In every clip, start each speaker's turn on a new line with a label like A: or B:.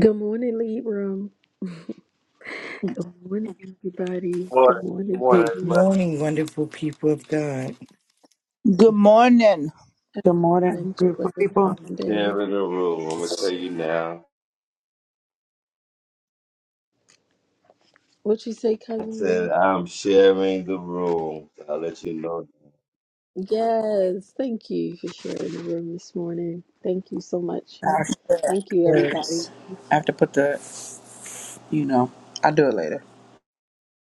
A: Good morning, Libram. Good morning, everybody.
B: morning.
A: Good
B: Good
A: morning.
B: morning,
C: Good
B: everybody.
C: morning, wonderful people of God.
D: Good morning.
E: Good morning,
A: Thank you
E: beautiful
A: for
E: people.
A: today.
B: Sharing the room. I'm gonna tell you now.
A: What'd you say,
B: I
A: Cousin William?
B: said I'm sharing the room. I'll let you know.
A: Yes, thank you for sharing the room this morning. Thank you so much.
E: I'll share
A: Thank you, everybody.
E: afterwards. I have to put the, you know, I'll do it later.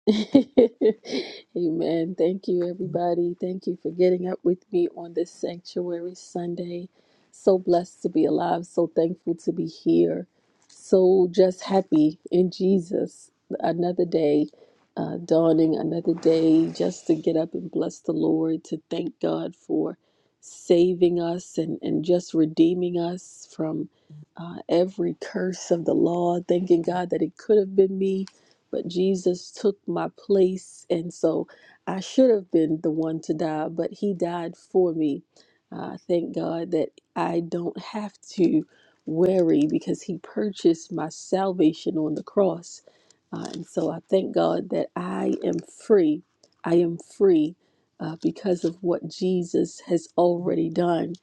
A: Amen. Thank you, everybody. Thank you for getting up with me on this Sanctuary Sunday. So blessed to be alive. So thankful to be here. So just happy in Jesus. Another day uh, dawning, another day just to get up and bless the Lord, to thank God for saving us and, and just redeeming us from uh, every curse of the law. Thanking God that it could have been me but Jesus took my place. And so I should have been the one to die, but He died for me. Uh, thank God that I don't have to worry because He purchased my salvation on the cross. Uh, and so I thank God that I am free. I am free uh, because of what Jesus has already done.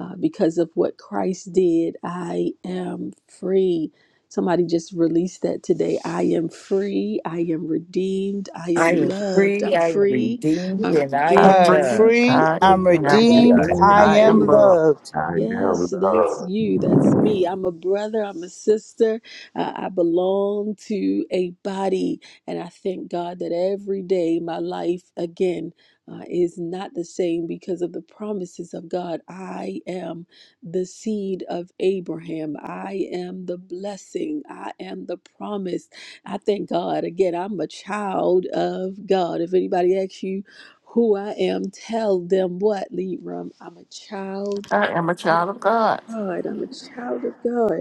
A: Uh, because of what Christ did, I am free Somebody just released that today. I am free. I am redeemed. I am
C: I am
A: loved.
C: free,
A: I'm
C: I am
A: free.
C: redeemed,
A: I'm
C: and I
F: I'm
A: redeemed.
D: I
C: am
D: am
F: free.
C: loved.
D: free.
F: I
A: I
D: I'm
A: am
F: am
B: Free, I
D: redeemed.
F: redeemed.
D: I
B: am
F: I
A: loved.
F: am
D: am
B: redeemed.
F: loved.
D: loved.
B: I am
A: Yes, that's
B: loved.
A: you. That's me. I'm a brother. I'm a sister. Uh, I belong to a body. And I thank God that every day my life again uh, is not the same because of the promises of God. I am the seed of Abraham. I am the blessing. I am the promise. I thank God. Again, I'm a child of God. If anybody asks you, who I am, tell them what, Libram. I'm a child
F: I am a child of God.
A: God. I'm a child of God.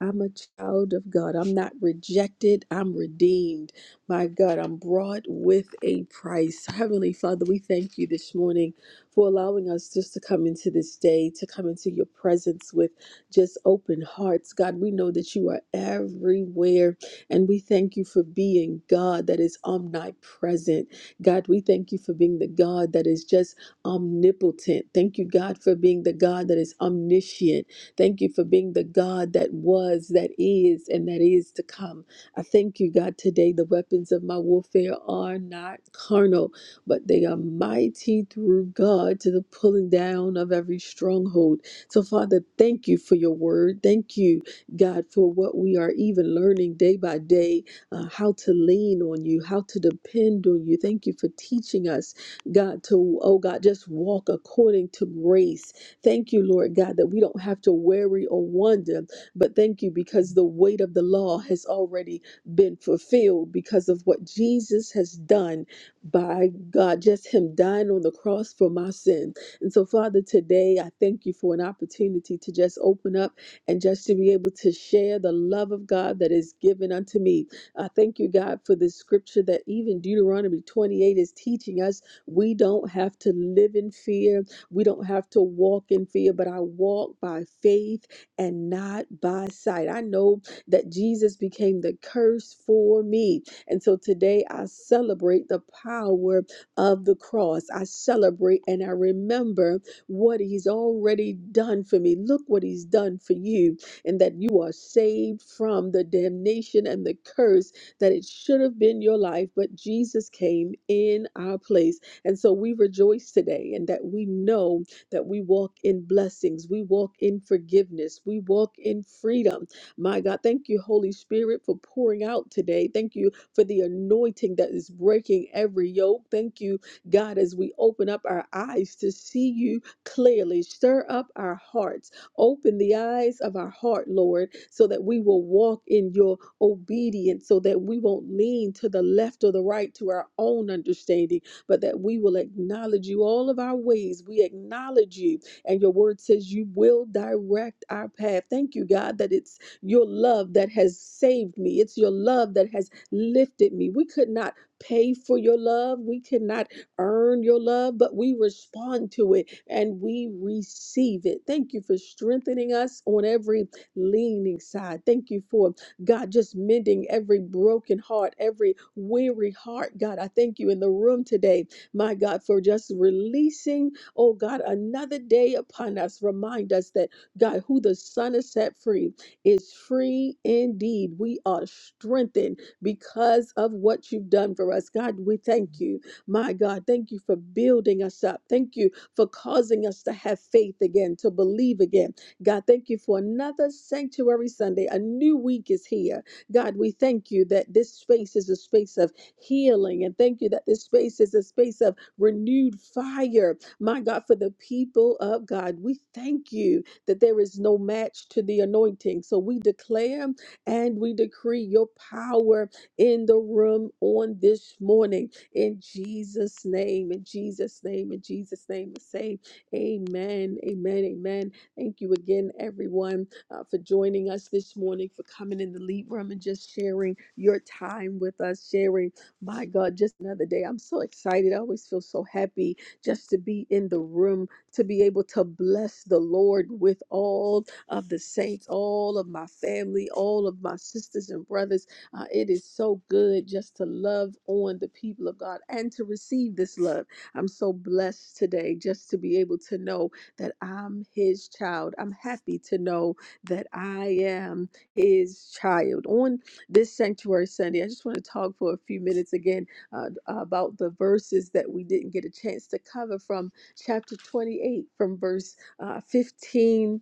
A: I'm a child of God. I'm not rejected. I'm redeemed. My God, I'm brought with a price. Heavenly Father, we thank you this morning for allowing us just to come into this day, to come into your presence with just open hearts. God, we know that you are everywhere, and we thank you for being God that is omnipresent. God, we thank you for being the God that is just omnipotent. Thank you, God, for being the God that is omniscient. Thank you for being the God that was, that is, and that is to come. I thank you, God, today. The weapons of my warfare are not carnal, but they are mighty through God to the pulling down of every stronghold. So, Father, thank you for your word. Thank you, God, for what we are even learning day by day uh, how to lean on you, how to depend on you. Thank you for teaching us, God, to, oh God, just walk according to grace Thank you, Lord God, that we don't have to worry or wonder, but thank you because the weight of the law has already been fulfilled because of what Jesus has done by God, just Him dying on the cross for my sin. And so, Father, today I thank you for an opportunity to just open up and just to be able to share the love of God that is given unto me. I thank you, God, for this scripture that even Deuteronomy 28 is teaching us. We don't have to live in fear we don't have to walk in fear, but I walk by faith and not by sight. I know that Jesus became the curse for me. And so today I celebrate the power of the cross. I celebrate and I remember what he's already done for me. Look what he's done for you, and that you are saved from the damnation and the curse that it should have been your life, but Jesus came in our place. And so we rejoice today and that we know that we walk in blessings, we walk in forgiveness, we walk in freedom. My God, thank you, Holy Spirit, for pouring out today. Thank you for the anointing that is breaking every yoke. Thank you, God, as we open up our eyes to see you clearly. Stir up our hearts, open the eyes of our heart, Lord, so that we will walk in your obedience, so that we won't lean to the left or the right to our own understanding but that we will acknowledge you all of our ways. We acknowledge you, and your word says you will direct our path. Thank you, God, that it's your love that has saved me. It's your love that has lifted me. We could not pay for your love. We could not earn your love, but we respond to it and we receive it. Thank you for strengthening us on every leaning side. Thank you for God, just mending every broken heart, every weary heart. God, I thank you in the room today, my God, for just releasing, oh God, another day upon us. Remind us that, God, who the Son has set free is free indeed. We are strengthened because of what you've done for us. God, we thank you, my God. Thank you for building us up. Thank you for causing us to have faith again, to believe again. God, thank you for another sanctuary Sunday. A new week is here. God, we thank you that this space is a space of healing. And thank you that this space is a space of renewed fire. My God, for the people of God, we thank you that there is no match to the anointing. So we declare and we decree your power in the room on this morning. In Jesus' name, in Jesus' name, in Jesus' name, we say amen, amen, amen. Thank you again, everyone, uh, for joining us this morning, for coming in the lead room and just sharing your time with us, sharing, my God, just another day. I'm so excited. I always feel so happy just to be in the room, to be able to bless the Lord with all of the saints, all of my family, all of my sisters and brothers. Uh, it is so good just to love on the people of God and to receive this love. I'm so blessed today just to be able to know that I'm his child. I'm happy to know that I am his child. On this Sanctuary Sunday, I just want to talk for a few minutes again uh, about the verses that we didn't get a chance to cover from chapter 28, from verse uh, 15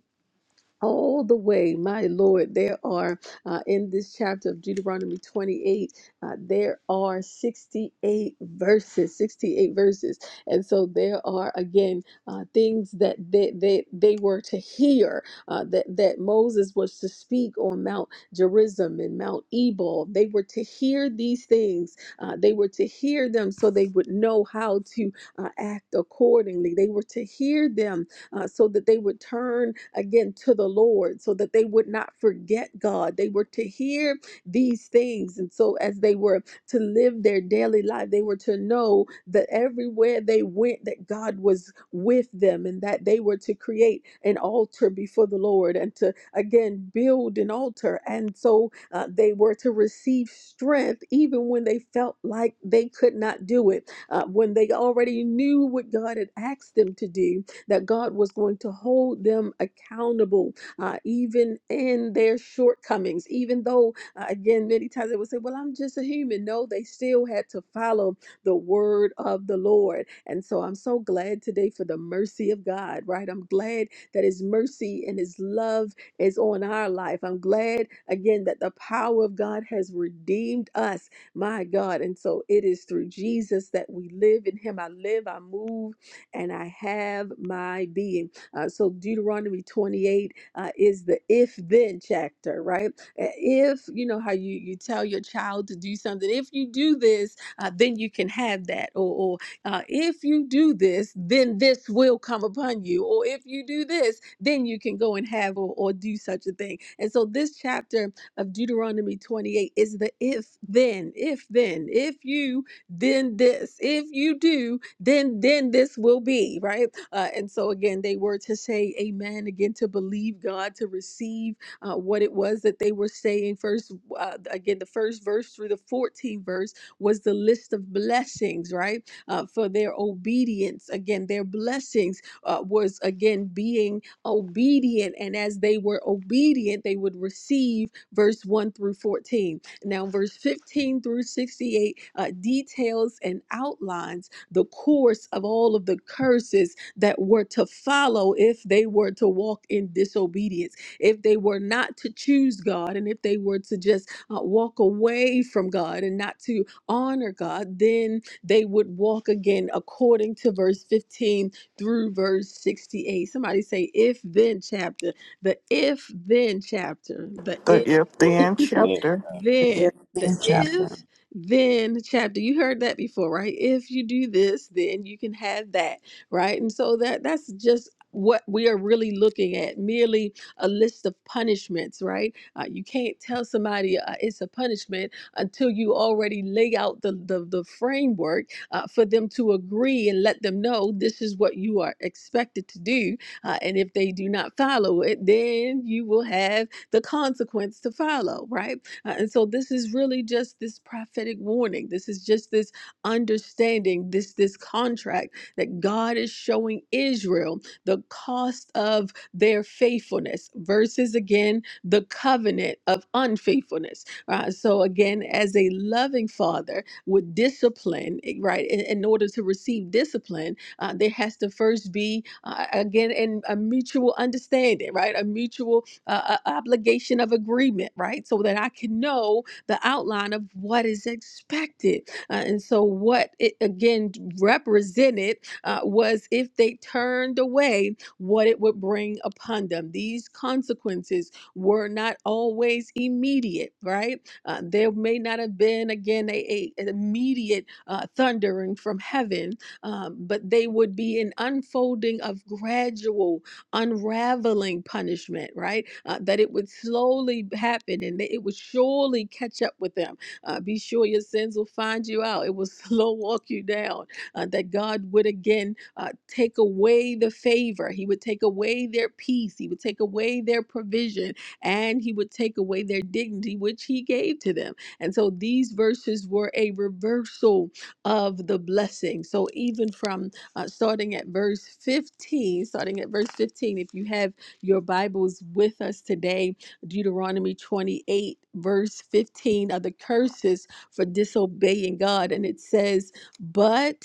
A: all the way, my Lord. There are uh, in this chapter of Deuteronomy 28, uh, there are 68 verses, 68 verses, and so there are again uh, things that they they, they were to hear uh, that that Moses was to speak on Mount Gerizim and Mount Ebal. They were to hear these things. Uh, they were to hear them so they would know how to uh, act accordingly. They were to hear them uh, so that they would turn again to the Lord, so that they would not forget God. They were to hear these things. And so, as they were to live their daily life, they were to know that everywhere they went, that God was with them and that they were to create an altar before the Lord and to again build an altar. And so, uh, they were to receive strength even when they felt like they could not do it, uh, when they already knew what God had asked them to do that God was going to hold them accountable, uh, even in their shortcomings. Even though, uh, again, many times they would say, Well, I'm just a human. No, they still had to follow the word of the Lord. And so I'm so glad today for the mercy of God, right? I'm glad that His mercy and His love is on our life. I'm glad, again, that the power of God has redeemed us, my God. And so it is through Jesus that we live. In Him I live, I move, and I have my being. Uh, so Deuteronomy 28 uh, is the if then chapter, right? Uh, If you know how you you tell your child to do something, if you do this, uh, then you can have that, or, or uh, if you do this, then this will come upon you, or if you do this, then you can go and have or, or do such a thing. And so this chapter of Deuteronomy 28 is the if then, if then, if you then this if you do then then this will be right uh, and so again they were to say amen again to believe god to receive uh, what it was that they were saying first uh, again the first verse through the 14th verse was the list of blessings right uh, for their obedience again their blessings uh, was again being obedient and as they were obedient they would receive verse 1 through 14 now, verse 15 through 68 uh, details and outlines the course of all of the curses that were to follow if they were to walk in disobedience, if they were not to choose God, and if they were to just uh, walk away from God and not to honor God, then they would walk again according to verse 15 through verse 68. Somebody say, if then chapter, the if then chapter, the
F: The
A: if
F: if then
B: Yeah,
F: chapter.
A: then
E: Here
A: the
E: in chapter
A: if then chapter you heard that before right if you do this then you can have that right and so that that's just what we are really looking at merely a list of punishments right uh, you can't tell somebody uh, it's a punishment until you already lay out the the, the framework uh, for them to agree and let them know this is what you are expected to do uh, and if they do not follow it then you will have the consequence to follow, right? Uh, and so this is really just this prophetic warning. This is just this understanding, this this contract that God is showing Israel the cost of their faithfulness versus again the covenant of unfaithfulness. Uh, so again, as a loving father would discipline, eh, right? In, in order to receive discipline, uh, there has to first be uh, again in a mutual understanding, right? A mutual uh, uh, obligation of agreement, right? So that I can know the outline of what is expected. Uh, and so, what it again represented uh, was if they turned away, what it would bring upon them. These consequences were not always immediate, right? Uh, there may not have been, again, a, a, an immediate uh, thundering from heaven, um, but they would be an unfolding of gradual unraveling punishment, right? Uh, that it would slowly happen and that it would surely catch up with them. Uh, be sure your sins will find you out. It will slow walk you down. Uh, that God would again uh, take away the favor. He would take away their peace. He would take away their provision and he would take away their dignity, which he gave to them. And so these verses were a reversal of the blessing. So even from uh, starting at verse 15. Starting at verse 15, if you have your Bibles with us today, Deuteronomy 28, verse 15 are the curses for disobeying God. And it says, But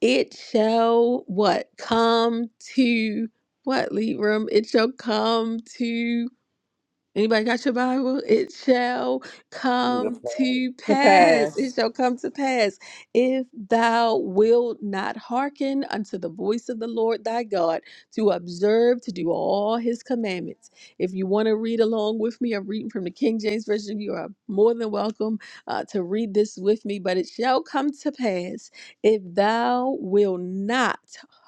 A: it shall what? Come to what, Lead Room? It shall come to Anybody got your Bible? It shall
B: I'm the
A: come to
G: to
A: pass. It
G: pass.
A: shall come to pass if thou wilt not hearken unto the voice of the Lord thy God to observe to do all his commandments. If you want to read along with me, I'm reading from the King James Version. You are more than welcome uh, to read this with me. But it shall come to pass if thou wilt not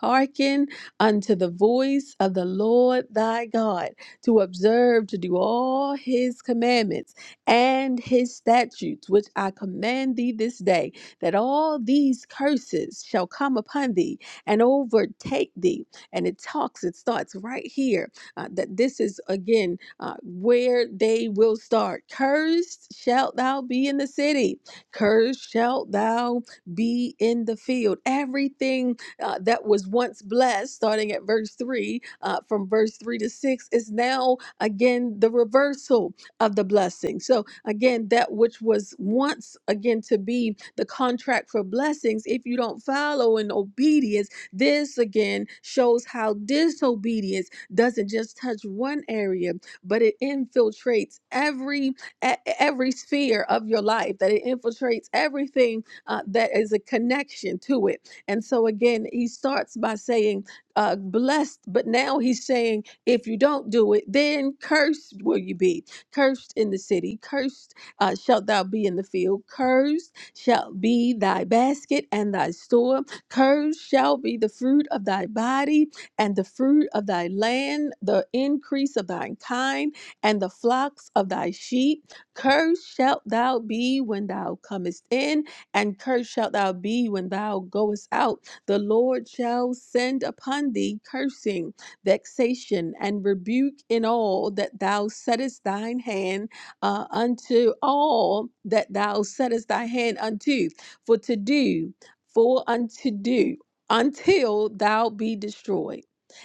A: hearken unto the voice of the Lord thy God to observe, to do all his commandments and his statutes, which I command thee this day, that all these curses shall come upon thee and overtake thee. And it talks, it starts right here uh, that this is again uh, where they will start. Cursed shalt thou be in the city, cursed shalt thou be in the field. Everything uh, that was once blessed, starting at verse 3, uh, from verse 3 to 6, is now again the reversal of the blessing. So, again, that which was once again to be the contract for blessings, if you don't follow in obedience, this again shows how disobedience doesn't just touch one area, but it infiltrates every e- every sphere of your life, that it infiltrates everything uh, that is a connection to it. And so again, he starts by saying, uh, blessed, but now he's saying, if you don't do it, then cursed will you be. Cursed in the city, cursed uh, shalt thou be in the field, cursed shall be thy basket and thy store, cursed shall be the fruit of thy body and the fruit of thy land, the increase of thine kind, and the flocks of thy sheep. Cursed shalt thou be when thou comest in, and cursed shalt thou be when thou goest out. The Lord shall send upon thee cursing, vexation, and rebuke in all that thou settest thine hand uh, unto all that thou settest thy hand unto, for to do, for unto do, until thou be destroyed.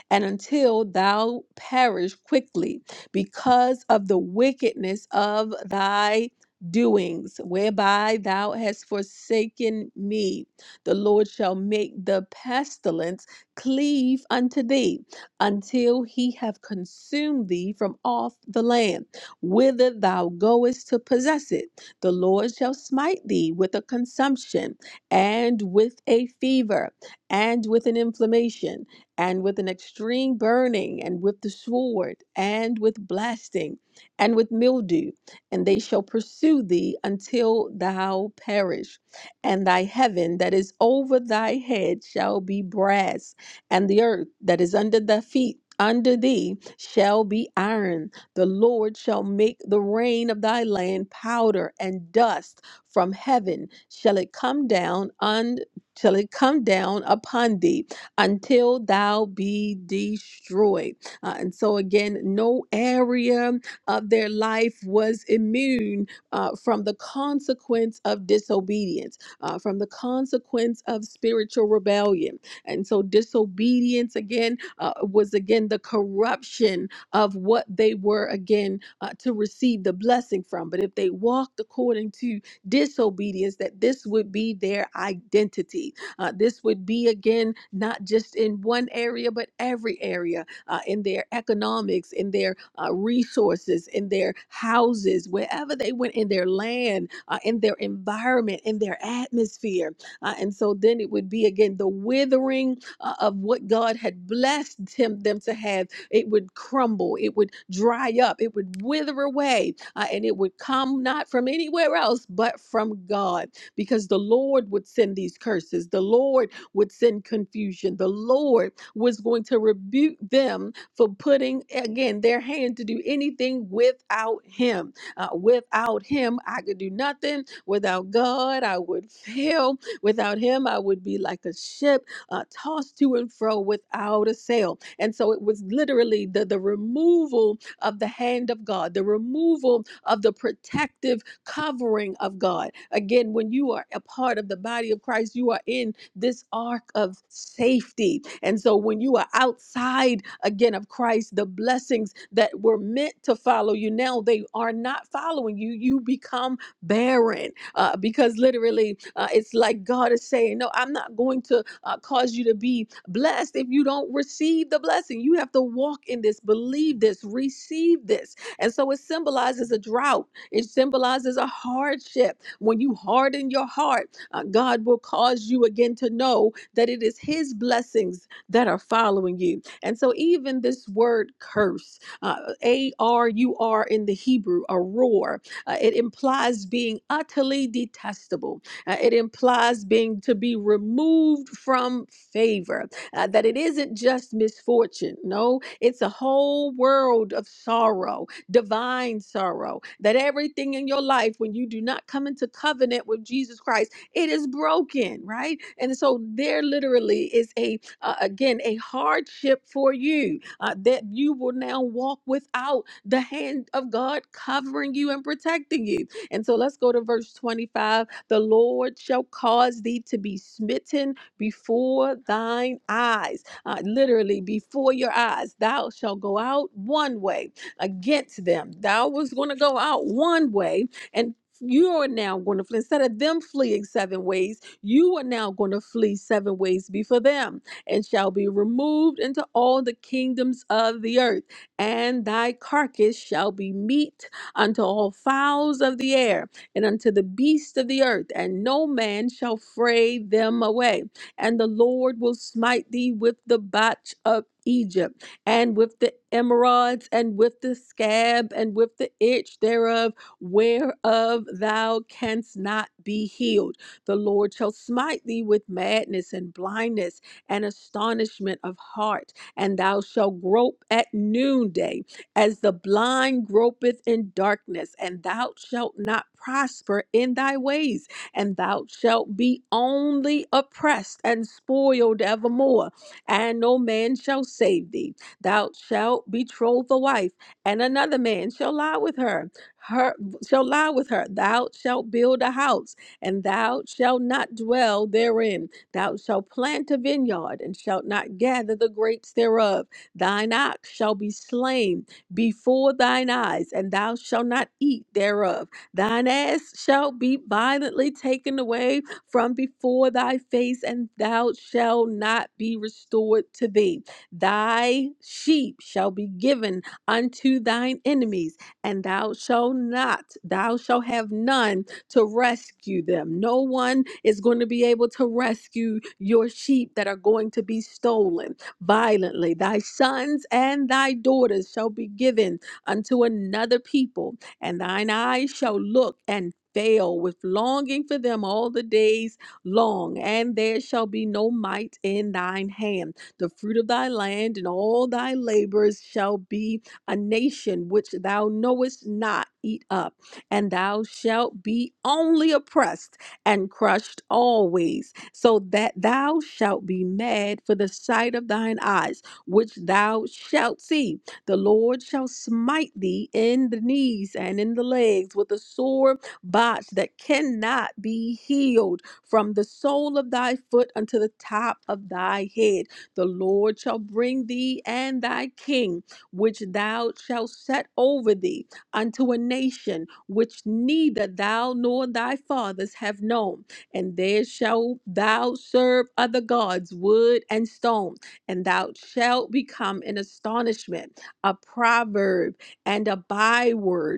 A: And until thou perish quickly because of the wickedness of thy doings, whereby thou hast forsaken me. The Lord shall make the pestilence cleave unto thee until he have consumed thee from off the land, whither thou goest to possess it. The Lord shall smite thee with a consumption, and with a fever, and with an inflammation, and with an extreme burning, and with the sword, and with blasting, and with mildew and they shall pursue thee until thou perish. And thy heaven that is over thy head shall be brass, and the earth that is under thy feet under thee shall be iron. The Lord shall make the rain of thy land powder and dust from heaven shall it come down un shall it come down upon thee until thou be destroyed. Uh, and so again, no area uh, their life was immune uh, from the consequence of disobedience, uh, from the consequence of spiritual rebellion. And so, disobedience again uh, was again the corruption of what they were again uh, to receive the blessing from. But if they walked according to disobedience, that this would be their identity. Uh, this would be again not just in one area, but every area uh, in their economics, in their uh, resources, in their houses, wherever they went, in their land, uh, in their environment, in their atmosphere. Uh, and so then it would be again the withering uh, of what God had blessed him, them to have. It would crumble, it would dry up, it would wither away, uh, and it would come not from anywhere else but from God because the Lord would send these curses. The Lord would send confusion. The Lord was going to rebuke them for putting again their hand to do anything without him. Uh, without him, I could do nothing. Without God, I would fail. Without him, I would be like a ship uh, tossed to and fro without a sail. And so it was literally the, the removal of the hand of God, the removal of the protective covering of God. Again, when you are a part of the body of Christ, you are in this ark of safety. And so when you are outside again of Christ, the blessings that were meant to follow you now, they are not following you. You become barren uh, because literally uh, it's like God is saying, No, I'm not going to uh, cause you to be blessed if you don't receive the blessing. You have to walk in this, believe this, receive this. And so it symbolizes a drought, it symbolizes a hardship. When you harden your heart, uh, God will cause you again to know that it is His blessings that are following you. And so, even this word curse, uh, A R U R in the Hebrew, a roar, uh, it implies being utterly detestable. Uh, it implies being to be removed from favor, uh, that it isn't just misfortune. No, it's a whole world of sorrow, divine sorrow, that everything in your life, when you do not come into covenant with Jesus Christ, it is broken right and so there literally is a uh, again a hardship for you uh, that you will now walk without the hand of god covering you and protecting you and so let's go to verse 25 the lord shall cause thee to be smitten before thine eyes uh, literally before your eyes thou shalt go out one way against them thou was going to go out one way and you are now going to flee. Instead of them fleeing seven ways, you are now going to flee seven ways before them, and shall be removed into all the kingdoms of the earth. And thy carcass shall be meat unto all fowls of the air, and unto the beasts of the earth, and no man shall fray them away. And the Lord will smite thee with the botch of Egypt, and with the emeralds, and with the scab, and with the itch thereof whereof thou canst not be healed. The Lord shall smite thee with madness and blindness and astonishment of heart, and thou shalt grope at noonday, as the blind gropeth in darkness, and thou shalt not prosper in thy ways, and thou shalt be only oppressed and spoiled evermore, and no man shall save thee. Thou shalt betroth a wife, and another man shall lie with her. Her shall lie with her. Thou shalt build a house, and thou shalt not dwell therein. Thou shalt plant a vineyard, and shalt not gather the grapes thereof. Thine ox shall be slain before thine eyes, and thou shalt not eat thereof. Thine ass shall be violently taken away from before thy face, and thou shalt not be restored to thee. Thy sheep shall be given unto thine enemies and thou shalt not, thou shalt have none to rescue them. No one is going to be able to rescue your sheep that are going to be stolen violently. Thy sons and thy daughters shall be given unto another people, and thine eyes shall look and fail with longing for them all the days long, and there shall be no might in thine hand. The fruit of thy land and all thy labors shall be a nation which thou knowest not eat up, and thou shalt be only oppressed and crushed always, so that thou shalt be mad for the sight of thine eyes, which thou shalt see. The Lord shall smite thee in the knees and in the legs with a sore botch that cannot be healed from the sole of thy foot unto the top of thy head. The Lord shall bring thee and thy king which thou shalt set over thee unto a nation which neither thou nor thy fathers have known. And there shalt thou serve other gods, wood and stone, and thou shalt become an astonishment, a proverb, and a byword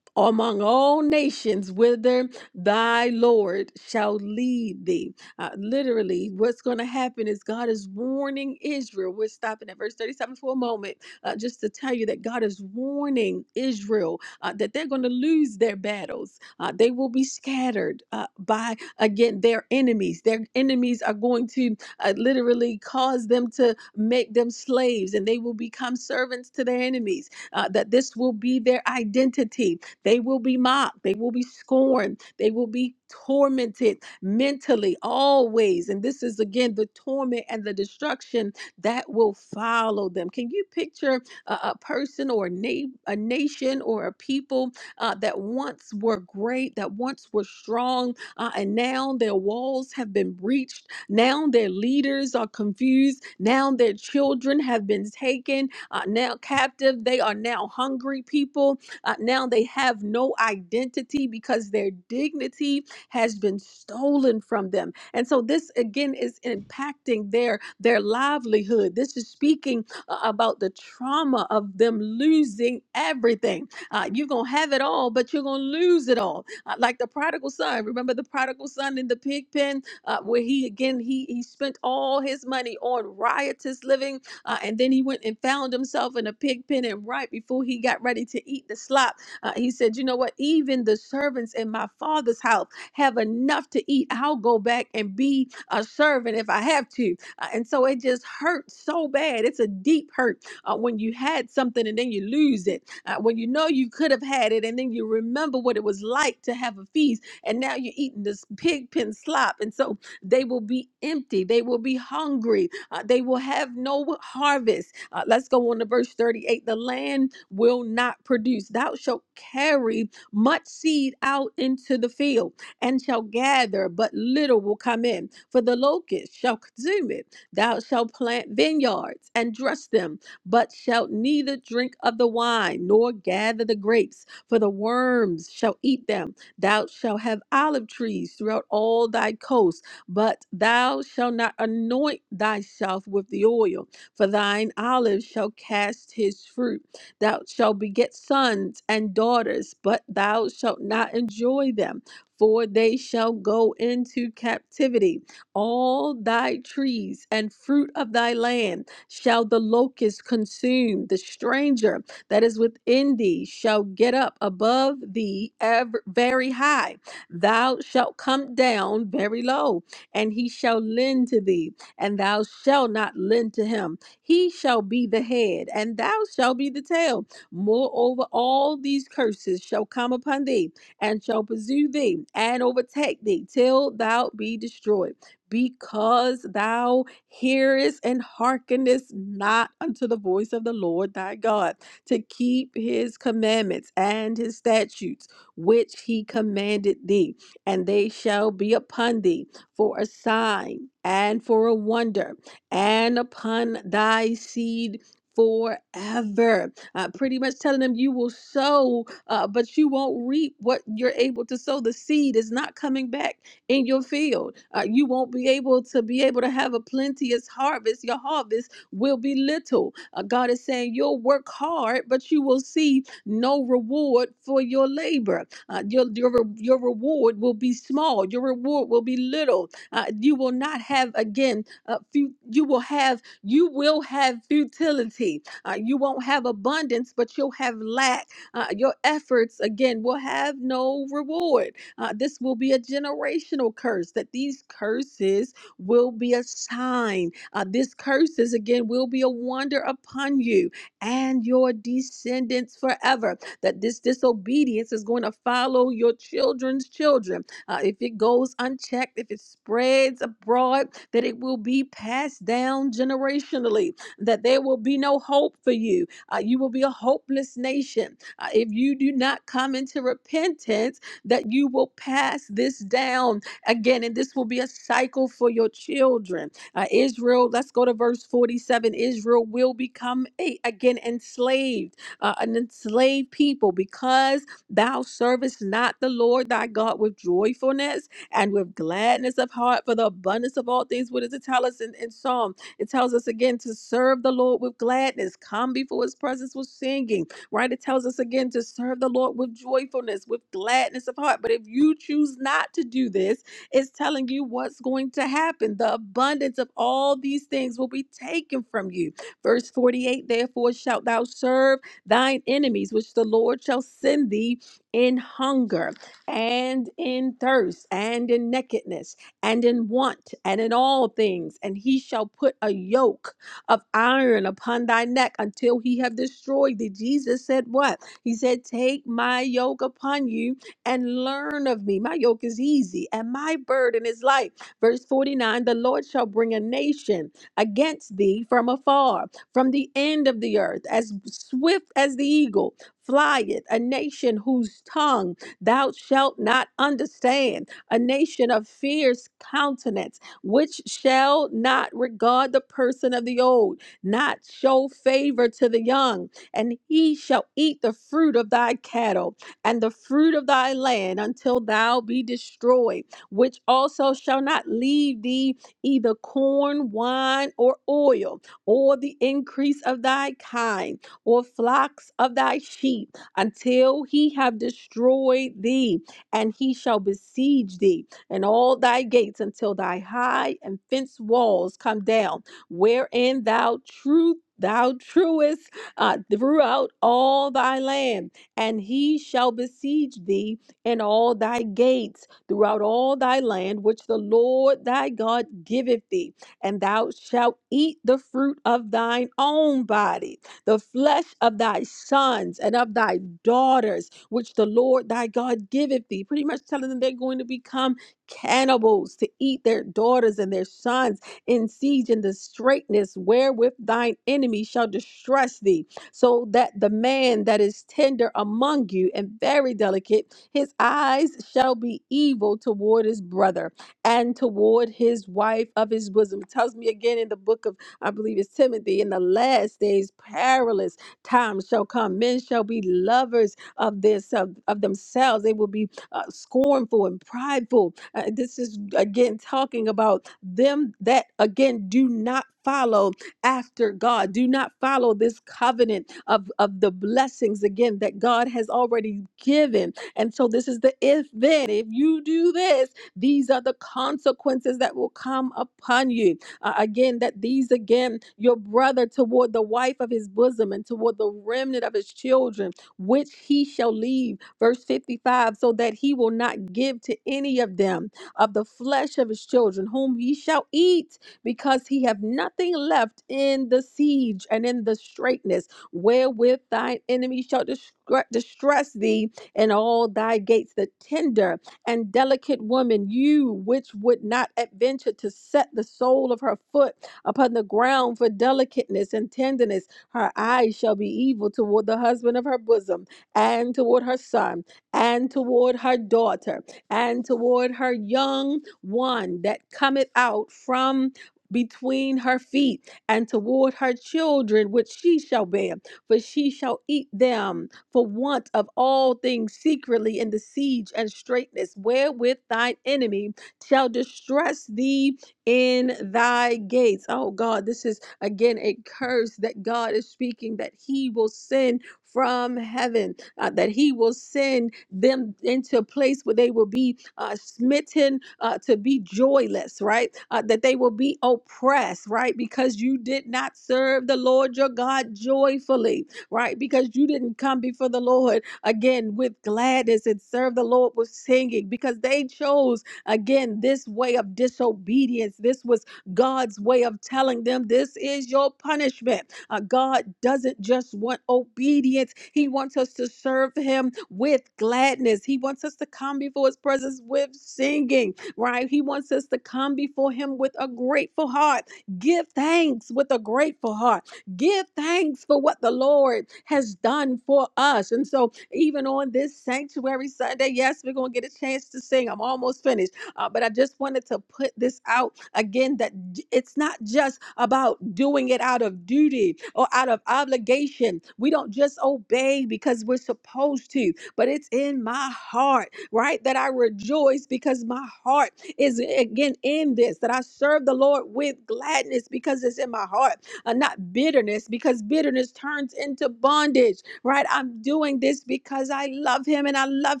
A: among all nations whither thy Lord shall lead thee. Uh, literally, what's going to happen is God is warning Israel. We're stopping at verse 37 for a moment uh, just to tell you that God is warning Israel uh, that they're going to lose their battles. Uh, they will be scattered uh, by, again, their enemies. Their enemies are going to uh, literally cause them to make them slaves and they will become servants to their enemies. Uh, that this will be their identity they will be mocked. They will be scorned. They will be tormented mentally always. And this is again the torment and the destruction that will follow them. Can you picture a, a person or a, na- a nation or a people uh, that once were great, that once were strong, uh, and now their walls have been breached? Now their leaders are confused. Now their children have been taken uh, now captive. They are now hungry people uh, now they have no identity because their dignity has been stolen from them. And so this again is impacting their their livelihood. This is speaking uh, about the trauma of them losing everything. Uh, you're gonna have it all, but you're gonna lose it all. Uh, like the prodigal son. Remember the prodigal son in the pig pen, uh, where he again he he spent all his money on riotous living uh, and then he went and found himself in a pig pen. And right before he got ready to eat the slop, uh, he said, You know what? Even the servants in my father's house have enough to eat. I'll go back and be a servant if I have to. Uh, and so it just hurt so bad. It's a deep hurt uh, when you had something and then you lose it, uh, when you know you could have had it and then you remember what it was like to have a feast and now you're eating this pig pen slop. And so they will be empty, they will be hungry, uh, they will have no harvest. Uh, let's go on to verse 38. The land will not produce. Thou shalt carry much seed out into the field and shall gather, but little will come in. For the locust shall consume it. Thou shalt plant vineyards and dress them, but shalt neither drink of the wine nor gather the grapes, for the worms shall eat them. Thou shalt have olive trees throughout all thy coasts but thou shalt not anoint thyself with the oil, for thine olive shall cast his fruit. Thou shalt beget sons and daughters, but thou shalt not enjoy them, for they shall go into captivity. All thy trees and fruit of thy land shall the locust consume. The stranger that is within thee shall get up above thee ever, very high. Thou shalt come down very low and he shall lend to thee, and thou shalt not lend to him. He shall be the head, and thou shalt be the tail. Moreover, all these curses shall come upon thee, and shall pursue thee, and overtake thee, till thou be destroyed. Because thou hearest and hearkenest not unto the voice of the Lord thy God, to keep his commandments and his statutes, which he commanded thee, and they shall be upon thee for a sign and for a wonder and upon thy seed forever. Uh, pretty much telling them you will sow, uh, but you won't reap what you're able to sow. The seed is not coming back in your field. Uh, you won't be able to be able to have a plenteous harvest. Your harvest will be little. Uh, God is saying you'll work hard, but you will see no reward for your labor. Uh, your, your, re- your reward will be small. Your reward will be little. Uh, you will not have, again, uh, fu- you will have, you will have futility. Uh, you won't have abundance, but you'll have lack. Uh, your efforts, again, will have no reward. Uh, this will be a generational curse, that these curses will be a sign. Uh, this curses, again, will be a wonder upon you and your descendants forever that this disobedience is going to follow your children's children. Uh, if it goes unchecked, if it spreads abroad, that it will be passed down generationally, that there will be no hope for you. Uh, you will be a hopeless nation. Uh, if you do not come into repentance, that you will pass this down again, and this will be a cycle for your children. Uh, Israel, let's go to verse 47 Israel will become a, again enslaved uh, an enslaved people, because thou servest not the Lord thy God with joyfulness and with gladness of heart for the abundance of all things. What does it tell us in, in Psalm? It tells us again to serve the Lord with gladness, come before his presence with singing, right? It tells us again to serve the Lord with joyfulness, with gladness of heart. But if you choose not to do this, it's telling you what's going to happen. The abundance of all these things will be taken from you. Verse 48 Therefore shalt thou serve thine enemies, which the Lord shall send thee in hunger and in thirst and in nakedness and in want and in all things. And he shall put a yoke of iron upon thy neck until he have destroyed thee. Jesus said, What? He said, Take my yoke upon you and learn of me. My yoke is easy and my burden is light. Verse 49 The Lord shall bring a nation against thee from afar from the end of the earth, as swift as the eagle, flieth a nation whose tongue thou shalt not understand, a nation of fierce countenance, which shall not regard the person of the old, not show favor to the young, and he shall eat the fruit of thy cattle and the fruit of thy land until thou be destroyed, which also shall not leave thee either corn, wine, or oil or the increase of thy kind, or flocks of thy sheep, until he have destroyed thee, and he shall besiege thee, and all thy gates until thy high and fenced walls come down, wherein thou truth thou truest uh, throughout all thy land, and he shall besiege thee in all thy gates throughout all thy land, which the Lord thy God giveth thee and thou shalt eat the fruit of thine own body, the flesh of thy sons and of thy daughters, which the Lord thy God giveth thee. Pretty much telling them they're going to become cannibals to eat their daughters and their sons in siege and the straitness wherewith thine enemy shall distress thee, so that the man that is tender among you and very delicate, his eyes shall be evil toward his brother and toward his wife of his bosom. It tells me again in the book of, I believe it's Timothy, in the last days, perilous times shall come. Men shall be lovers of this, of, of themselves. They will be uh, scornful and prideful. Uh, this is again talking about them that, again, do not follow after God. Do not follow this covenant of, of the blessings, again, that God has already given. And so this is the if then. If you do this, these are the consequences that will come upon you. Uh, again, that these again, your brother toward the wife of his bosom and toward the remnant of his children, which he shall leave. Verse 55 so that he will not give to any of them of the flesh of his children, whom he shall eat, because he have nothing left in the siege and in the straitness, wherewith thine enemy shall distra- distress thee, and all thy gates the tender and delicate woman, you which would not adventure to set the sole of her foot upon the ground for delicateness and tenderness, her eyes shall be evil toward the husband of her bosom, and toward her son, and toward her daughter, and toward her young one that cometh out from between her feet, and toward her children which she shall bear, for she shall eat them for want of all things secretly in the siege and straitness, wherewith thine enemy shall distress thee in thy gates. Oh God, this is again a curse that God is speaking that he will send from heaven, uh, that he will send them into a place where they will be uh, smitten uh, to be joyless, right? Uh, that they will be oppressed, right? Because you did not serve the Lord your God joyfully right? Because you didn't come before the Lord again with gladness and serve the Lord with singing because they chose again this way of disobedience. This was God's way of telling them this is your punishment. Uh, God doesn't just want obedience, He wants us to serve Him with gladness. He wants us to come before His presence with singing, right? He wants us to come before Him with a grateful heart. Give thanks with a grateful heart Give thanks for what the Lord has done for us. And so, even on this Sanctuary Sunday, yes, we're going to get a chance to sing. I'm almost finished. Uh, but I just wanted to put this out again that d- it's not just about doing it out of duty or out of obligation. We don't just obey because we're supposed to, but it's in my heart, right? That I rejoice because my heart is again in this, that I serve the Lord with gladness because it's in my heart uh, not bitterness, because bitterness turns into bondage, right? I'm doing this because I love him and I love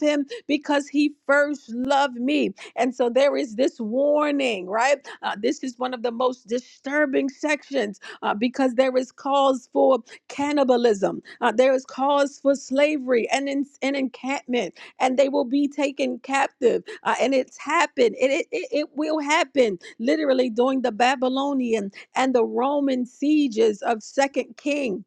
A: him because he first loved me. And so there is this warning, right? Uh, this is one of the most disturbing sections uh, because there is cause for cannibalism, uh, there is cause for slavery and, en- and encampment, and they will be taken captive. Uh, and it's happened, it, it, it it will happen literally during the Babylonian and the Roman sieges of Second King.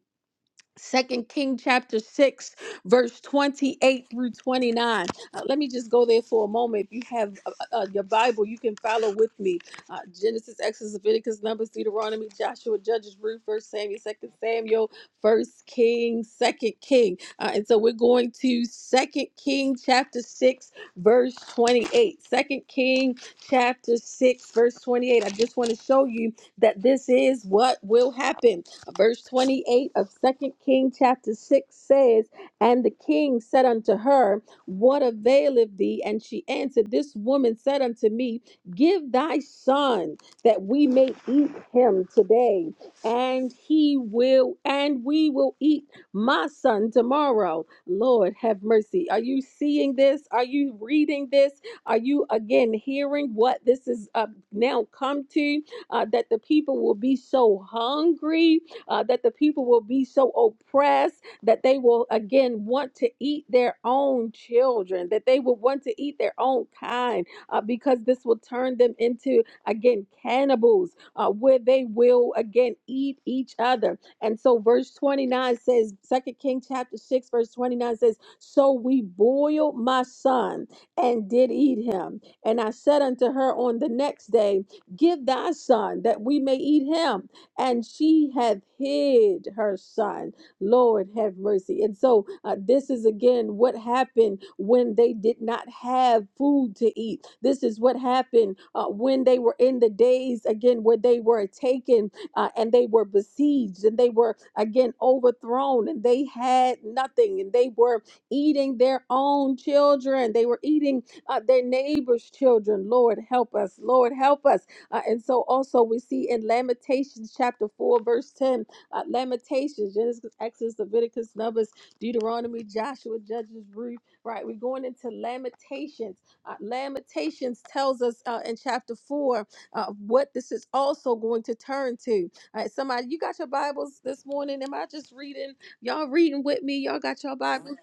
A: Second King chapter 6 verse 28 through 29. Uh, let me just go there for a moment. If you have uh, uh, uh, your Bible, you can follow with me. Uh, Genesis, Exodus, Leviticus, Numbers, Deuteronomy, Joshua, Judges, Ruth, First Samuel, Second Samuel, First King, Second King. Uh, and so we're going to Second King chapter 6 verse 28. Second King chapter 6 verse 28. I just want to show you that this is what will happen Verse 28 of Second King chapter 6 says, And the king said unto her, What availeth thee? And she answered, This woman said unto me, Give thy son that we may eat him today, and he will, and we will eat my son tomorrow. Lord, have mercy. Are you seeing this? Are you reading this? Are you again hearing what this is uh, now come to? Uh, that the people will be so hungry uh, that the people will be so oppressed that they will again want to eat their own children, that they will want to eat their own kind, uh, because this will turn them into again cannibals, uh, where they will again eat each other. And so, verse 29 says, Second King chapter 6, verse 29 says, So we boiled my son and did eat him. And I said unto her on the next day, Give thy son that we may eat him and she hath hid her son. Lord, have mercy. And so, uh, this is again what happened when they did not have food to eat. This is what happened uh, when they were in the days, again, where they were taken uh, and they were besieged and they were, again, overthrown and they had nothing and they were eating their own children. They were eating uh, their neighbor's children. Lord, help us. Lord, help us uh, and so also we see in Lamentations chapter 4, verse 10, uh, Lamentations, Genesis, Exodus, Leviticus, Numbers, Deuteronomy, Joshua, Judges, Ruth, right? We're going into Lamentations. Uh, Lamentations tells us uh, in chapter 4 uh, what this is also going to turn to. All right, somebody, you got your Bibles this morning? Am I just reading? Y'all reading with me? Y'all got your Bibles?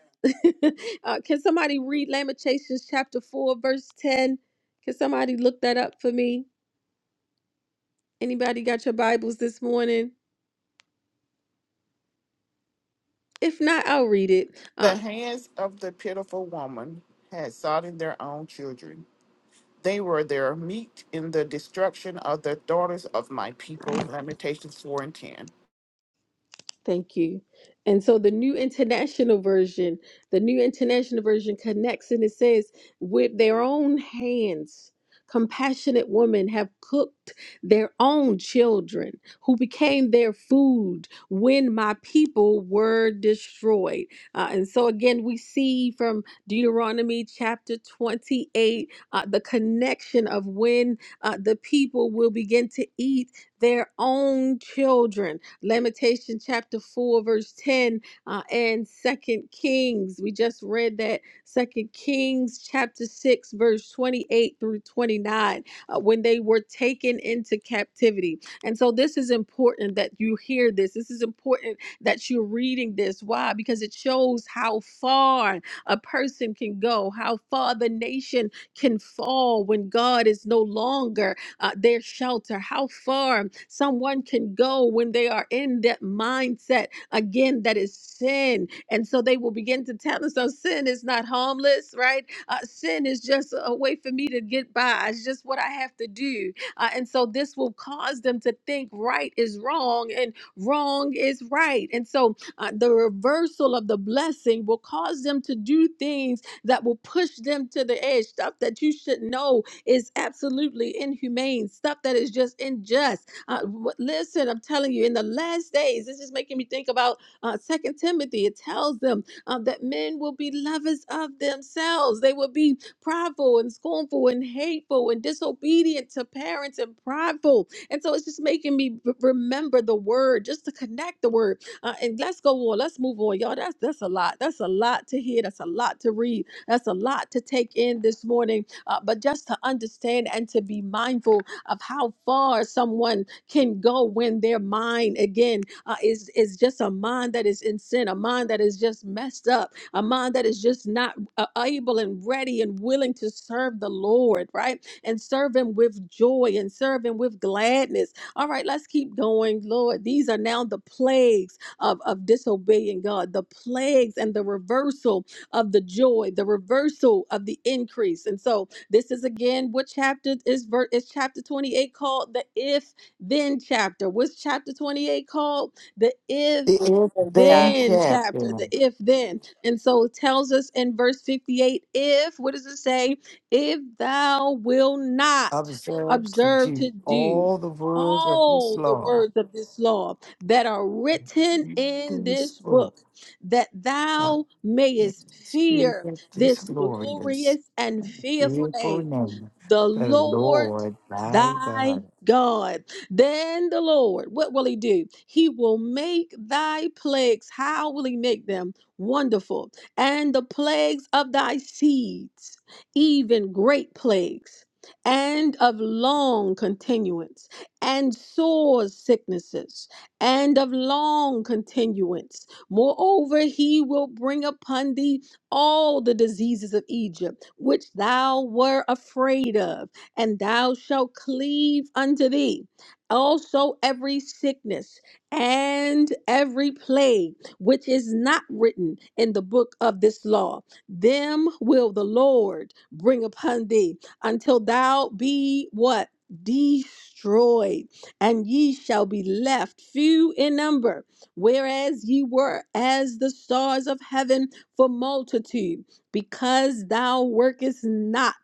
A: uh, can somebody read Lamentations chapter 4, verse 10? Can somebody look that up for me? Anybody got your Bibles this morning? If not, I'll read it. Uh,
F: The hands of the pitiful woman had sodden their own children. They were their meat in the destruction of the daughters of my people. Lamentations 4 and 10.
A: Thank you. And so the New International Version, the New International Version connects and it says, with their own hands, compassionate women have cooked their own children who became their food when my people were destroyed. Uh, and so again, we see from Deuteronomy chapter 28 uh, the connection of when uh, the people will begin to eat their own children Lamentation chapter 4, verse 10, uh, and Second Kings. We just read that Second Kings chapter 6, verse 28 through 29, uh, when they were taken into captivity. And so this is important that you hear this. This is important that you're reading this. Why? Because it shows how far a person can go, how far the nation can fall when God is no longer uh, their shelter, how far someone can go when they are in that mindset again that is sin. And so they will begin to tell themselves sin is not harmless, right? Uh, sin is just a way for me to get by, it's just what I have to do. Uh, and so this will cause them to think right is wrong and wrong is right. And so uh, the reversal of the blessing will cause them to do things that will push them to the edge, stuff that you should know is absolutely inhumane, stuff that is just unjust. Uh, wh- listen, I'm telling you, in the last days, this is making me think about uh, 2 Timothy. It tells them uh, that men will be lovers of themselves, they will be prideful and scornful and hateful and disobedient to parents and prideful. And so it's just making me r- remember the word, just to connect the word. Uh, and let's go on. Let's move on, y'all. That's that's a lot. That's a lot to hear. That's a lot to read. That's a lot to take in this morning uh, but just to understand and to be mindful of how far someone can go when their mind again uh, is is just a mind that is in sin, a mind that is just messed up, a mind that is just not uh, able and ready and willing to serve the Lord, right? And serve Him with joy and serve Him with gladness. All right, let's keep going, Lord. These are now the plagues of of disobeying God, the plagues and the reversal of the joy, the reversal of the increase, and so. This is again what chapter is ver- is chapter 28 called the if then chapter. What's chapter 28 called? The if
C: The if
H: I
C: then
A: then chapter,
C: chapter.
A: the if then. And so it tells us in verse 58 if, what does it say? If thou will not
C: Observe to
A: observe to
C: do
A: do
C: all the words of this
A: all the
C: law.
A: words of this law that are written
C: Read
A: in
C: This
A: this
C: book,
A: book, that
C: I
A: thou
C: can
A: mayest
C: speak
A: fear
C: of this
A: this
C: glorious,
A: glorious and fearful
C: beautiful
A: name,
C: name,
A: the
C: the
A: Lord
C: Lord thy
A: thy
C: God.
A: God. Then the Lord, what will he do? He will make thy plagues. How will he make them? Wonderful. And the plagues of thy seeds, even great plagues. And of long continuance, and sore sicknesses, and of long continuance. Moreover, he will bring upon thee all the diseases of Egypt, which thou were afraid of, and thou shalt cleave unto thee. Also, every sickness and every plague which is not written in the book of this law, them will the Lord bring upon thee until thou be what? Destroyed, and ye shall be left few in number, whereas ye were as the stars of heaven for multitude, because thou workest not,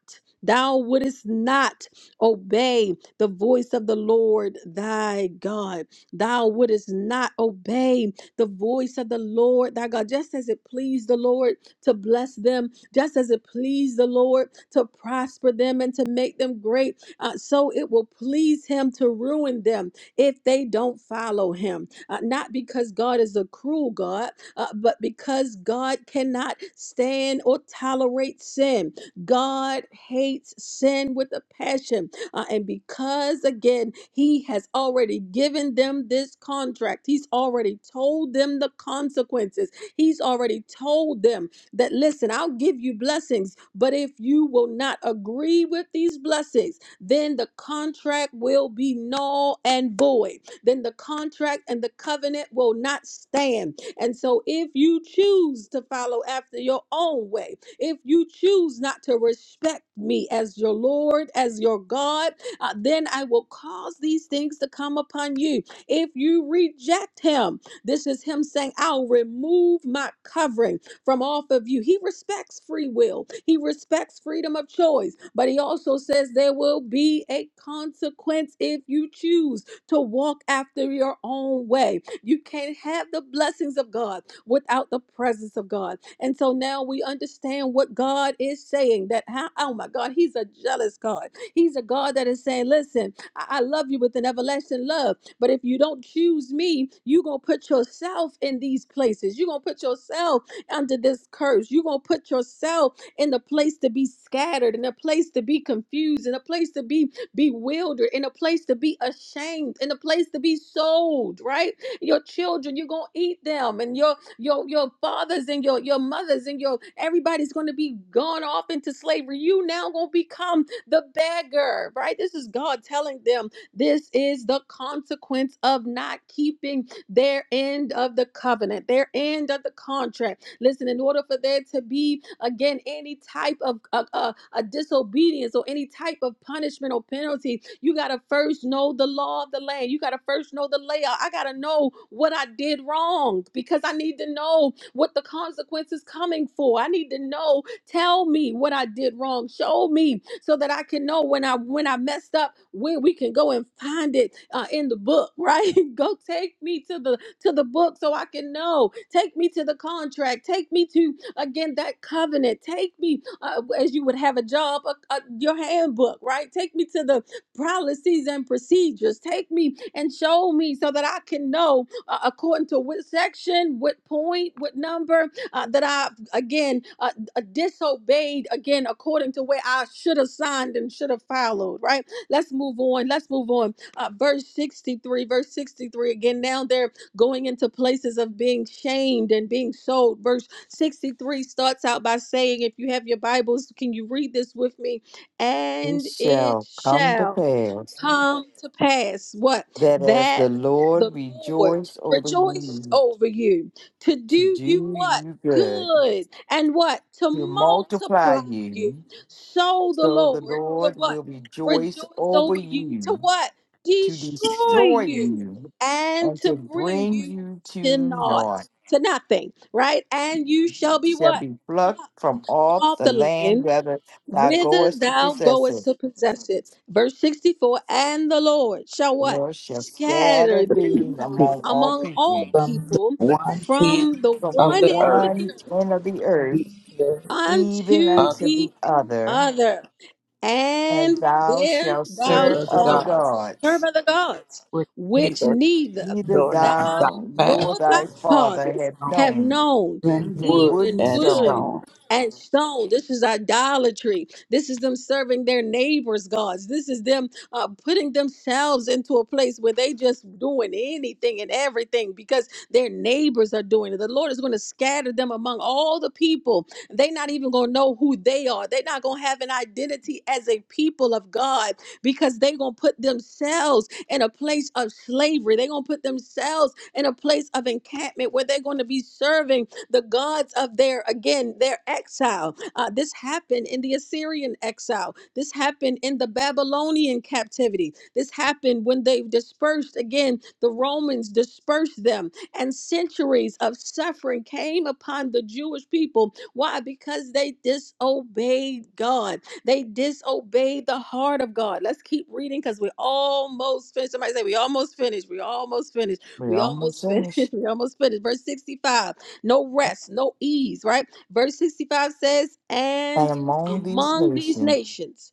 A: thou wouldest not obey the voice of the Lord thy God. Thou wouldest not obey the voice of the Lord thy God, just as it pleased the Lord to bless them, just as it pleased the Lord to prosper them and to make them great. Uh, so it will please him to ruin them if they don't follow him. Uh, not because God is a cruel God, uh, but because God cannot stand or tolerate sin, God hates sin with a passion. Uh, and because, again, He has already given them this contract, He's already told them the consequences, He's already told them that, listen, I'll give you blessings, but if you will not agree with these blessings, then the contract will be null and void. Then the contract and the covenant will not stand and so, if you choose to follow after your own way, if you choose not to respect me as your Lord, as your God, uh, then I will cause these things to come upon you. If you reject him, this is him saying, I'll remove my covering from off of you. He respects free will, he respects freedom of choice, but he also says there will be a consequence if you choose to walk after your own way. You can't have the blessings of God without the presence of God. And so now we understand what God is saying that, how, oh my God, He's a jealous God. He's a God that is saying, listen, I, I love you with an everlasting love, but if you don't choose me, you're going to put yourself in these places. You're going to put yourself under this curse. You're going to put yourself in the place to be scattered, in a place to be confused, in a place to be bewildered, in a place to be ashamed, in a place to be sold, right? your children. You're gonna eat them, and your your your fathers and your your mothers and your everybody's gonna be gone off into slavery. You now gonna become the beggar, right? This is God telling them this is the consequence of not keeping their end of the covenant, their end of the contract. Listen, in order for there to be again any type of uh, uh, a disobedience or any type of punishment or penalty, you got to first know the law of the land. You got to first know the layout. I got to know what I did wrong because I need to know what the consequence is coming for. I need to know, tell me what I did wrong. Show me so that I can know when I when I messed up where we can go and find it uh, in the book, right? go take me to the to the book so I can know. Take me to the contract. Take me to again that covenant. Take me uh, as you would have a job, a, a, your handbook, right? Take me to the policies and procedures. Take me and show me so that I can know uh, according to what section, what point, what number uh, that I've again uh, uh, disobeyed again according to where I should have signed and should have followed. Right? Let's move on. Let's move on. Uh, verse 63, verse 63 again. Now they're going into places of being shamed and being sold. Verse 63 starts out by saying, if you have your Bibles, can you read this with me?
C: It
A: And it
C: shall come to
A: shall
C: pass
A: come to pass what
C: that as
A: that
C: the
A: the
C: Lord
A: Lord
C: rejoiced over
A: rejoiced
C: you
A: over you to
C: to
A: do you
C: do
A: what
C: you good
A: good and what to
C: to multiply
A: multiply you.
C: you,
A: So the
C: so the
A: Lord will
C: Lord
A: what
C: will rejoice
A: rejoice
C: over
A: over you to
C: you,
A: what
C: to
A: destroy
C: destroy
A: you
C: you,
A: and
C: and
A: to
C: to
A: bring
C: bring
A: you
C: you to
A: to naught
C: naught.
A: to nothing, right? And you shall be
C: Shall
A: what
C: be plucked
A: plucked
C: from
A: from
C: off
A: off
C: the
A: the land
C: land, whether thou
A: whither
C: goest to
A: thou
C: possess
A: goest
C: it.
A: to possess it. Verse 64 And the Lord shall
C: The
A: what?
C: Lord shall scatter
A: Scatter
C: thee
A: thee
C: among all
A: among all
C: people,
A: people
E: 1
A: from the
C: from the
E: of
A: one
E: the
A: end of the
C: one
A: earth
C: end of the earth even
A: unto
E: uh,
C: unto
A: the
C: the other,
A: other, and
C: and thou
A: there
C: shalt
E: clever
A: thou
C: serve
E: of the
C: other
A: shalt
E: gods,
C: gods
A: serve other gods,
E: which
A: which
E: neither
A: neither
C: Neither
E: door nor thy
A: thou
C: thou
E: path
C: nor
A: nor thy
C: thy father
A: fathers
C: have
E: known,
A: have
C: known
A: known,
E: even
C: even
E: wood
C: wood
A: even
C: and
E: and
A: wood
C: stone.
E: stone,
A: and stone. This is idolatry. This is them serving their neighbors' gods. This is them uh, putting themselves into a place where they just doing anything and everything because their neighbors are doing it. The Lord is going to scatter them among all the people. They're not even going to know who they are. They're not going to have an identity as a people of God because they're going to put themselves in a place of slavery. They're going to put themselves in a place of encampment where they're going to be serving the gods of their, again, their exile. Uh, this happened in the Assyrian exile. This happened in the Babylonian captivity. This happened when they dispersed, again, the Romans dispersed them, and centuries of suffering came upon the Jewish people. Why? Because they disobeyed God they disobeyed the heart of God. Let's keep reading because we're almost finished. Somebody say, We almost finished. We almost finished.
C: We're
A: We
C: almost
A: almost finished.
C: finished.
A: We almost finished. Verse 65 no rest, no ease, right? Verse 65 says, And
C: And among these
A: among these
C: nations
A: nations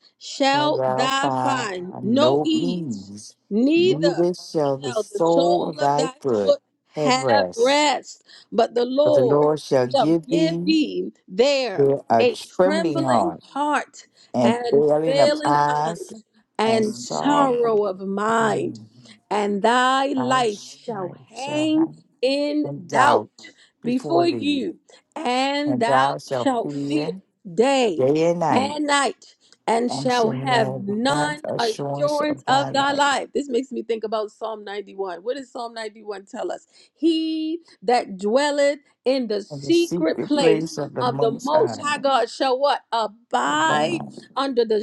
C: shalt
A: shalt
C: thou
A: thou
C: find
A: find no
C: no
A: ease,
C: ease,
A: neither
C: neither shall the
A: shall the
C: sole
A: sole
C: of
A: of
C: thy
A: thy
C: foot
A: foot
C: have
A: have
C: rest.
A: rest, but the
C: But the
A: Lord
C: Lord shall
A: shall
C: give
A: give
C: thee
A: thee there
C: there a
A: a
C: trembling
A: trembling
C: heart
A: heart
C: and
A: and
C: failing of
A: feeling honor
C: eyes and
A: and
C: sorrow
A: sorrow of
C: of
A: mind
C: mind.
A: and thy
C: Thy
A: life shall
C: life shall
A: hang
C: have.
A: in
C: and
A: doubt
C: doubt before
A: before
C: thee,
A: you, and
C: and
A: thou
C: thou shalt
A: shalt fear
C: fear
A: day
C: day and night,
A: and night, and
C: and
A: shall
C: shall
A: have
C: have not
A: none
C: assurance of
A: assurance
C: thy
A: of thy
C: life.
A: life. This makes me think about Psalm 91. What does Psalm 91 tell us? He that dwelleth in the
C: And the
A: secret
C: secret
A: place
C: place of the
A: of the
C: Most
A: Most
C: High
A: High God shall what?
C: shall
A: Abide
C: abide
A: under the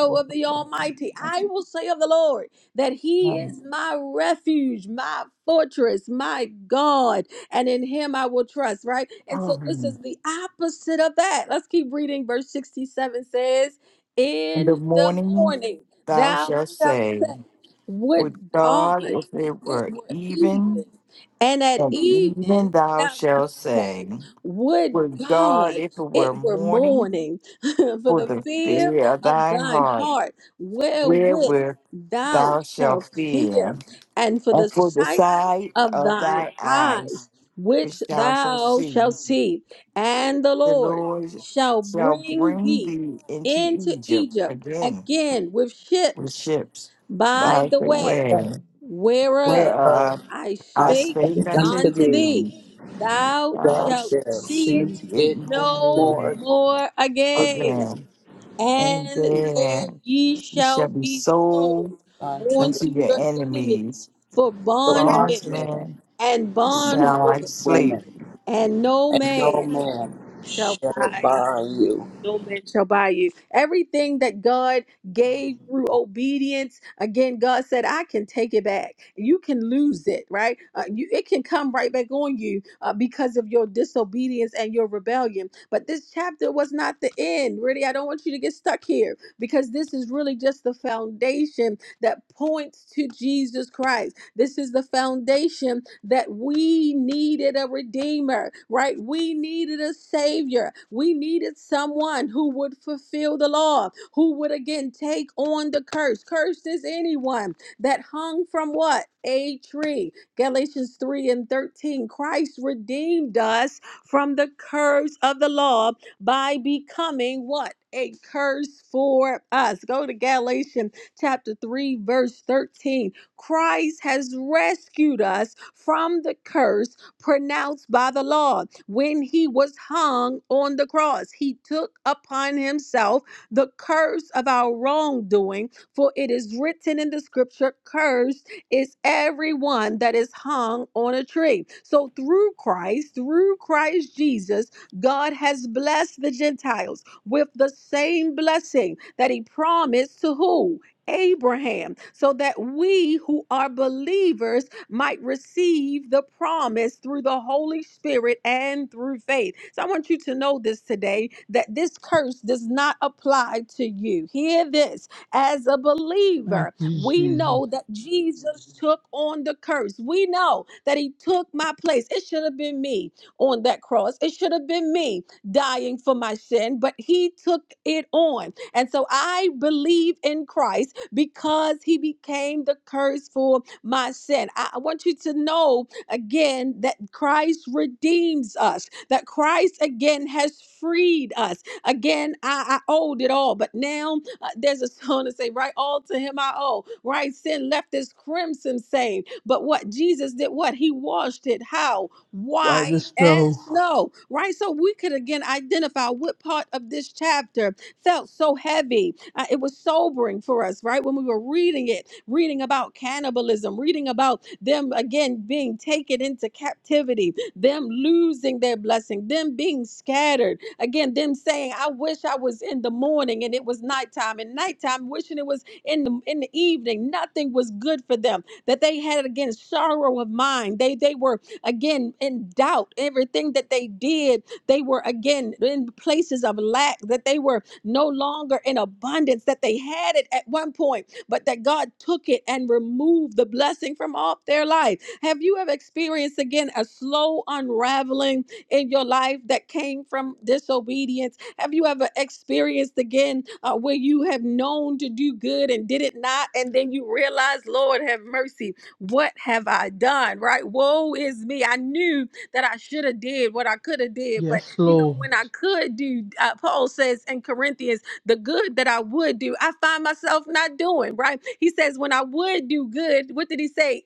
C: the
A: of the
C: light of the
A: Almighty. I
C: mighty
A: will say of the Lord that he
C: come.
A: is my refuge, my fortress, my God, and in him I will trust, right? And so
C: Oh,
A: this is the opposite of that. Let's keep reading. Verse 67 says,
C: In the
A: In the
C: morning
A: morning
C: thou
A: thou
C: shalt
A: shalt
C: say,
A: say,
C: Would
A: Would God
C: God, if it
A: it
C: were
A: were
C: even,
A: even, and at
C: and even
A: even
C: thou
A: thou
C: shalt
A: shalt say.
C: say,
A: Would
C: Would God,
A: God
C: if it were
A: it were
C: morning,
A: morning for
C: for
A: the
C: the
A: fear
C: fear of
A: of
C: thy
A: thine
C: heart
A: heart, wherewith
C: wherewith
A: thou
C: thou shalt
A: shalt
C: fear,
A: fear, and for the
C: and for the
A: sight
C: sight
A: of
C: of
A: thine
C: thy eyes
A: eyes, which
C: which thou shalt
A: thou
C: see.
A: shalt see, and the
C: The
A: Lord
C: Lord
A: shall
C: shall
A: bring
C: bring
A: thee
C: thee into
A: into
C: Egypt
A: Egypt
C: again
A: again with
C: with
A: ships.
C: ships by
A: By the
C: the
A: way,
C: way,
A: whereof
E: whereof
C: whereof
A: I
E: I
C: I
A: spake
C: spake
E: spake
C: unto
E: unto
A: unto
E: thee,
A: thee,
C: thee,
A: thou
C: thou
E: thou
A: shalt
C: shalt
E: shalt
A: see
C: see
A: it
E: see
C: it
E: it
C: no
A: no
C: more
E: more
A: more again,
E: again
C: again, and
A: and there
C: there
A: ye
C: you
A: shall
C: shall be
A: be
C: sold
A: sold
E: unto
C: unto
A: unto
C: your
A: your enemies
C: enemies,
A: for
E: the
A: bondmen
E: bondmen
C: bondsmen
A: and
E: and
C: Sound
A: bondwomen,
C: like
E: bondwomen,
C: slavery.
A: and no
E: and no
A: man
E: man
A: shall
E: shall
A: buy you
E: buy you.
A: no man shall buy you. Everything that God gave through obedience, again, God said, I can take it back. You can lose it, right? Uh, you, it can come right back on you uh, because of your disobedience and your rebellion. But this chapter was not the end. Really, I don't want you to get stuck here because this is really just the foundation that points to Jesus Christ. This is the foundation that we needed a redeemer, right? We needed a savior. We needed someone who would fulfill the law, who would again take on the curse. Cursed is anyone that hung from what? A tree. Galatians 3 and 13. Christ redeemed us from the curse of the law by becoming what? A curse for us. Go to Galatians chapter 3, verse 13 Christ has rescued us from the curse pronounced by the law. When he was hung on the cross, he took upon himself the curse of our wrongdoing, for it is written in the scripture, Cursed is everyone that is hung on a tree. So through Christ, through Christ Jesus, God has blessed the Gentiles with the same blessing that he promised to who? Abraham, so that we who are believers might receive the promise through the Holy Spirit and through faith. So I want you to know this today that this curse does not apply to you. Hear this as a
I: Thank
A: believer,
I: you,
A: we
I: Jesus.
A: know that Jesus took on the curse, we know that he took my place. It should have been me on that cross, it should have been me dying for my sin, but he took it on. And so I believe in Christ because he became the curse for my sin. I, I want you to know again that Christ redeems us, that Christ again has freed us. Again, I, I owed it all, but now uh, there's a song to say, right? All to him I owe, right? Sin left this crimson stain. But what Jesus did, what? He washed it. How?
I: Wipe the
A: White as
I: stove.
A: snow, right? So we could again identify what part of this chapter felt so heavy uh, it was sobering for us, right? When we were reading it, reading about cannibalism, reading about them again being taken into captivity, them losing their blessing, them being scattered, again, them saying, I wish I was in the morning and it was nighttime, and nighttime wishing it was in the in the evening. Nothing was good for them. That they had again sorrow of mind. They they were again in doubt. Everything that they did, they were again in places of lack, that they were no longer in abundance, that they had it at one point, but that God took it and removed the blessing from off their life. Have you ever experienced again a slow unraveling in your life that came from disobedience? Have you ever experienced again uh, where you have known to do good and did it not, and then you realize, Lord, have mercy, what have I done? Right? Woe is me. I knew that I should have did, what I could have did. But
I: Yes,
A: you know,
I: Lord.
A: when I could do, uh, Paul says in Corinthians, the good that I would do, I find myself not doing. Right? He says, when I would do good, what did he say?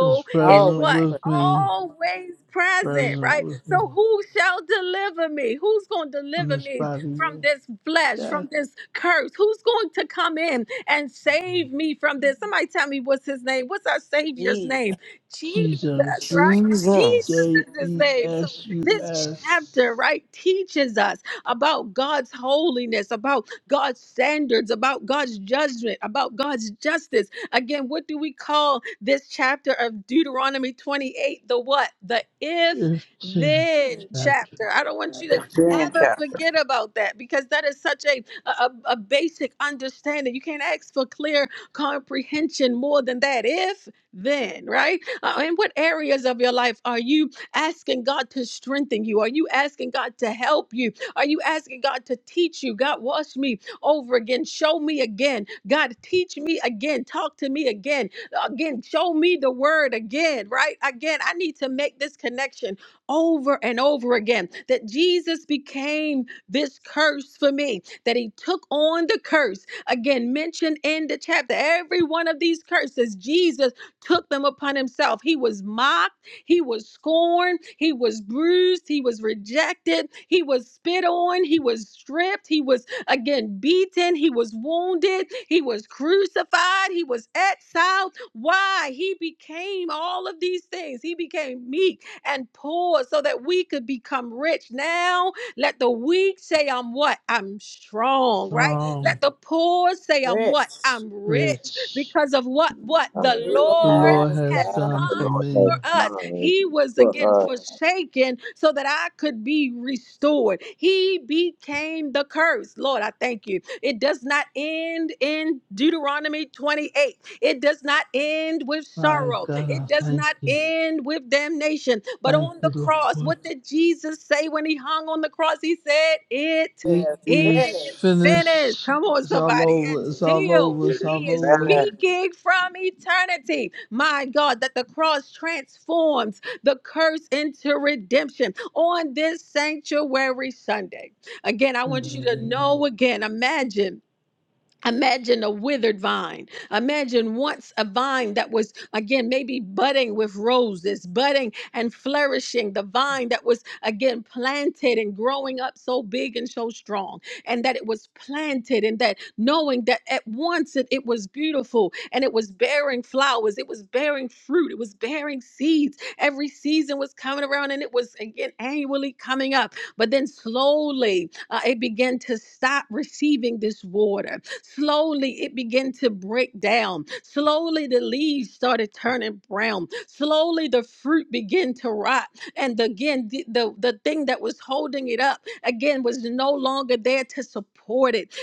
I: Is
A: is
I: present
H: always
A: what
H: pray.
I: with me.
A: always present.
I: Present
H: Oh,
A: Right?
I: with me.
A: So who shall deliver me? Who's going to
I: I'm
A: deliver
I: his
A: me
I: body.
A: from
I: of
A: this flesh,
I: death.
A: from this curse? Who's going to come in and save me from this? Somebody tell me what's his name? What's our Savior's name?
H: Jesus,
A: Jesus,
I: Jesus.
A: right? Jesus
C: Jesus.
I: J
A: is his
I: E
A: name. So,
I: S U
A: this chapter,
I: S.
A: right, teaches us about God's holiness, about God's standards, about God's judgment, about God's justice. Again, what do we call this chapter of Deuteronomy 28? The what? The if
I: If ch-
A: then
I: chapter
A: chapter. I don't want you to
E: Then,
A: ever
E: chapter.
A: forget about that because that is such a, a, a basic understanding. You can't ask for clear comprehension more than that. If then, right? Uh, in what areas of your life are you asking God to strengthen you? Are you asking God to help you? Are you asking God to teach you? God, wash me over again. Show me again. God, teach me again. Talk to me again. Again, show me the word again, right? Again, I need to make this connection over and over again that Jesus became this curse for me, that he took on the curse again mentioned in the chapter. Every one of these curses, Jesus took them upon himself. He was mocked, he was scorned, he was bruised, he was rejected, he was spit on, he was stripped, he was again beaten, he was wounded, he was crucified, he was exiled. Why? He became all of these things. He became meek and poor so that we could become rich. Now, let the weak say, I'm what? I'm strong, right?
I: strong,
A: Let the poor say, I'm
H: rich,
A: what? I'm rich
I: rich,
A: because of what what
B: I'm
A: the
H: who
B: ready.
I: the
A: Lord
I: Lord
H: has
I: has
A: has
H: done
I: done
A: done
I: for
B: The Lord has
I: me.
A: for us.
B: done
A: He was again
B: for us.
A: forsaken so that I could be restored. He became the curse. Lord, I thank you. It does not end in Deuteronomy 28. It does not end with
I: My
A: sorrow.
I: God,
A: It
I: I
A: does
I: thank
A: not
I: you.
A: end with damnation. But
I: Thank
A: on the
I: you,
A: cross,
I: Lord.
A: what did Jesus say when he hung on the cross? He said, It
I: It
H: the
A: is
I: is
H: finished.
A: finished.
I: finished.
A: Come on,
I: It's all
A: somebody, and
I: over. It's all
A: still,
B: His
I: over. It's
A: He
I: all
A: is
I: over.
B: Man's
A: speaking from eternity. My God, that the cross transforms the curse into redemption on this sanctuary Sunday. Again, I
I: for
A: want you to know again, imagine Imagine a withered vine. Imagine once a vine that was, again, maybe budding with roses, budding and flourishing, the vine that was, again, planted and growing up so big and so strong, and that it was planted, and that knowing that at once it, it was beautiful and it was bearing flowers, it was bearing fruit, it was bearing seeds. Every season was coming around and it was, again, annually coming up. But then slowly uh, it began to stop receiving this water Slowly it began to break down. Slowly the leaves started turning brown. Slowly the fruit began to rot. And again, the, the, the thing that was holding it up again was no longer there to support it.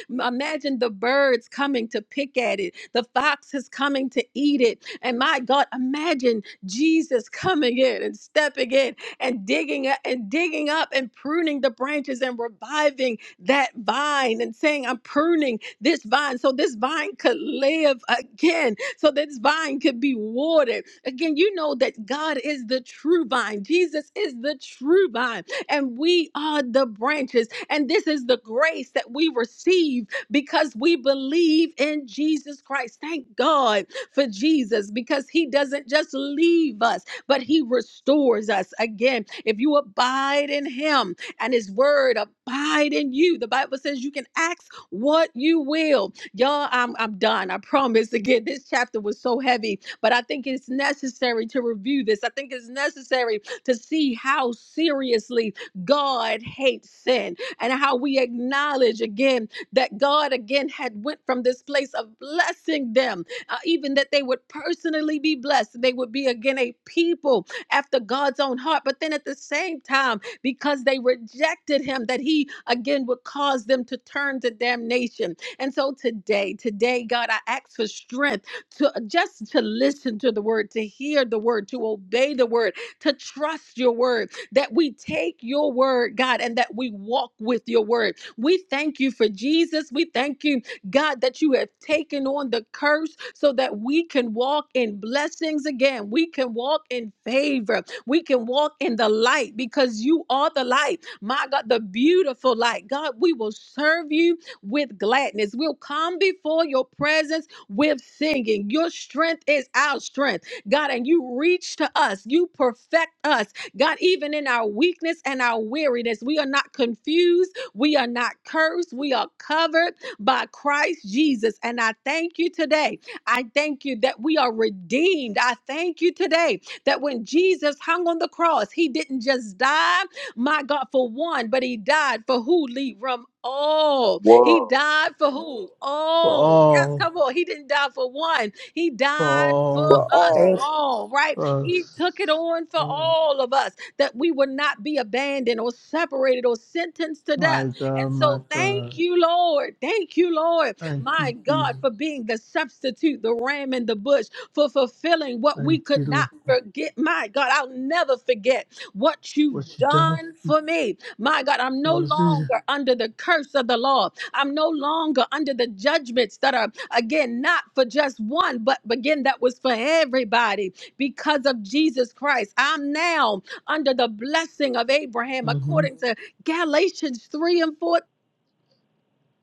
A: Imagine the birds coming to pick at it, the foxes coming to eat it. And my God, imagine Jesus coming in and stepping in and digging up and digging up and pruning the branches and reviving that vine and saying, I'm pruning this vine so this vine could live again, so this vine could be watered. Again, you know that God is the true vine, Jesus is the true vine, and we are the branches. And this is the grace that we receive because we believe in Jesus Christ. Thank God for Jesus because he doesn't just leave us, but he restores us. Again, if you abide in him and his word abide in you, the Bible says you can ask what you will. Y'all, I'm, I'm done. I promise. Again, this chapter was so heavy, but I think it's necessary to review this. I think it's necessary to see how seriously God hates sin and how we acknowledge again that God again had went from this place of blessing them, uh, even that they would personally be blessed. They would be again a people after God's own heart. But then at the same time, because they rejected him, that he again would cause them to turn to damnation. And so today, today, God, I ask for strength to uh, just to listen to the word, to hear the word, to obey the word, to trust your word, that we take your word, God, and that we walk with your word. We thank you for Jesus. We thank you, God, that you have taken on the curse so that we can walk in blessings again. We can walk in favor. We can walk in the light because you are the light. My God, the beautiful light. God, we will serve you with gladness. We'll come before your presence with singing. Your strength is our strength, God, and you reach to us. You perfect us, God, even in our weakness and our weariness. We are not confused. We are not cursed. We are covered by Christ Jesus. And I thank you today. I thank you that we are redeemed. I thank you today that when Jesus hung on the cross, he didn't just die, my God, for one, but he died for who, Lee? From all.
B: world.
A: He died for who? All. Yes,
I: all,
A: come on. He didn't die for one. He
I: for
A: died for
E: For
A: us
H: Thank
E: all,
A: all, right? He took it
I: us.
A: on for
I: Oh,
A: all of us that we would not be abandoned or separated or sentenced to death.
I: my God,
A: And
I: my
A: so thank
I: God.
A: you, Lord. Thank you, Lord.
I: Thank
A: My
I: you, Jesus.
A: God, for being the substitute, the ram in the bush for fulfilling what we
I: Thank you,
A: could not
I: Lord.
A: forget. My God, I'll never forget what you've
I: What you done
A: done for me. My God, I'm no
I: for us. Jesus.
A: longer under the curse of the law. I'm no longer under the judgments that are, again, not for just one, but again, that was for everybody because of Jesus Christ. I'm now under the blessing of Abraham
I: Mm-hmm.
A: according to Galatians 3 and 14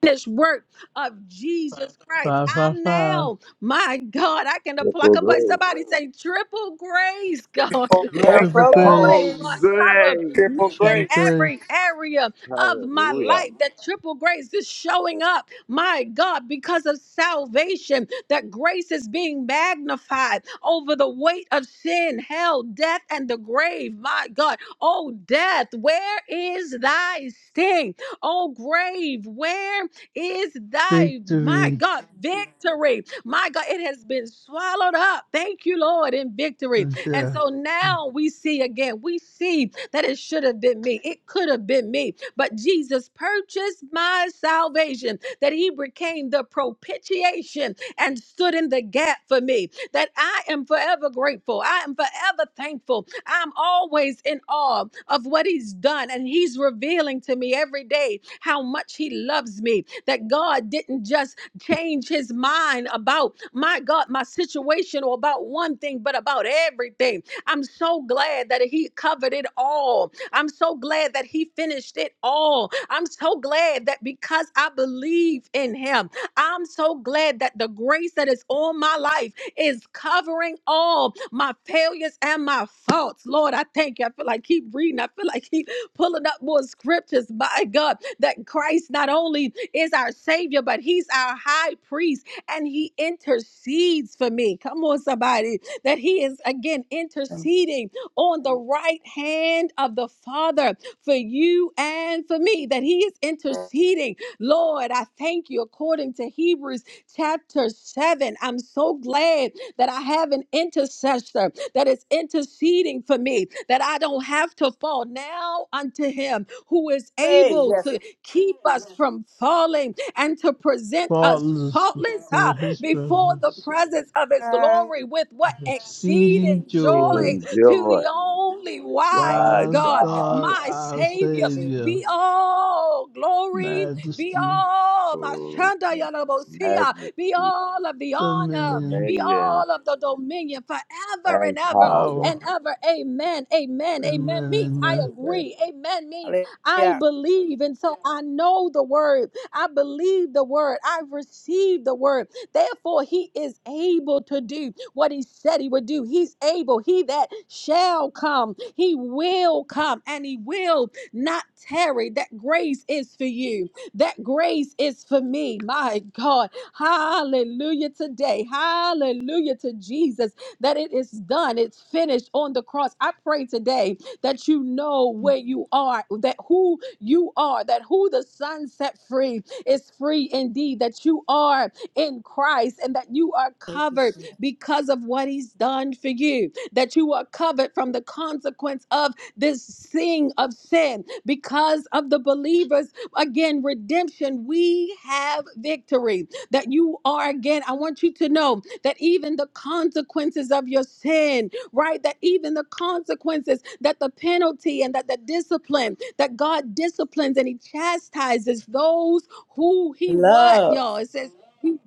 A: finished work of Jesus Christ.
I: Five, five,
A: I'm
I: five.
A: now, my God, I can apply.
B: Triple
A: Come on,
B: grace.
A: somebody say triple grace, God.
E: for grace,
I: Triple
H: Triple
A: triple
E: God.
A: grace,
B: Triple
I: grace,
A: God,
H: grace.
A: cover
B: grace.
E: Triple
A: me in
I: triple
E: grace,
A: every
I: grace.
A: area of my
B: Hallelujah.
A: life. That triple grace is showing up, my God, because of salvation. That grace is being magnified over the weight of sin, hell, death, and the grave. My God, oh, death, where is thy sting? Oh, grave, where? is thy, my
I: Victory
A: God, victory. My God, it has been swallowed up. Thank you, Lord, in victory.
I: and
A: And
I: death.
A: so
I: and
A: now we see again, we see that it should have been me. It could have been me. But Jesus purchased my salvation, that he became the propitiation and stood in the gap for me that I am forever grateful. I am forever thankful. I'm always in awe of what He's done. And He's revealing to me every day how much He loves me. That God didn't just change His mind about my God, my situation, or about one thing, but about everything. I'm so glad that He covered it all. I'm so glad that He finished it all. I'm so glad that because I believe in Him. I'm so glad that the grace that is on my life is covering all my failures and my faults. Lord, I thank you. I feel like keep reading. I feel like keep pulling up more scriptures. My God, that Christ not only is our Savior, but He's our high priest and He intercedes for me. Come on, somebody. That He is again interceding on the right hand of the Father for you and for me. That He is interceding Lord, I thank you according to Hebrews chapter 7. I'm so glad that I have an intercessor that is interceding for me, that I don't have to fall now unto him who is
H: Hey,
A: able
H: yes,
A: to keep us from falling and to present us
I: Faultless
A: faultless huh,
I: before his
A: before the
I: presence.
A: presence of his
H: God.
A: glory with what
I: with Exceeding
A: exceeding
B: We
I: joy.
A: joy to
B: enjoy.
A: the only wise
B: My
I: Wise
A: God,
B: God.
I: God,
A: my
I: our
H: Thank you,
A: Savior.
H: Jesus.
I: Savior.
A: Be all glory be
I: Majesty.
A: all my
B: Oh,
A: Shanda Yalabosia.
B: madness,
A: Be all of the honor.
I: dominion,
A: Be
B: dominion,
A: all of the dominion forever and
B: and
A: ever
I: power,
A: and ever. Amen. Amen. Amen means I
I: amen,
B: That
A: agree. Amen means I
H: Hallelujah.
A: believe. And so I know the word. I believe the word. I receive the word. Therefore, he is able to do what he said he would do. He's able. He that shall come, he will come and he will not tarry. That grace is for you. That grace is for me. My God. Hallelujah today. Hallelujah to Jesus that it is done. It's finished on the cross. I pray today that you know where you are, that who you are, that who the Son set free is free indeed, that you are in Christ and that you are
H: Thank you,
A: covered
H: Jesus.
A: because of what He's done for you, that you are covered from the consequence of this sin of sin because of the believer's again redemption, we have victory. That you are again, I want you to know that even the consequences of your sin, right? That even the consequences, that the penalty and that the discipline, that God disciplines and He chastises those who He what,
H: Love.
A: y'all? It says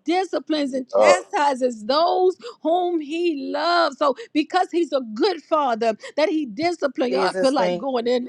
A: disciplines and
B: up
A: chastises those whom he loves. So because he's a good father, that he disciplines. Y'all I feel
H: Jesus,
A: like
H: thank
A: going in.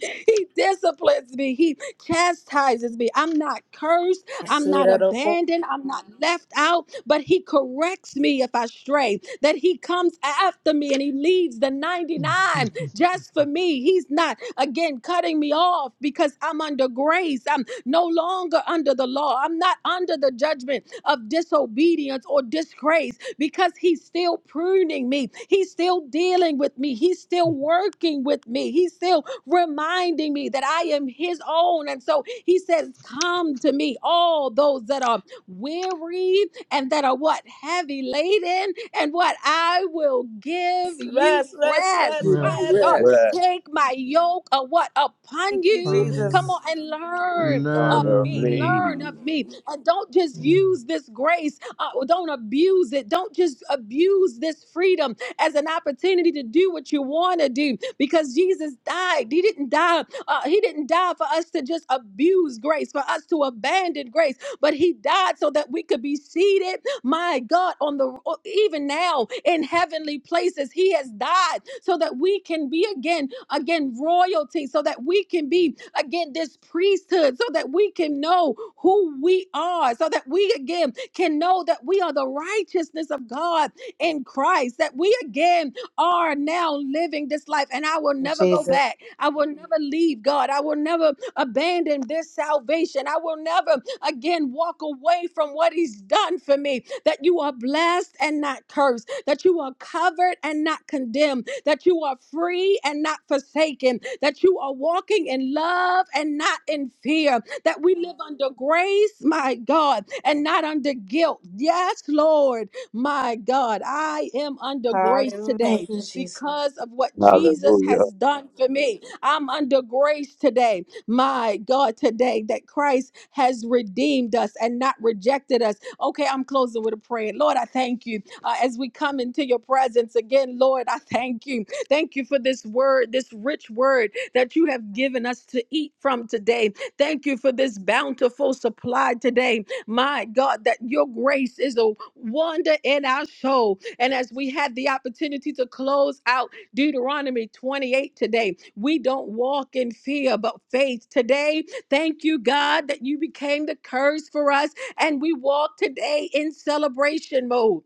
A: He disciplines me. He chastises me. I'm not cursed.
H: you.
A: I'm
H: See
A: not
H: that, of course.
A: abandoned. I'm not left out, but he corrects me if I stray. That he comes after me and he leaves the
I: amen.
A: 99 just for me. He's not, again, cutting me off because I'm under grace. I'm no longer under the law. I'm not under the judgment of disobedience or disgrace because he's still pruning me. He's still dealing with me. He's still working with me. He's still reminding me that I am his own. And so he says, Come to me, all those that are weary and that are what heavy laden, and what I will give you
H: Rest, rest,
A: rest.
H: rest,
E: give
A: My
E: me
I: Rest
H: rest.
A: God,
B: breath
E: rest.
A: take my yoke of what upon
H: Thank you,
A: you.
I: on
A: Come
I: me
H: Jesus.
A: on and
I: and
A: learn
B: of
I: learn
A: of
I: of
A: me.
I: me.
A: Learn
B: me.
A: of me. And don't just use this grace. Uh, don't abuse it. Don't just abuse this freedom as an opportunity to do what you want to do because Jesus died. He didn't die. Uh, he didn't die for us to just abuse grace, for us to abandon grace, but he died so that we could be seated, my God, on the even now in heavenly places. He has died so that we can be again, again, royalty, so that we can be again this priesthood, so that we can know who we are, so that we again can know that we are the righteousness of God in Christ, that we again are now living this life. And I will
H: Thank
A: never
H: you,
A: go
H: Jesus.
A: back. I will never leave God. I will never abandon this salvation. I will never again walk away from what He's done for me. That you are blessed and not cursed, that you are covered and not condemned, that you are free and not forsaken, that you are walking in love and not in fear, that we live under grace, my God, and not under guilt. Yes, Lord. My God, I am under grace
H: Hallelujah. Thank
A: today
H: you, Jesus.
A: because of what Jesus
B: Hallelujah.
A: has done for me. I'm under grace today. My God, today that Christ has redeemed us and not rejected us. Okay, I'm closing with a prayer. Lord, I thank you uh, as we come into your presence again. Lord, I thank you. Thank you for this word, this rich word that you have given us to eat from today. Thank you for this bountiful supply today my God, that your grace is a wonder in our soul. And as we had the opportunity to close out Deuteronomy 28 today, we don't walk in fear but faith. Today, thank you, God, that you became the curse for us, and we walk today in celebration mode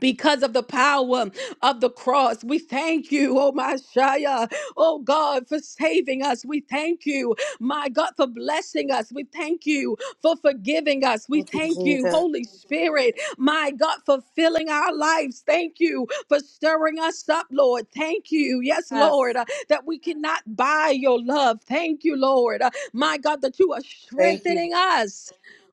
A: because of the power of the cross. We thank you, oh my Shia, oh God, for saving us. We thank you, my God, for blessing us. We thank you for forgiving us. We
H: Thank you,
A: thank you,
H: Jesus.
A: Holy Spirit, my God, for filling our lives. Thank you for stirring us up, Lord. Thank you, yes, Lord,
H: Yes.
A: uh, that we cannot buy your love. Thank you, Lord, uh, my God, that you are
H: Thank you.
A: strengthening us.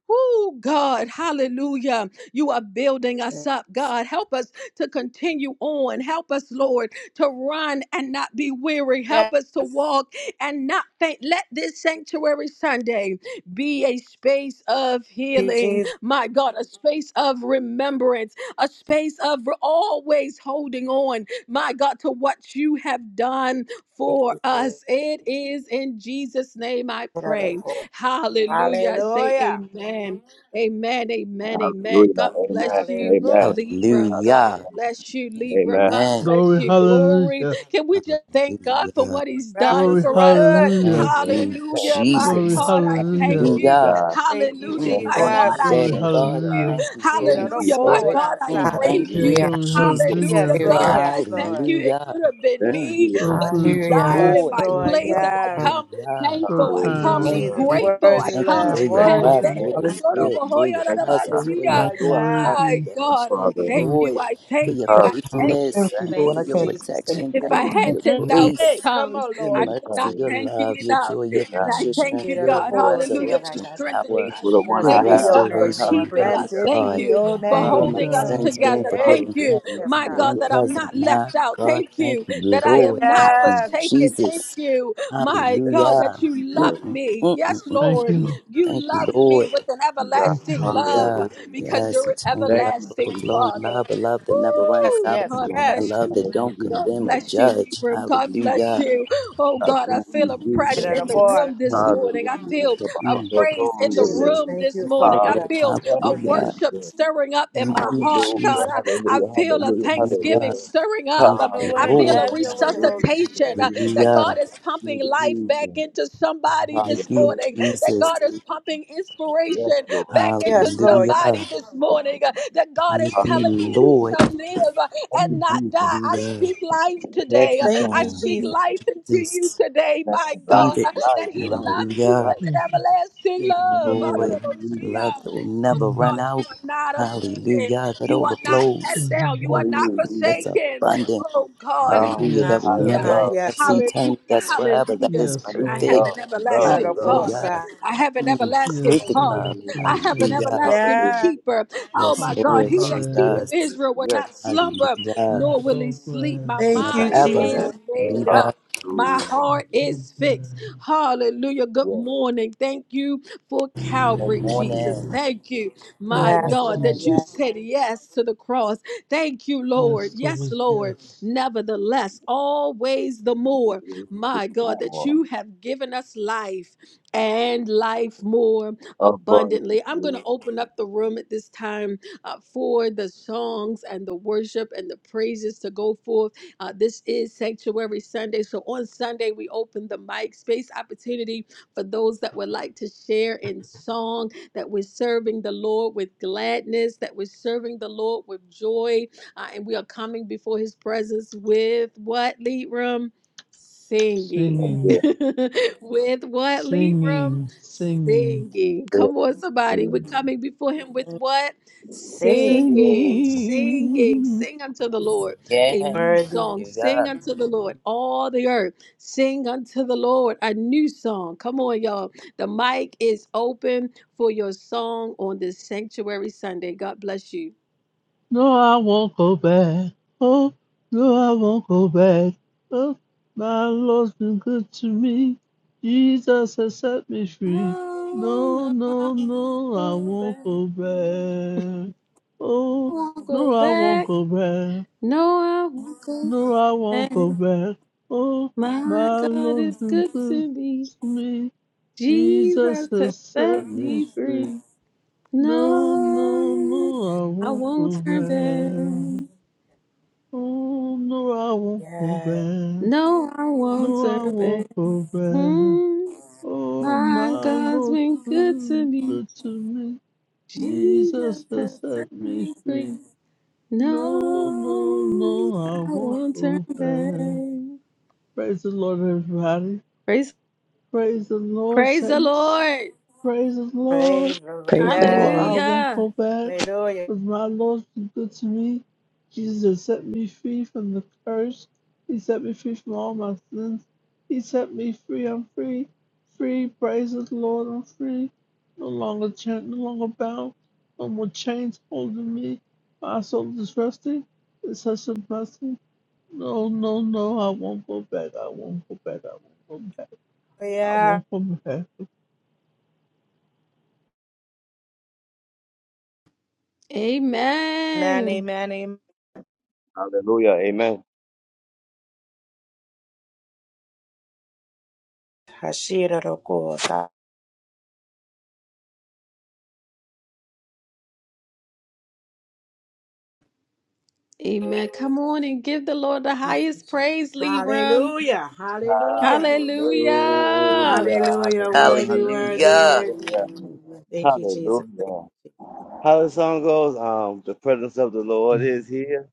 A: Oh God, hallelujah. You are building us up,
H: Jesus.
A: God. Help us to continue on. Help us, Lord, to run and not be weary. Help us to
H: Yes.
A: walk and not faint. Let this sanctuary Sunday be a space of
H: you,
A: healing,
H: Jesus.
A: my God, a space of remembrance, a space of re- always holding on, my God, to what you have done
H: Thank
A: for
H: you, Jesus.
A: us. It is in Jesus' name I pray. Hallelujah. I say
H: Hallelujah.
A: amen. Amen. Amen. Amen.
B: Hallelujah.
A: God
B: Amen.
A: bless you,
H: Hallelujah.
B: Amen.
A: Libram. God
J: Hallelujah.
A: bless you, Libram.
B: Amen.
A: God
J: Amen.
A: bless
I: Glory,
A: you. Glory.
I: hallelujah,
A: Can we just thank God for
J: Hallelujah.
A: what He's done
I: glory,
H: Raffles
A: for
H: was
A: us?
H: good.
J: Thank
I: hallelujah,
B: Lord,
J: you,
B: Thank
A: Hallelujah.
B: you,
A: My
I: glory,
B: Jesus,
J: Jesus.
A: God, I
I: hallelujah,
A: thank
B: Holy
A: you.
J: Hallelujah.
B: God.
H: Thank you,
A: Hallelujah.
B: Thank
J: Mm,
A: My
K: Lord.
J: thank
B: you,
J: you,
A: God,
H: Jesus.
A: I
I: glory,
J: Daddy
B: thank you,
A: worship
J: God.
B: God.
A: you.
I: hallelujah,
J: Thank you,
H: Jesus.
B: Thank
J: Holy
B: you,
A: Hallelujah. My
B: Father.
J: Spirit.
A: God, I
J: Mm, thank
A: praise
B: Hallelujah.
A: you.
J: you,
L: Hallelujah,
I: glory,
J: Jesus.
H: Yes,
A: Hallelujah.
I: hallelujah.
K: I
H: Lord.
L: hallelujah,
A: God, I
H: Yes,
A: thank
H: Lord.
A: you. It
J: Hallelujah.
A: could have been
B: Thank
J: Mm,
A: me
B: you,
I: So
B: Lord
A: but you
I: good, so
L: hallelujah.
A: died
H: Yes,
A: in
J: Lord.
A: my
I: merciful,
H: Lord.
A: place.
B: God.
A: And I
H: Yes.
L: Thank you,
A: come
J: Hallelujah.
I: so
A: thankful. I
J: Mm.
H: Thank you,
A: come
L: thank
I: kind.
B: Hallelujah.
H: Jesus.
L: you,
A: grateful.
L: Jesus.
A: I
H: Worthy
J: Thank you
A: come
I: I
J: for
H: Lamb.
J: your
B: Thank
A: heavy.
B: you,
I: praise
L: Thank
H: Worthy
J: breath,
H: Lamb.
I: you,
J: for
B: thank
J: your
K: Thank
B: you,
K: you,
B: thank
J: spirit,
B: you,
J: for your
B: thank you, God.
J: presence,
K: Lord.
J: for your
H: Lord.
I: so
J: Ruach
H: Yes.
A: My
I: worthy.
J: HaKodesh.
A: God, I
J: Thank you,
B: Father.
A: thank
L: you,
A: you.
J: Lord,
A: I
J: for
L: thank you,
A: thank
J: your
A: you.
K: Thank you,
A: I thank
L: God.
K: Lord.
B: Hallelujah.
J: faithfulness.
K: Thank you,
B: Thank
J: Thank you
B: you,
K: Lord.
H: Thank
J: for
K: I
H: you,
J: your
B: thank you,
H: Jesus.
K: can't.
H: Thank
B: thank
J: protection.
B: you,
A: if I
J: Thank you
B: Lord.
J: for
I: Mm.
L: Thank
A: had
J: your
H: you.
L: you.
A: 10,000
J: grace,
H: Hey, come
A: tongues,
H: on,
J: your
H: Lord.
A: I
B: Because,
A: could not
J: mercy, your
B: um,
A: thank you
J: love, your
A: enough.
J: joy, your
A: And
B: Thank
J: peace,
A: I
J: your
A: thank
J: strength,
A: you,
J: your
A: God. Hallelujah for
J: resurrection power,
A: strengthening
B: you
A: us.
B: for the one
H: Blessed
B: I
J: your
A: Thank
H: be
A: you,
B: have,
H: your
A: God, for
H: name,
B: God.
H: Lord.
J: restoration, my
A: keeping us.
B: Hallelujah.
H: Blessed
A: Thank
J: God.
H: be
A: you
H: your
B: Hallelujah,
A: for
I: Thank
J: For
I: you,
H: name.
J: my
A: holding
H: Hey,
A: us
I: God.
J: sins being
H: hey,
B: hallelujah,
A: together.
H: hey.
A: Thank
J: forgiven,
A: you,
J: past
H: Yes,
A: my
H: God.
A: God,
J: and
A: that I'm
B: hallelujah.
A: not
J: present, my
A: left out.
J: God.
A: Thank you
J: Thank you,
A: that I
B: Thank
J: Lord.
A: am
B: you,
J: Thank
A: not
B: God.
J: you,
H: Yes,
A: forsaken. Thank
J: Jesus.
A: you, my
B: Thank
A: God,
B: you,
J: Hallelujah.
A: that you love
B: Jesus.
J: Mm-mm,
A: me. Yes,
J: mm-mm,
I: Thank you,
A: Lord,
I: Lord.
A: you
J: Thank
A: love
J: you,
A: me
J: Lord.
A: with an
B: You got
I: Thank you,
A: everlasting
I: Lord.
A: love
J: Hallelujah.
B: hallelujah.
A: because
J: Yes,
A: you're an
J: eternal
B: Thank
J: love,
B: you,
A: everlasting
B: Jesus.
J: overflowing
A: Father.
J: love, a love that never runs
H: yes,
A: Woo!
J: out,
B: Thank
H: yes,
B: you,
A: God
B: God.
J: a
H: yes.
A: bless
J: love
A: you.
J: that don't
A: God
B: Hallelujah.
J: condemn or
A: bless you,
J: judge.
A: Libra. God bless
J: Hallelujah.
A: you. Oh
B: God
A: God, I
B: bless you,
A: feel a
J: Thank
A: press
H: Get
B: Jesus.
J: you,
A: in
H: of
A: the
J: Jesus.
H: God.
A: room this morning. I
B: Hallelujah.
A: feel a
J: Hallelujah.
A: praise in the
H: Jesus,
B: Hallelujah.
A: room
H: thank
A: this
H: you,
J: Yes,
A: morning.
H: Father
B: Ah,
A: I
H: God.
J: Lord.
A: feel
B: thank
A: a
B: you,
J: Hallelujah.
A: worship
B: Jesus.
A: stirring up in
J: Thank
A: my
J: you,
A: heart,
J: Jesus.
B: Hallelujah,
A: God. I, I
B: hallelujah,
A: feel a
B: hallelujah,
A: thanksgiving
J: Hallelujah.
B: hallelujah.
A: stirring up.
J: Thank
A: Um,
H: Have your
J: you,
A: I
H: way,
A: feel
J: Lord.
A: a
B: Hallelujah,
H: have your way,
B: hallelujah,
H: Holy
A: resuscitation
H: Spirit.
A: uh,
B: hallelujah.
A: that
J: Hallelujah.
A: God is pumping
B: Good
A: life back
B: Jesus.
A: into somebody this
J: Thank you,
A: morning,
B: Hallelujah,
A: that
J: Jesus.
A: God is
B: hallelujah.
A: pumping inspiration
B: Yes,
A: generation
B: Lord.
A: back into
H: Yes, Lord.
J: Hallelujah.
A: somebody this morning uh, that God is
J: Thank
A: telling you
J: you,
A: you
B: Hallelujah.
J: Lord.
A: shall live uh,
B: Thank you,
A: and
I: Mm,
A: not die.
B: Jesus.
A: I
J: Hallelujah.
A: speak life
B: Thank
A: today. Uh,
B: you,
H: Thank
A: I
H: you,
B: God.
A: speak
H: Jesus.
A: life into you
J: Just
A: today,
B: Thank
A: my
B: you, life,
J: receive
A: God,
J: it.
A: uh,
B: life,
A: that He
B: life,
A: loves you
J: Hallelujah.
B: life.
A: with an
I: mm,
A: everlasting
J: Yes,
A: love.
B: Only
J: Lord.
B: you,
J: Love
A: Hallelujah.
J: that will
A: Oh
J: never
I: mm, mm,
J: run
A: God, you
J: out.
A: are not abandoned.
J: Hallelujah. That
A: You are not cast
J: overflows.
I: mm.
A: down. You are
I: mm.
B: only
A: not
B: you,
J: That's
B: Jesus.
A: forsaken.
J: abundant.
A: Oh God.
B: Um,
J: Hallelujah.
H: My,
J: That
I: Yes,
J: will
B: I am
J: never
I: God.
H: my.
J: end.
B: love.
J: That
H: Yes, Lord.
J: seed
A: Hallelujah,
J: time. That's forever. That
A: hallelujah.
J: is
B: I
I: Yes,
B: am
A: I
I: Father.
A: have
B: love,
A: an
J: perfect.
H: Get
B: love,
H: out
A: everlasting
H: of
B: love.
H: God.
A: Father.
J: Hallelujah.
A: I have an
J: Mm,
A: everlasting
I: Yes,
J: perfect
A: Father.
I: Lord.
J: love.
B: Hallelujah,
A: I
I: Yes,
A: have an
I: Lord.
J: Hallelujah.
B: hallelujah,
A: everlasting
H: Yeah.
A: keeper. Oh
J: Yes,
I: I'm
A: my God,
I: so
J: Lord
A: he that
I: glad.
A: keepeth
J: Jesus.
B: hallelujah.
A: Israel will
B: Yes,
A: not slumber,
J: Hallelujah.
I: I'm
A: nor will he
I: so
A: sleep.
I: glad.
A: My
H: Thank
J: Never
H: you,
B: Jesus.
A: mind
H: Jesus.
A: is
J: ever.
A: made up.
J: Hallelujah.
A: My
B: Hallelujah.
I: I'm
A: heart
I: so
A: is fixed.
I: glad.
A: Hallelujah. Good
B: Yes,
A: morning. Thank you for
B: thank
A: Calvary,
B: you, Jesus.
A: Jesus.
J: Morning.
A: Thank you, my
I: Thank
H: Yes,
B: Thank
I: you,
A: God,
B: you,
H: Lord.
A: that you
B: Jesus.
H: Yes.
I: Jesus.
A: said yes to the cross. Thank you, Lord.
I: Yes,
A: Yes,
I: Lord.
A: Lord.
I: Yes.
A: Nevertheless, always the more,
B: The
A: my God, that
B: poor,
A: you have given us life and life more abundantly. I'm going to
B: abundantly,
A: open up the room at this time uh, for the songs and the worship and the praises to go forth. Uh, this is Sanctuary Sunday. So on Sunday, we open the mic space opportunity for those that would like to share in song that we're serving the Lord with gladness, that we're serving the Lord with joy, uh, and we are coming before his presence with what, Lead Room? Singing.
B: and
I: Singing,
B: the
A: with what, Libram?
I: singing, singing,
A: Singing. Come on, somebody.
B: faithful.
A: We're coming before him with what?
H: Sing.
A: Singing, singing,
I: singing.
A: sing unto the Lord a
J: Again.
A: new
H: Worthy.
A: song. Sing
J: Hallelujah.
A: unto the Lord, all the earth. Sing unto the Lord a new song. Come on, y'all. The mic is open for your song on this Sanctuary Sunday. God bless you.
I: No, I won't go back. Oh, no, I won't go back. Oh, my Lord's been good to me. Jesus has set me free. No,
A: No, no, I
I: no,
A: won't
I: no, I
A: go
I: won't
A: back.
I: go back. Oh,
A: won't go
I: no, I won't
A: back.
I: go back.
A: No, I won't go.
I: No, I won't go
A: And
I: back. Oh,
A: my
I: my
A: God
I: Lord's
A: is
I: been
A: good
I: good
A: to me.
I: to me. Jesus
A: Jesus has
I: has set
A: set
I: me
A: me free.
I: free. No, no,
A: No,
I: no, I
A: I
I: won't
A: won't
I: go
A: turn
I: back.
A: back.
I: Oh, no, I won't go
H: Yes.
I: back.
A: No, I won't
I: No, I
A: turn back.
I: won't go back.
A: Hmm.
I: Oh,
A: My
I: my
A: God's
I: Lord,
A: been good to me.
I: good to me.
A: Jesus
I: Jesus has
A: has set
I: set
A: me
I: me
A: free.
I: free.
A: No,
I: No, no, no,
A: I
I: I won't
A: won't turn
I: go back.
A: back.
I: Praise the Lord, everybody.
A: Praise,
I: Praise the Lord,
A: praise the
I: saints.
A: Lord.
I: Praise the Lord.
H: Praise the Lord.
M: Praise the
I: No,
M: Lord.
I: I
H: Yes.
I: won't
A: Hallelujah.
I: go back.
H: Hallelujah.
I: With my Lord be good to me, Jesus set me free from the curse. He set me free from all my sins. He set me free. I'm free. Free. Praise the Lord. I'm free. No longer chained, no longer bound. No more chains holding me. My soul is resting. It's such a blessing. No, no, no. I won't go back. I won't go back. I won't go back. I
H: Yeah.
I: won't go back.
H: Amen,
A: Amen.
H: amen, amen.
B: Hallelujah. Amen.
H: Hashira roko ta.
A: Amen. Come on and give the Lord the highest praise, Libram.
H: Hallelujah. Hallelujah.
A: Hallelujah.
B: Hallelujah.
H: Hallelujah.
B: Hallelujah.
H: Worthy,
B: Hallelujah.
H: worthy,
J: Hallelujah.
H: worthy.
B: Hallelujah.
H: Thank you, Jesus. Thank
B: Hallelujah. How the song goes, um, the presence of the Lord is here.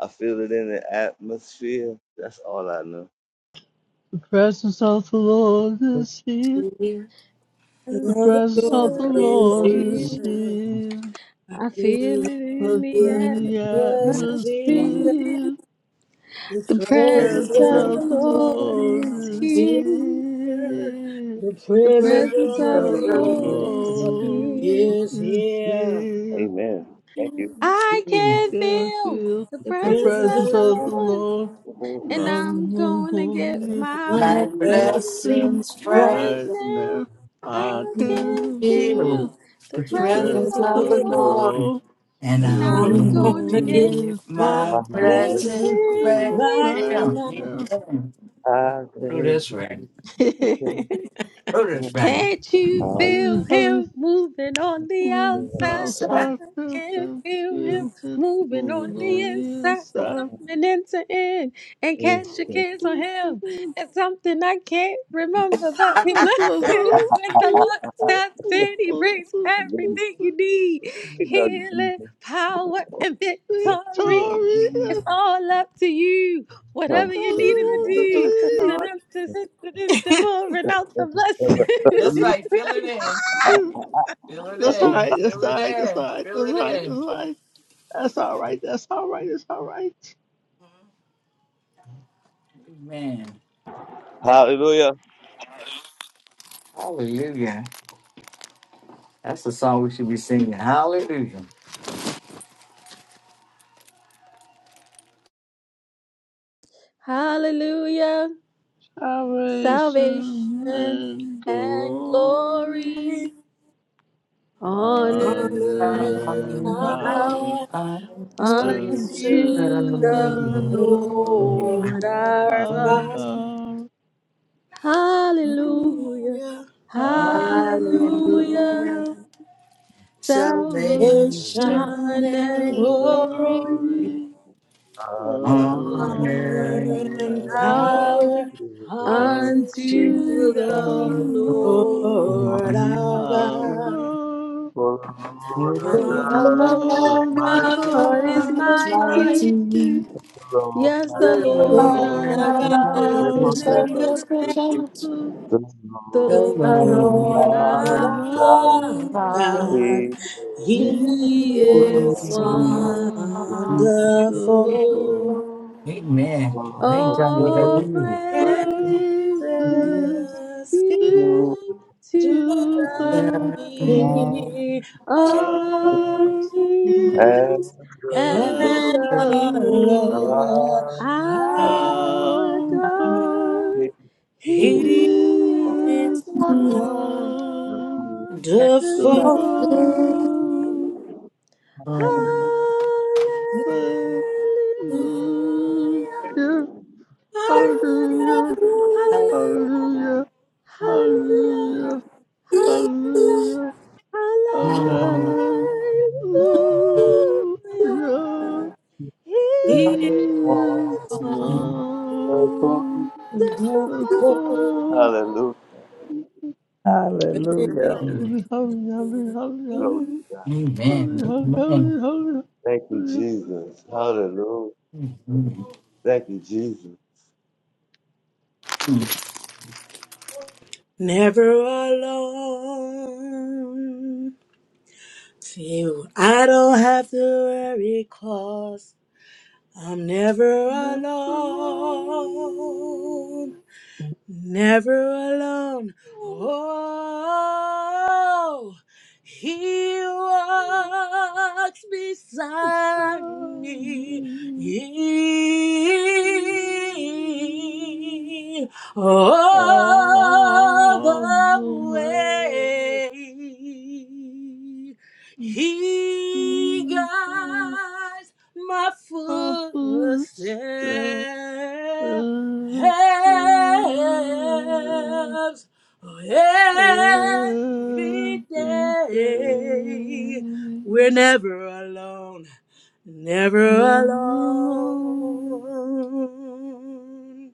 B: I feel it in the atmosphere. That's all I know.
I: The presence of the Lord is here.
C: Material,
A: The
I: The presence
H: you,
I: of the
A: Lord
C: another
A: is
I: Lord
A: here.
I: is
H: Jesus.
I: here.
A: I
H: The
A: feel it
H: Lord
A: in
H: is
I: What's
H: here.
I: in
A: the
I: the
H: Yes,
A: atmosphere.
C: mystery,
I: atmosphere?
A: The
I: The
A: presence
I: presence
A: of
C: racism,
A: the
I: of the
A: Lord
I: Lord
A: is
I: is
C: is
A: here.
I: here.
H: the
A: The
I: The
H: presence
A: presence
I: Presence
H: of
A: of
H: the
A: the
I: of the
C: everywhere.
A: Lord is
H: Lord
I: Lord
A: here.
H: is
I: is
H: here.
I: here.
B: Amen.
H: The
B: Thank you.
H: presence of the Lord is here.
A: I can
I: Can
A: feel
I: feel
A: the
H: The
I: the
A: presence
H: presence of
A: of
I: presence
A: the
I: of
H: the
I: the
A: Lord,
I: Lord.
A: and
H: Lord.
I: I'm
A: I'm going to get
I: holding
A: my
H: My
C: My
A: blessing.
I: blessing
H: blessings
C: blessings bright,
A: Right
I: right
H: rise,
A: now,
I: now.
A: I
C: I'm
I: I
C: being
A: can
I: can
C: filled
I: feel
A: feel
C: with
A: the
C: the
I: the
A: presence
I: presence
H: praise
C: presence
H: the
A: of
C: of
A: the
I: of
C: the
I: the
A: Lord,
H: Lord.
C: Lord,
I: Lord.
C: and
H: And
I: And
A: and
C: I'm
A: I'm
I: I'm
H: I'm
C: going
A: gonna
C: to
H: gonna
I: going
H: get
A: get
I: to
C: give
I: give
A: my
H: my
I: my
C: my
B: My name is
H: blessings
C: blessings
B: Leslie.
A: blessing
I: message
C: right
H: right
I: right
A: right
C: now.
H: now.
I: now.
C: Amen.
B: I
C: Do
B: can
C: this ring.
B: be certain I
A: here.
C: Do this ring.
A: Can't you
I: I
B: can
A: feel
I: just had
B: be
I: a
A: him moving on the
I: split
A: outside?
I: trial
A: I
I: shot up
A: can
I: and
A: feel him
I: feeling
A: moving on
I: moving
A: the
I: on the
A: inside. I'm
I: inside.
A: coming into in and
B: Absolutely.
A: cast your cares on him. It's something I can't remember, but he
I: I saw
A: blesses
I: some
A: when the Lord steps in. He brings everything you need
B: It does
A: healing,
B: Jesus.
A: power, and
B: It
A: victory.
B: does
A: It's
I: Victoria.
B: Jesus.
A: all up to you. Whatever
I: I
A: you need
I: really
A: him to
I: want
B: Everyone,
I: to
A: do.
H: Thank the
I: be.
H: Lord.
A: Pouring out the
B: ever,
A: blessings.
B: ever,
C: That's
B: ever.
C: right. Fill it in.
B: Uh,
C: Fill it
I: That's all
C: in.
I: right. That's
C: Fill
I: all
C: it
I: right. That's all
C: in.
I: right.
C: Fill
I: That's
C: it
I: all
C: in.
I: right. That's all right. That's all right. That's all right. That's all right.
C: Amen.
B: Hallelujah.
C: Hallelujah. That's the song we should be singing. Hallelujah.
A: Hallelujah.
I: Salvation
A: Salvation
I: and
A: and glory,
I: glory,
A: honor
H: Honor
A: and
H: and
I: honor and
C: Hallelujah.
A: power
I: power
H: power
C: Unto
A: unto
H: unto
C: the
I: unto
H: the
I: the
A: the
C: Lord.
H: Lord
A: Lord
I: Lord
A: our
I: our
H: God.
A: God.
I: God.
A: Hallelujah. Hallelujah.
C: Hallelujah.
I: Hallelujah. Salvation
H: Salvation
C: Salvation,
A: Salvation
H: and
B: For
A: and
I: and
H: glory
B: the
I: glory,
A: glory. Honor
I: honor
H: Honor
A: and
H: and
I: and
C: honor.
I: power
A: power
H: power unto
C: to is
A: unto
I: unto
A: the
I: the
H: the
I: Lord
A: Lord
H: Lord
C: mighty.
A: our
H: our
C: The
I: our
C: Lord
H: God.
A: God.
I: God.
B: Lord our
A: For
C: is
I: For
H: Almighty
A: the
I: the
F: Of
B: God
F: The
A: Lord
B: is
F: Lord
I: Lord
A: our
I: our
B: mighty,
F: our
B: the
A: God is
I: God
F: God
I: is
F: is mine.
A: mighty.
I: mighty,
B: Lord
A: Yes,
B: my
A: the
H: our
F: The
I: the
B: God
H: Lord
A: Lord
B: is
A: our
F: Lord
H: our
I: Lord
F: our
H: God
I: our
A: God
H: is
A: is
F: God
I: God
F: is
I: is
B: omnipotent,
H: omnipotent.
A: omnipotent.
F: omnipotent.
I: omnipotent,
B: the
A: The
B: Lord
C: the
H: The
F: The
I: the
C: Lord
H: Lord
A: Lord
F: Lord
B: thy
I: Lord
A: our
B: God
F: our
H: our
I: our
F: God.
H: God,
I: God
A: God,
B: is
F: He
H: He
A: He
I: He is
A: is
H: is
F: is
C: is
B: wonderful.
F: my
C: good.
A: wonderful.
F: hope.
H: wonderful.
I: wonderful.
C: Amen. Thank
B: All
C: God we don't
A: All
B: praise be
A: praises
I: Praises
H: Precious picture.
A: be
I: be
B: to
A: to
I: to
A: the
I: the
A: King
I: King
A: of
I: of Kings
B: and
A: Kings and
B: the Lord.
H: And
I: and the
A: the
H: the
A: Lord
I: Lord
H: Lord,
B: Hallelujah.
H: ah,
A: our
I: our God.
A: God. He
H: He is
A: is
F: That's
I: is
A: wonderful.
F: why
H: wonderful.
I: wonderful.
A: Hallelujah.
H: Hallelujah.
A: Hallelujah.
I: Hallelujah, hallelujah,
A: Hallelujah.
I: hallelujah,
A: Hallelujah.
I: hallelujah,
A: Hallelujah.
I: hallelujah,
A: Hallelujah.
I: hallelujah
A: He
C: do
H: He is
C: it.
I: is
A: is
C: Mm,
I: wonderful.
A: wonderful.
H: wonderful.
E: Hallelujah.
C: mm.
I: Hallelujah, hallelujah,
B: Glory
I: hallelujah,
B: to God.
C: Amen.
I: hallelujah,
C: Amen.
I: hallelujah,
B: Thank you,
I: hallelujah.
B: Jesus. Hallelujah. Thank you, Jesus.
C: Mm.
H: Never alone. See, I don't have to worry 'cause I'm never
I: Left alone,
H: alone. never alone. Oh, he walks beside me.
I: silent tears
H: all
I: All
H: the
I: the way
H: way.
I: to
H: He
I: hear
H: guides my
I: my footsteps
H: footsteps
I: every
H: hands every day.
I: day.
H: We're never alone, never
I: Never alone.
H: alone.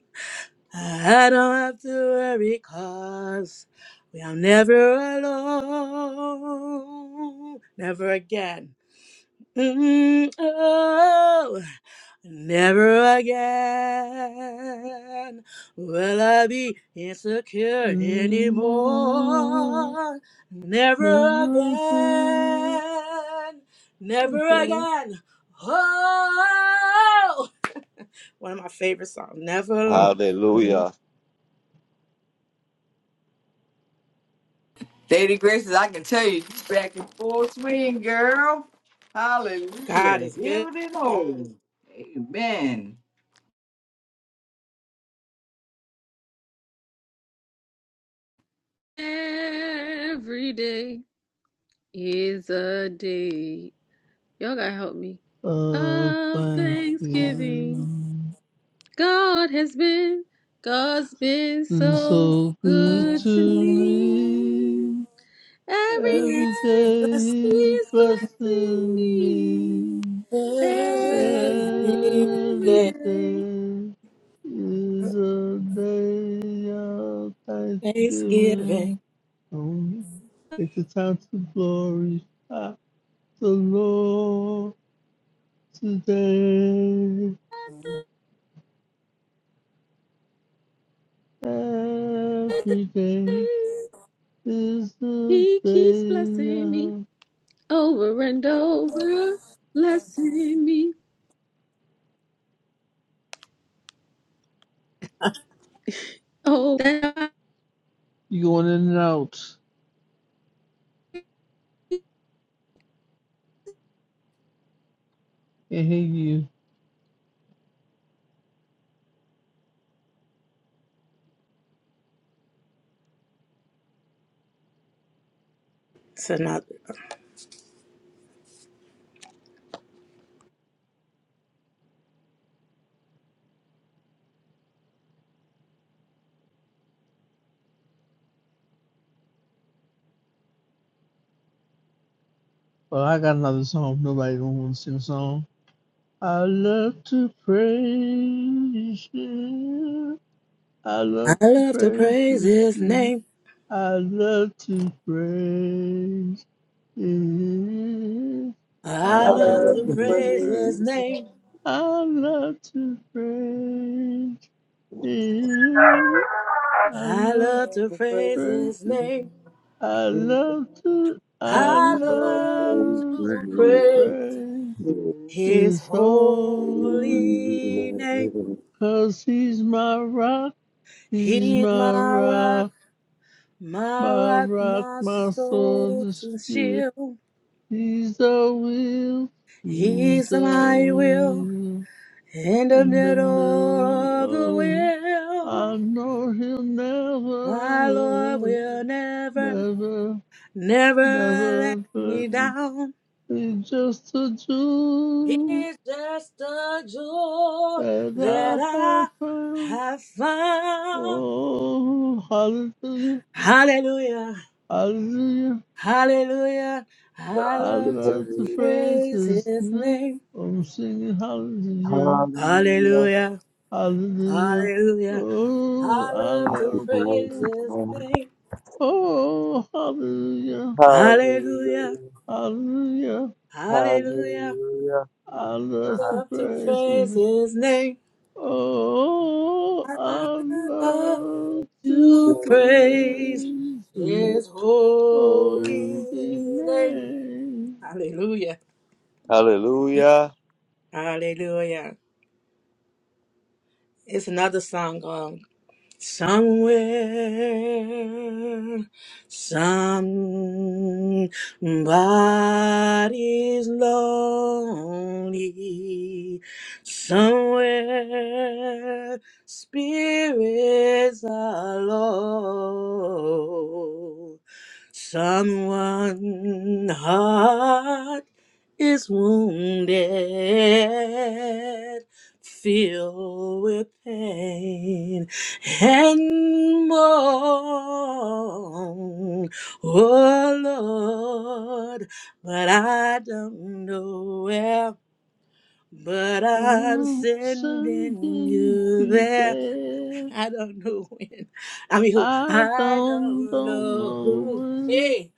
H: I don't have to worry 'cause we are never alone, never again. Mm, oh, never again will I be insecure
I: Okay,
H: anymore. Never again, never
I: okay.
H: again. Oh, one of my favorite songs, Never Alone.
I: okay.
B: Hallelujah.
C: Lady Graces, I can tell you, you back in full swing, girl.
H: God
C: Hallelujah.
H: is
C: Hear
H: good.
C: it and hold. Amen.
A: Every day is a day. Y'all gotta help me.
I: Uh,
A: Of Thanksgiving.
I: Thanksgiving
A: God has been, God's been
I: is
A: so
I: so good
A: good to
I: to
A: me.
I: me.
A: Every
I: Every
H: Please
A: day
I: day
H: bless
I: he's
A: He's blessing
I: blessing
A: me.
I: me.
H: every
A: Every
H: day.
I: Every
A: day
I: day is a day of
H: Thanksgiving.
I: Thanksgiving. Oh, take the time to glorify. the Lord today. Every day is the
A: He keeps
I: day.
A: blessing me
I: of-
A: over and over, blessing me. Oh, that
I: You going in and out. Can't hear you.
H: It's another.
I: Well, I got another song. Nobody don't want to sing a song. I love to praise you. I
H: I
I: love to
H: love to
I: praise
H: praise his
I: you.
H: name.
I: I love to praise you. I
H: I
C: I
H: love
C: love
H: to
I: love
C: the
B: Hallelujah.
I: to
H: praise
C: praise.
I: praise.
H: his
C: His name,
H: name.
C: I
I: I love to praise you. I
H: I
I: love to
H: love
C: love
H: to
C: the
H: praise
I: praise.
C: praise.
H: his name.
I: I love to. I
H: I love
I: love
H: to
I: to
H: praise
I: praise
C: Praise.
H: his
I: His holy,
H: holy name.
I: 'cause He's my rock. He's
H: He's
I: my
H: my rock,
I: rock,
H: my
I: my
H: rock,
I: rock,
H: my
I: my sword
H: soul to
I: shield.
H: shield.
I: He's the will. He's
H: He's
I: the
H: my will
I: will.
H: in the
I: in the
H: middle
I: middle
H: of the
I: of.
H: will.
I: I know he'll
H: My Lord
I: never,
H: will never
I: never,
H: never let
I: never
H: me
I: hurt me.
H: down.
I: He's just a jewel
H: It's just a joy
I: that
H: that
I: I
H: I
I: have found.
H: have found.
I: Oh, hallelujah,
H: Hallelujah,
I: hallelujah.
H: hallelujah. I
I: I
H: love to
I: love to praise
H: praise
I: his
H: his
I: name.
H: name.
I: I'm singing hallelujah,
H: Hallelujah,
I: hallelujah.
H: hallelujah.
I: Oh,
H: I
I: I
H: love to
I: love to
H: praise
I: praise.
H: his name.
I: Oh, hallelujah.
H: Hallelujah,
I: Hallelujah.
H: hallelujah.
B: Hallelujah.
I: I love to
H: Love to
I: praise
H: praise
I: Jesus.
H: his name.
I: Oh, I love
B: Hallelujah.
I: to
H: to praise
I: praise His
H: his holy
I: holy
H: name.
I: name.
H: Hallelujah.
B: Hallelujah.
H: Hallelujah. It's another song. um, Somewhere, somebody's lonely. Somewhere, spirits are low. Someone heart is wounded, filled with pain and more, oh Lord, but I don't know where, but I'm
I: For
H: sending
I: sending
H: you
I: you
H: there
I: there.
H: I don't know when. I mean, who?
I: I
H: I
I: don't,
H: don't
I: don't
H: know
I: know
H: who.
I: when,
H: Hey,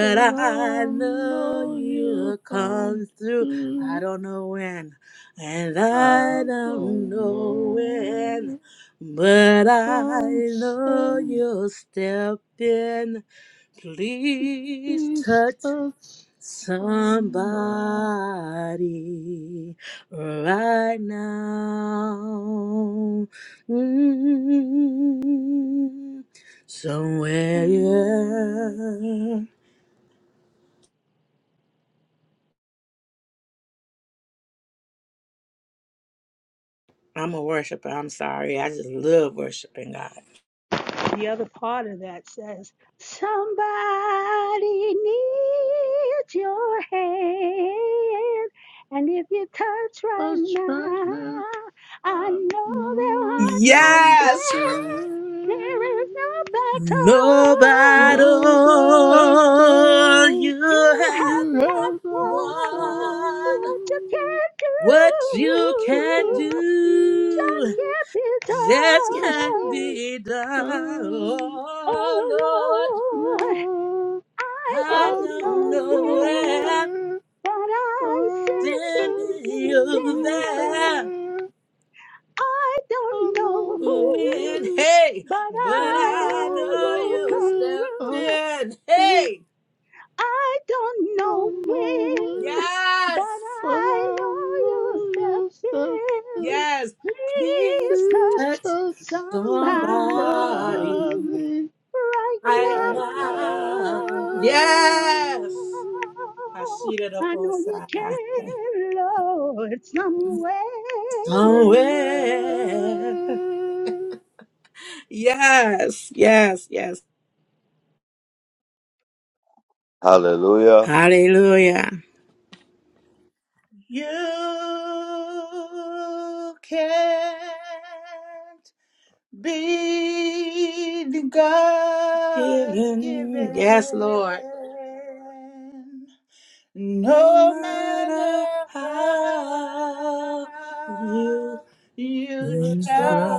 I: but
H: I
I: I
H: know
I: know
H: you'll
I: you come
H: come through. I
I: through.
H: don't know when, and I
I: I
H: don't
I: don't know
H: know when,
I: when.
H: but I
I: I'm
H: know
I: sending.
H: you'll step in.
I: He's
H: Please
I: Please
H: touch
I: touch somebody.
H: somebody right now. Mm, somewhere,
I: I'm
H: yeah. I'm a worshiper. I'm sorry. I just love worshiping God.
N: The other part of that says, Somebody needs your hand. And if you touch right
I: trying
N: now,
I: to
N: I
I: find
N: know they'll
I: no
H: Yes.
N: understand. There
I: understand.
N: is no battle.
H: No
I: No matter
H: battle
I: though,
H: you
N: You
H: have
N: have
I: you
H: not
N: not
I: have
H: won.
I: the
N: won
I: one
N: what you can
H: What you
I: you
H: can
N: do.
I: can
N: Just
H: do.
I: do.
N: can't be done.
H: that can
I: Just can't
H: be done.
I: come.
H: Oh Lord,
N: Oh
I: Lord,
N: I
H: I
I: I
N: don't
H: don't
N: know
I: don't
H: know
I: know
N: where,
H: where
I: where.
N: but I'm
I: One
N: sending
H: sending
N: you
I: second
H: you
I: you
N: there.
H: there.
I: there, I
N: I don't know
I: don't
N: who,
H: When,
I: know
H: hey,
N: but
I: where,
H: but
I: but
N: I
H: I
I: I
N: know
H: know
N: you'll
I: know
H: you'll
N: come
I: you
H: step
I: come
N: through.
H: in.
I: through.
H: Hey,
N: I don't know
I: Don't
N: when,
I: know
N: but
H: yes,
I: where, but
N: I
I: I
N: know
I: know
N: you'll
I: you
N: step
I: said
N: in.
I: that
H: yes,
N: Please
H: please
I: you
N: touch
H: touch
I: such
H: somebody
N: somebody.
I: somebody
N: right
H: right
I: right
H: now.
I: now.
H: Yes, I see that
N: now.
H: up
N: I
H: on
N: know you
H: side
N: can, Lord, somewhere.
H: somewhere.
I: Somewhere
H: Yes, yes, yes.
B: Hallelujah.
H: Hallelujah.
D: You can't be God's
H: Given. Yes, Lord.
D: given.
H: No
D: No
H: matter
D: matter how
H: how you
D: you
H: you
I: you
D: try,
H: try.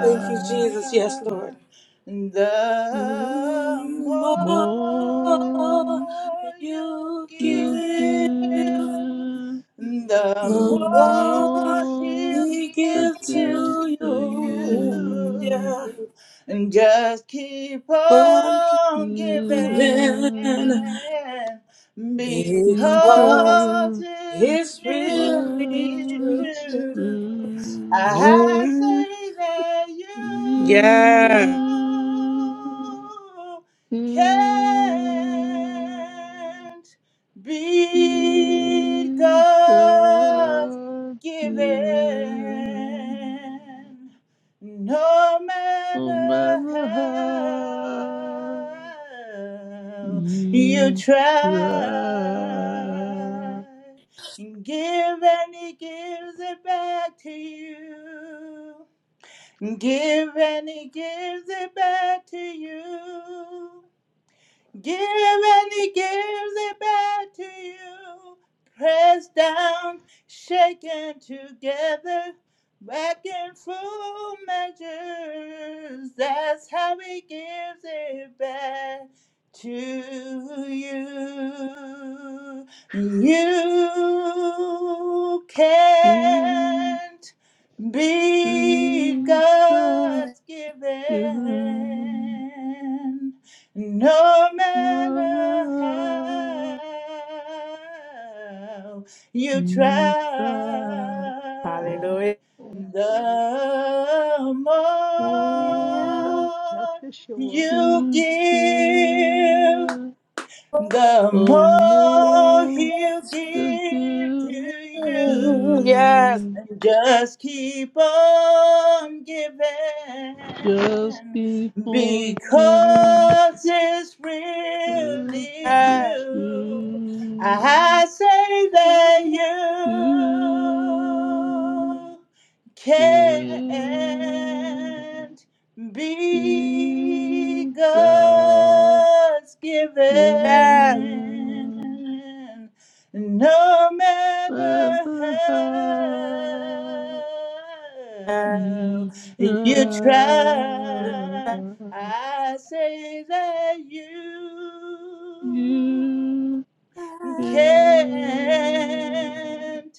H: Thank you, Jesus. Yes, Lord.
D: the
H: You more
I: More
D: more you
H: you
I: to
H: give,
D: give,
I: give,
D: the
H: the
I: the
H: more
D: more
I: more
D: he'll
H: we
I: to
H: give
D: give
I: give
H: to
I: to
D: to
H: you.
I: you,
H: Yeah,
D: you. And just keep on
H: forgiven.
I: even
D: giving because
H: Because
I: because
D: it's
I: the
H: it's really
D: really
I: world
H: true.
I: is
D: true.
I: true.
D: I
H: Mm,
D: say that you
H: yeah.
I: You give.
D: can't beat
I: In
D: God's
I: the giving,
D: given. No
I: No
D: matter
I: matter how
D: how you
I: you
D: try
I: try,
D: and give and he gives it back to you. Give and he gives it back to you. Give and he gives it back to you. Pressed down, shaken together, back in full measures. That's how he gives it back to you. You
I: can't
D: can't beat
I: reach your
D: God's
I: given.
D: giving. No matter
I: Whether
D: how you
I: you
D: try,
I: try or
H: Hallelujah.
D: the
I: want
H: Yes.
N: Just
D: more
N: as sure
D: you
I: to
D: give
I: give,
D: the
I: the
D: more
I: more
D: he'll
I: the
D: give to
I: gift to
D: you.
H: Yes.
I: you
D: And just keep on giving
I: just be forgiven
D: because it's
I: with
D: really
I: the
D: true.
I: truth
D: I say that
I: you
D: you can
I: can
D: not be
I: be God
D: God's
H: Yes.
D: given,
I: given
D: no matter
I: whether how
D: how
I: you
D: you
I: try
D: try. I say that you
I: you God
D: can't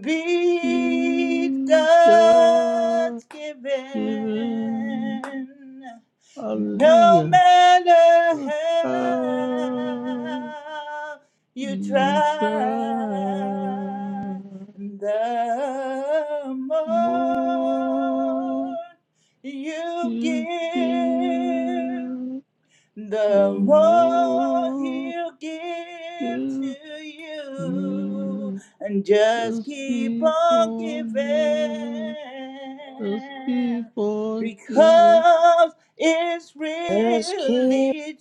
D: beat God's
I: given.
D: given. No
I: Hallelujah.
D: matter how
I: How
D: you
I: you shine
D: try, the
I: more
D: more you
I: you
D: give,
I: give, the
D: the more
I: more
D: he'll give to
I: give
D: you
I: you
D: and just
I: just
D: keep
I: keep
D: on
I: on
D: giving
I: giving, just keep on giving.
D: because it's
H: Let's keep
D: really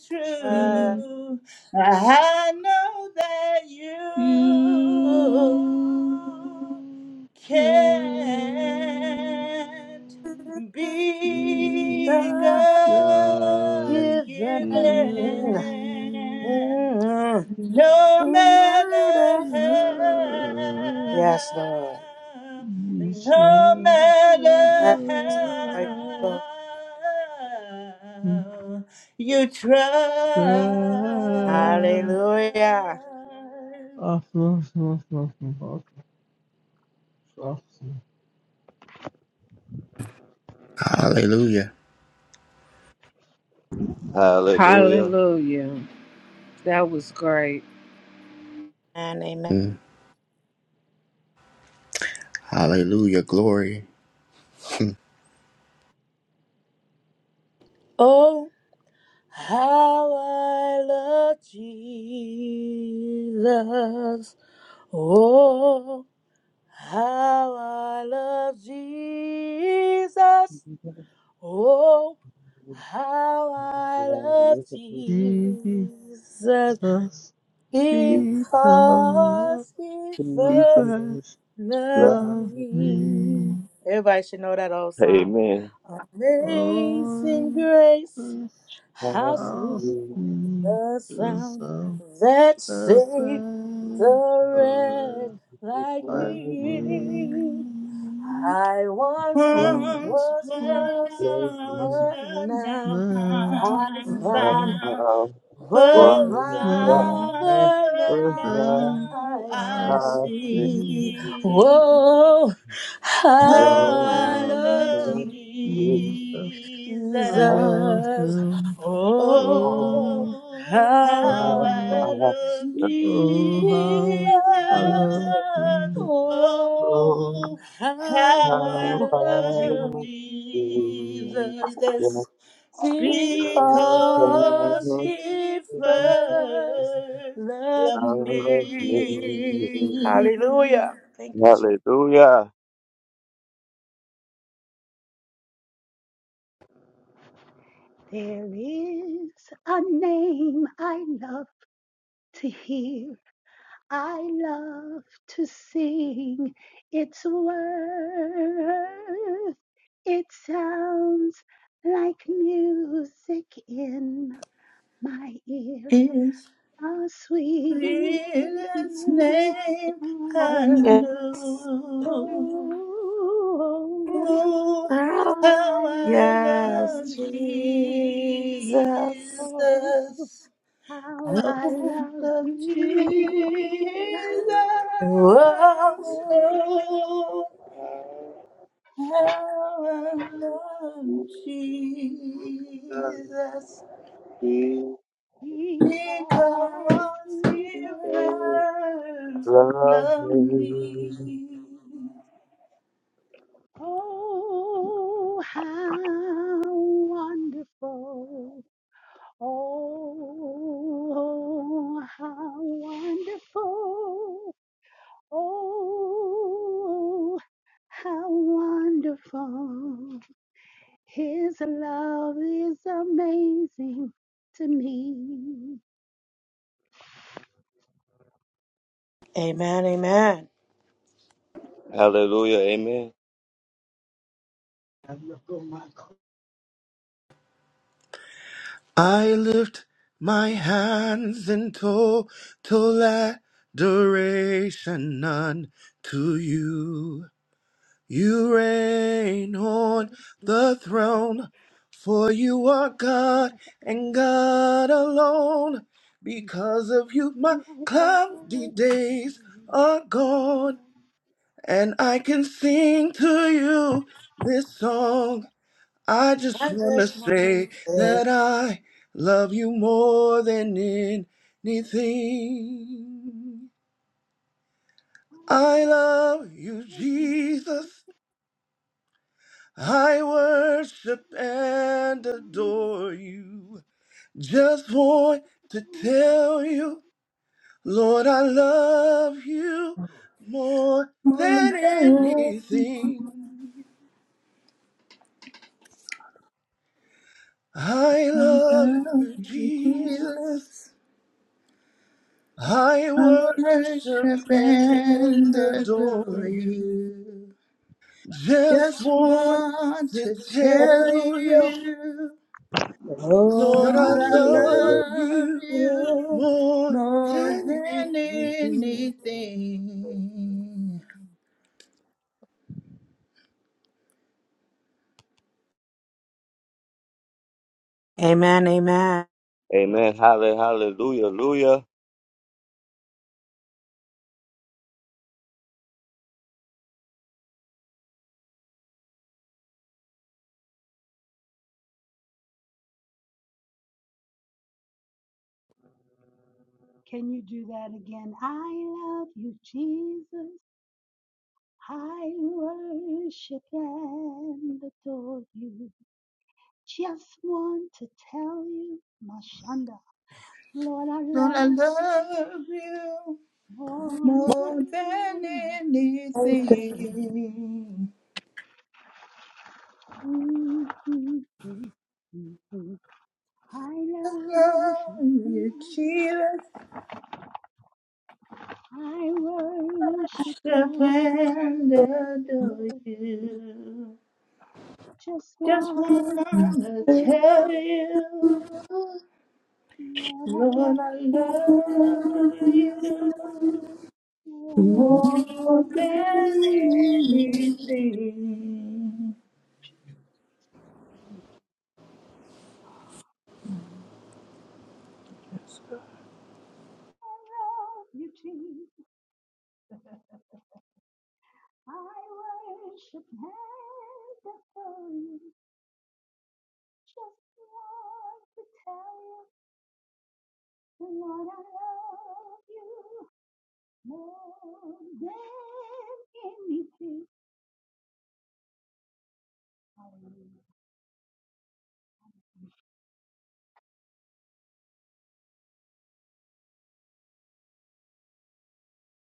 I: to
H: uh,
D: true i know that you
I: you, Jesus,
D: can not be
H: God
I: you shall
D: God's given,
H: given.
D: no
H: No
D: matter
H: matter. Yes, Lord.
D: how, no matter
H: Yes, Lord.
D: how you try.
I: shall
H: Hallelujah.
I: offer, offer, offer, offer, offer.
O: Hallelujah.
B: Hallelujah.
G: Hallelujah. That was great.
H: And amen.
O: Mm. Hallelujah. Glory.
H: Oh, how I love Jesus. Oh, how I love Jesus. Oh, how I love
I: Jesus.
H: Jesus
I: Because
H: because he
I: he
H: first
I: first
H: Love
I: loved me.
H: me. Everybody should know that old song.
B: Amen.
H: Amazing
I: Oh,
H: grace,
I: this
H: how
I: house
H: sweet
I: me
H: the
I: to
H: sound
I: some
H: that saved
I: person
H: the
I: or
H: wretch like
I: like
H: me.
I: me.
H: I once
I: Oh,
D: Once
H: was
I: oh,
D: were
H: lost,
D: lost,
H: but
D: but now
H: now
I: now,
H: I
D: I'm
I: oh,
H: found.
I: oh,
D: found.
H: But
D: was
I: oh, now,
D: blind,
H: rather
D: but
H: now
I: now
D: now
H: I see,
I: I
D: I
I: see.
D: see
H: oh, how
D: how
I: Oh,
H: I
D: I
I: I
H: love
D: love
I: love Jesus.
H: Jesus.
D: Jesus.
I: I love him.
H: Oh,
I: Oh,
D: Oh,
H: how
D: how
H: I
D: I
I: how,
H: love
D: love
I: oh,
H: Jesus.
I: how
D: Jesus.
I: I love you.
H: Oh,
D: Oh,
B: Hallelujah. Hallelujah. Amen.
H: how
D: how
H: I
D: I
H: love
D: love
H: Jesus.
D: Jesus. because
H: Because
B: Amen.
H: he
D: he
H: first
D: first
H: loved
D: loved
B: Halle- Hallelujah.
H: me.
D: me.
H: Hallelujah. Thank you,
N: there is a name I love to hear. I love to sing its worth. It sounds like music in my ear.
D: His
N: the sweetest
D: his
N: name
D: name
N: on
D: I
H: Jesus.
N: earth.
D: know.
N: Oh,
D: Oh,
N: how
D: how
N: I
D: I
N: love
D: love
H: Yes,
N: you!
D: Jesus.
H: Jesus.
N: Oh, how
D: Oh,
N: I love
D: love Jesus.
N: Jesus.
H: Whoa.
N: Oh,
D: Oh. How I love Jesus
N: because
D: because
N: he
D: he
N: first.
D: first loved me.
N: Oh, how wonderful. Oh, how wonderful. Oh, how wonderful. His love is amazing to me.
H: Amen, amen.
B: Hallelujah.
I: At
O: I lift my hands in total adoration unto you. You reign on the throne, for you
N: My
O: are
N: God,
O: God and God alone. Because of you, my cloudy days are
N: my
O: gone, and I can sing to you this song. I just
H: I
O: want to
H: just want to
O: say
H: say,
O: that I love you more than anything. I love you, Jesus. I worship and adore you. Just want to
N: God,
O: tell you, Lord, I love you more
D: Oh,
O: than
D: God,
O: anything. I
D: I
O: love
D: love
O: you,
D: you,
O: Jesus.
D: Jesus.
O: I
D: I
O: worship
D: worship
O: and
D: and
O: adore
D: adore
O: you.
D: you.
O: Just
D: Just
O: want
D: want to
O: to
D: tell
O: tell you,
D: you,
H: oh,
O: Lord, I
D: Lord, I
O: love
D: love
O: you
D: you.
H: you.
O: more
D: more
O: than
D: than
O: anything.
D: anything.
H: Amen, amen.
N: Can you do that again? I love you, Jesus. I worship and adore you. Just want to tell you, Mashanda, Lord, I
D: Lord, I
N: love you
D: love you
N: more
D: more than
N: than
D: anything.
N: anything. I love
D: Love
N: you.
D: you, Jesus,
N: I worship
D: I
N: and
D: and adore
N: adore you.
D: you.
N: Just
D: Just
N: want to.
D: wanna
N: tell you.
D: tell you, Lord, I love you more than anything.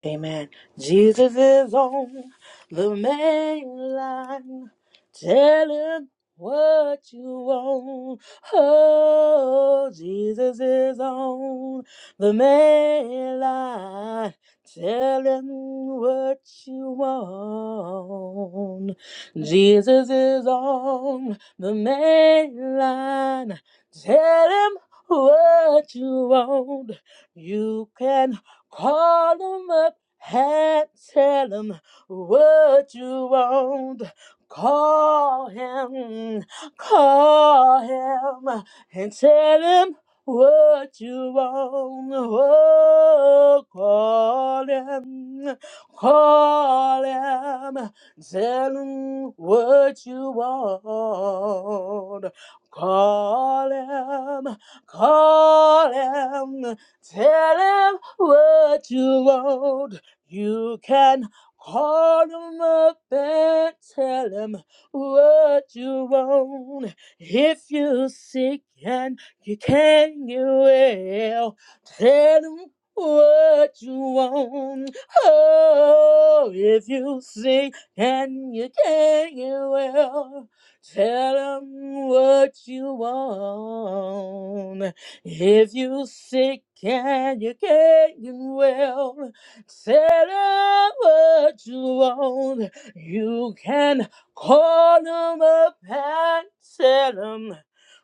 H: Amen. Jesus is on the main line. Tell him what you want. Oh, Jesus is on the main line. Tell him what you want. Jesus is on the main line. Tell him what you want. You can call him up had tell him what you want. Call him, call him, and tell him what you want. Oh, call him, call him, tell him what you want. Call him, call him, tell him what you want. You can call him up and tell him what you want. If you're sick and you can't get well, tell him what you want. Oh, if you're sick and you can't get well, tell him what you want. If you're sick and you can't get well, Set up what you want. You can call them up and tell them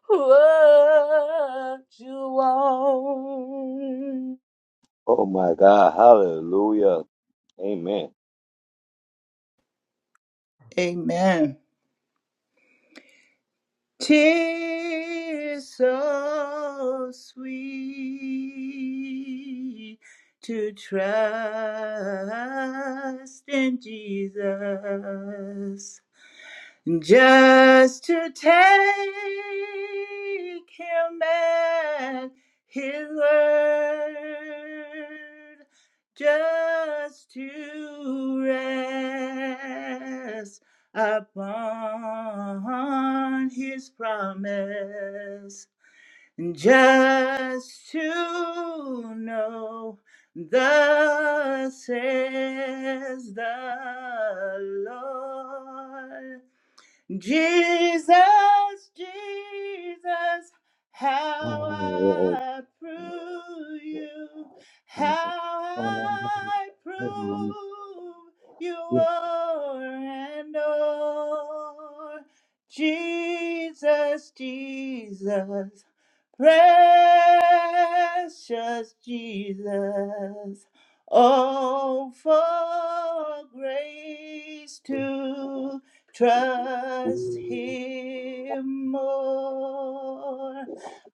H: what you want.
B: Oh my God. Hallelujah. Amen.
D: Amen. Tis so sweet to trust in Jesus just to take him at his word, just to rest upon his promise, just to know thus says the Lord. Jesus, Jesus, how I prove you, how
B: Hallelujah.
D: I
B: Amen.
D: prove you are and are. Jesus, Jesus, precious Jesus. Oh, for grace to trust him more.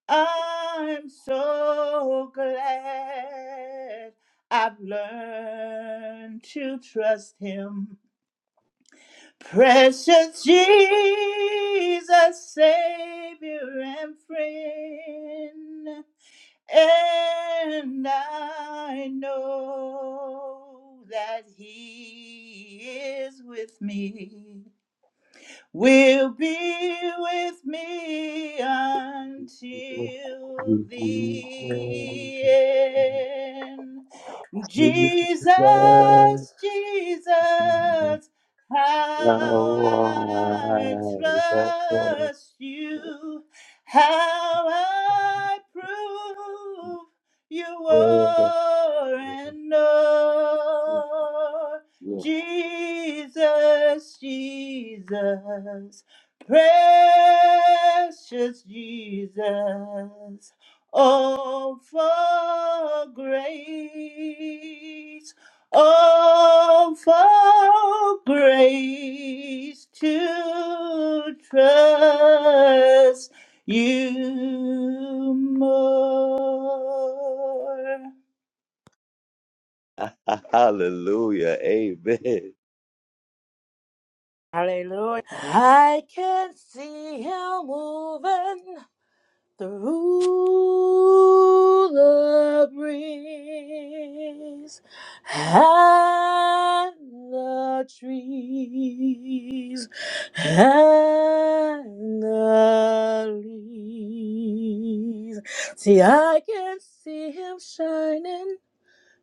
D: I'm so glad I've learned to trust him. Precious Jesus, Savior and friend. And I know that he is with me will be with me until the end. Jesus, Jesus, how I trust you, how I prove you are and are. Jesus, Jesus, precious Jesus, oh for grace, oh for grace to trust you more
H: Hallelujah. I can see him moving. The ruler brings and the trees and the leaves. See, I can see him shining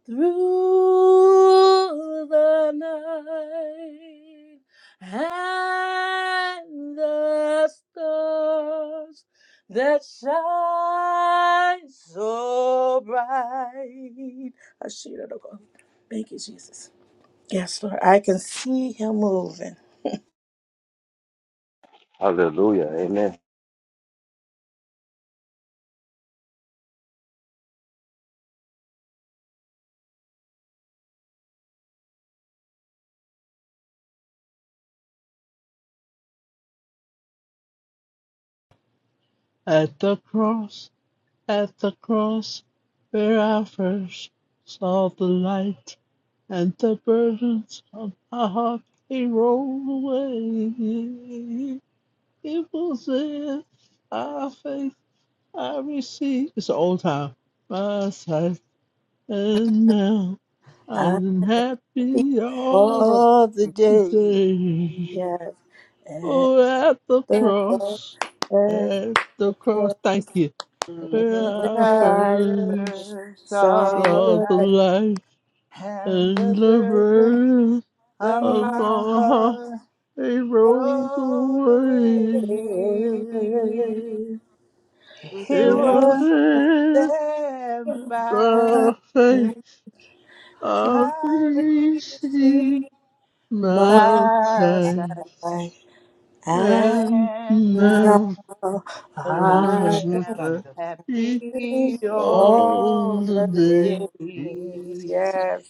H: through the night and the stars that shine so bright. Ashira Doko. Thank you, Jesus. Yes, Lord. I can see him moving.
B: Hallelujah. Amen.
I: the cross, at the cross, where I first saw the light and the burdens of my heart, they rolled away. It was in our faith I received. It's an old time. My sight, and now
H: Happy
I: I'm happy all.
H: oh
D: all the day.
I: today.
H: yes. At
I: Oh, at the
H: the cross,
I: cross,
H: at
I: at
H: the
I: the cross,
H: cross,
I: thank you. Mm-hmm. Where I
D: chapters
H: where I
I: first
H: first
D: of
H: saw
D: the
I: saw
H: the
I: the
D: light
I: light
D: and
I: and
D: the
I: the
D: burden
I: birth
D: of
I: of
H: My
D: my
I: my heart,
D: heart
I: they rolled
D: rolled
I: away.
D: away.
H: and
D: He
I: It was
D: was
I: Jesus. in
D: there by
H: now
I: the face
D: faith.
I: of
D: I received
I: these
D: my son,
I: mountains, and
D: and now
I: now Oh, I don't
D: I
H: I
D: am
I: am thunder.
D: happy all
H: all
I: All the
H: the
D: the
I: day
H: days,
D: day.
H: yes,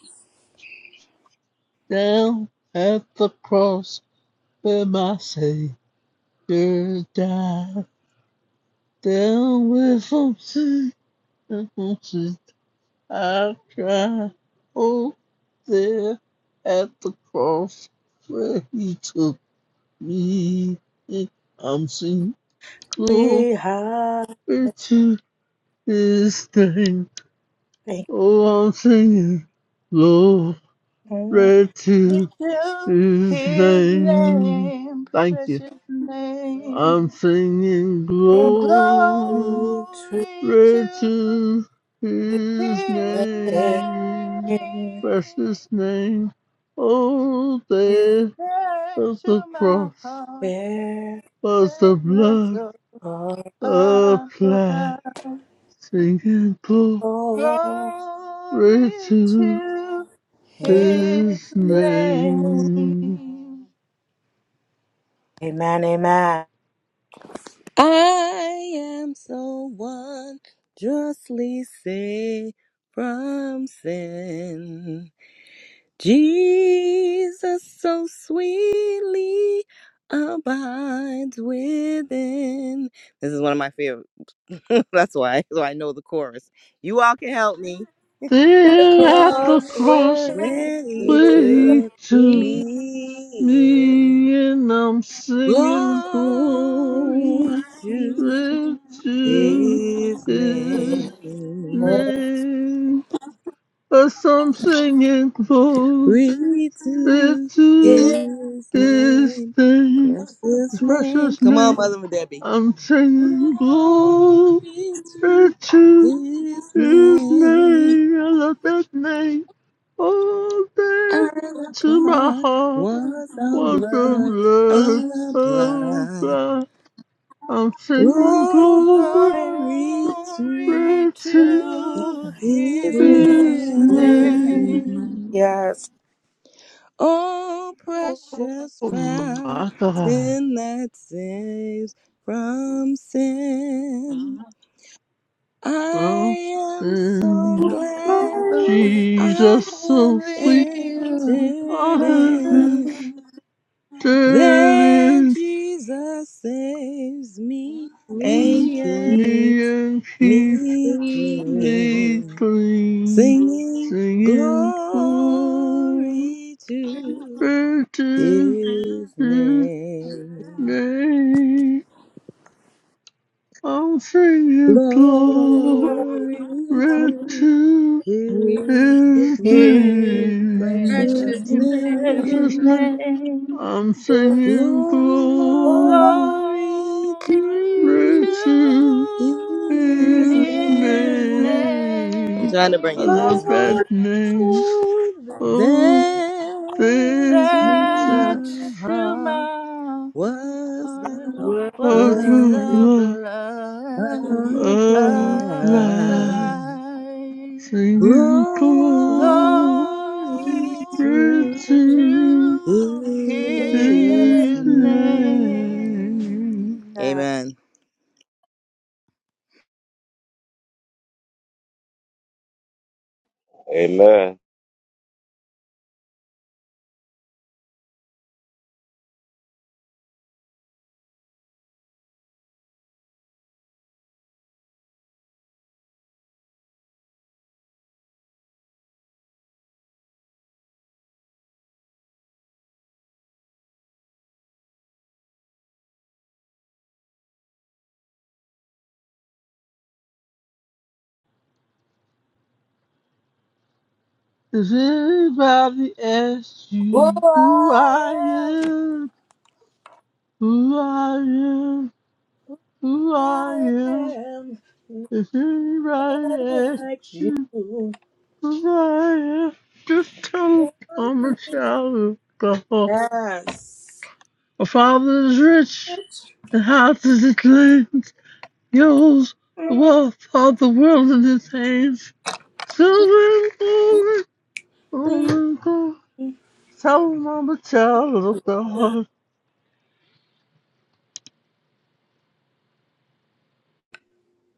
I: down at the cross where my Savior died. Down with from sin and from sin I cried. Oh, there at the cross where he took me. I'm singing glory
H: we have
I: to his name.
H: been
I: Oh, I'm singing glory
H: to
I: to
D: to
I: This
D: his
I: day,
D: name,
I: thank you.
D: precious name.
I: I'm singing glory
D: Glory to
I: to His
D: his name.
I: name, precious name. Oh, there
D: Back
I: of
D: to
I: the
D: my
I: cross
D: heart,
H: where
I: was the
D: where
I: blood
D: so
H: all
I: applied. Singing glory
D: Glory
I: to
D: to his
I: His
H: is.
I: name.
D: name.
H: Amen, amen.
P: I am so wondrously saved from sin. Jesus so sweetly abides within. This is one of my favorite. That's why. So I know the chorus. You all can help me.
A: the
I: There at the
A: cross
P: Cross
I: cross,
A: where
P: where he
I: where He
P: took
I: took.
A: we
P: me in.
I: Me and I'm singing
P: Glory
I: glory
P: to.
A: see
I: to
P: His
A: Me
I: His
P: name,
I: name. Yes, I'm singing glory
P: we to His
I: to
H: Yes.
I: His
P: name,
I: name,
P: precious
I: His
P: name.
I: precious
P: Come on,
I: name.
P: Mother Debbie.
I: I'm
P: Glory
I: singing glory
P: to
I: to
P: His
I: His
P: name.
I: name. I love that name all day
P: Our
I: to my
P: God
I: heart.
P: was the
I: What the
P: blood
I: blood
P: of blood.
I: I'm singing glory
P: Glory
D: Glory
P: to
I: to
D: to
P: His
A: and
D: his
I: His name.
D: name.
P: name.
H: Yes,
P: Oh,
I: Oh
P: precious fountain
I: my God,
P: that saves from sin.
I: from
P: I am so
I: sin,
P: glad I
I: Jesus
P: have
I: so
D: Glory
I: sweet,
P: entered
D: to
I: I have been
P: in that
I: steady
P: Jesus saves me and
A: me and
I: me
P: keeps
I: and keep
P: me
A: we,
I: me
P: clean.
I: clean,
P: Singing
I: singing glory
P: glory to.
I: to
P: His
I: His
P: name.
I: name. I'm singing glory
P: Glory to
I: to
A: we
P: his
I: his
D: his
P: name,
I: name.
P: precious
A: precious
D: name.
A: name
I: That's
D: Blessed
I: his
P: name.
I: name.
D: name.
I: I'm
A: of
I: singing glory
P: Glory
D: Glory
P: to
I: to
D: to
P: his
A: Jesus.
I: his
D: his
P: name. I'm
I: name.
P: trying to bring
I: I
P: it
I: love
D: name.
P: down.
A: Lord,
H: Lord.
I: that name.
A: that
I: Oh,
A: is
P: There
I: this
P: to
A: not
I: is
D: That
P: my
D: to
P: heart
D: my
P: was
D: heart
P: the
A: what
I: what
D: was
A: the
D: the
P: blood
D: blood
A: devil
I: I
D: applied.
I: love.
P: applied.
I: Singing
P: Glory
D: Glory
I: glory.
P: to
I: Breakthrough
D: to
P: his
I: is the
D: his
P: name.
D: name.
I: name.
H: Yeah.
P: Amen.
B: Amen.
I: Does anybody asks
H: Oh,
I: you who I
H: I
I: am? Who I am? Who
H: am,
I: I am?
H: I am
I: If anybody asks
H: like you.
I: who I am, just tell 'em I'm a child of God.
H: Yes.
I: My father is rich, and how does it He Yours, the wealth of the world and the things. So when all Tell I'm a child of God.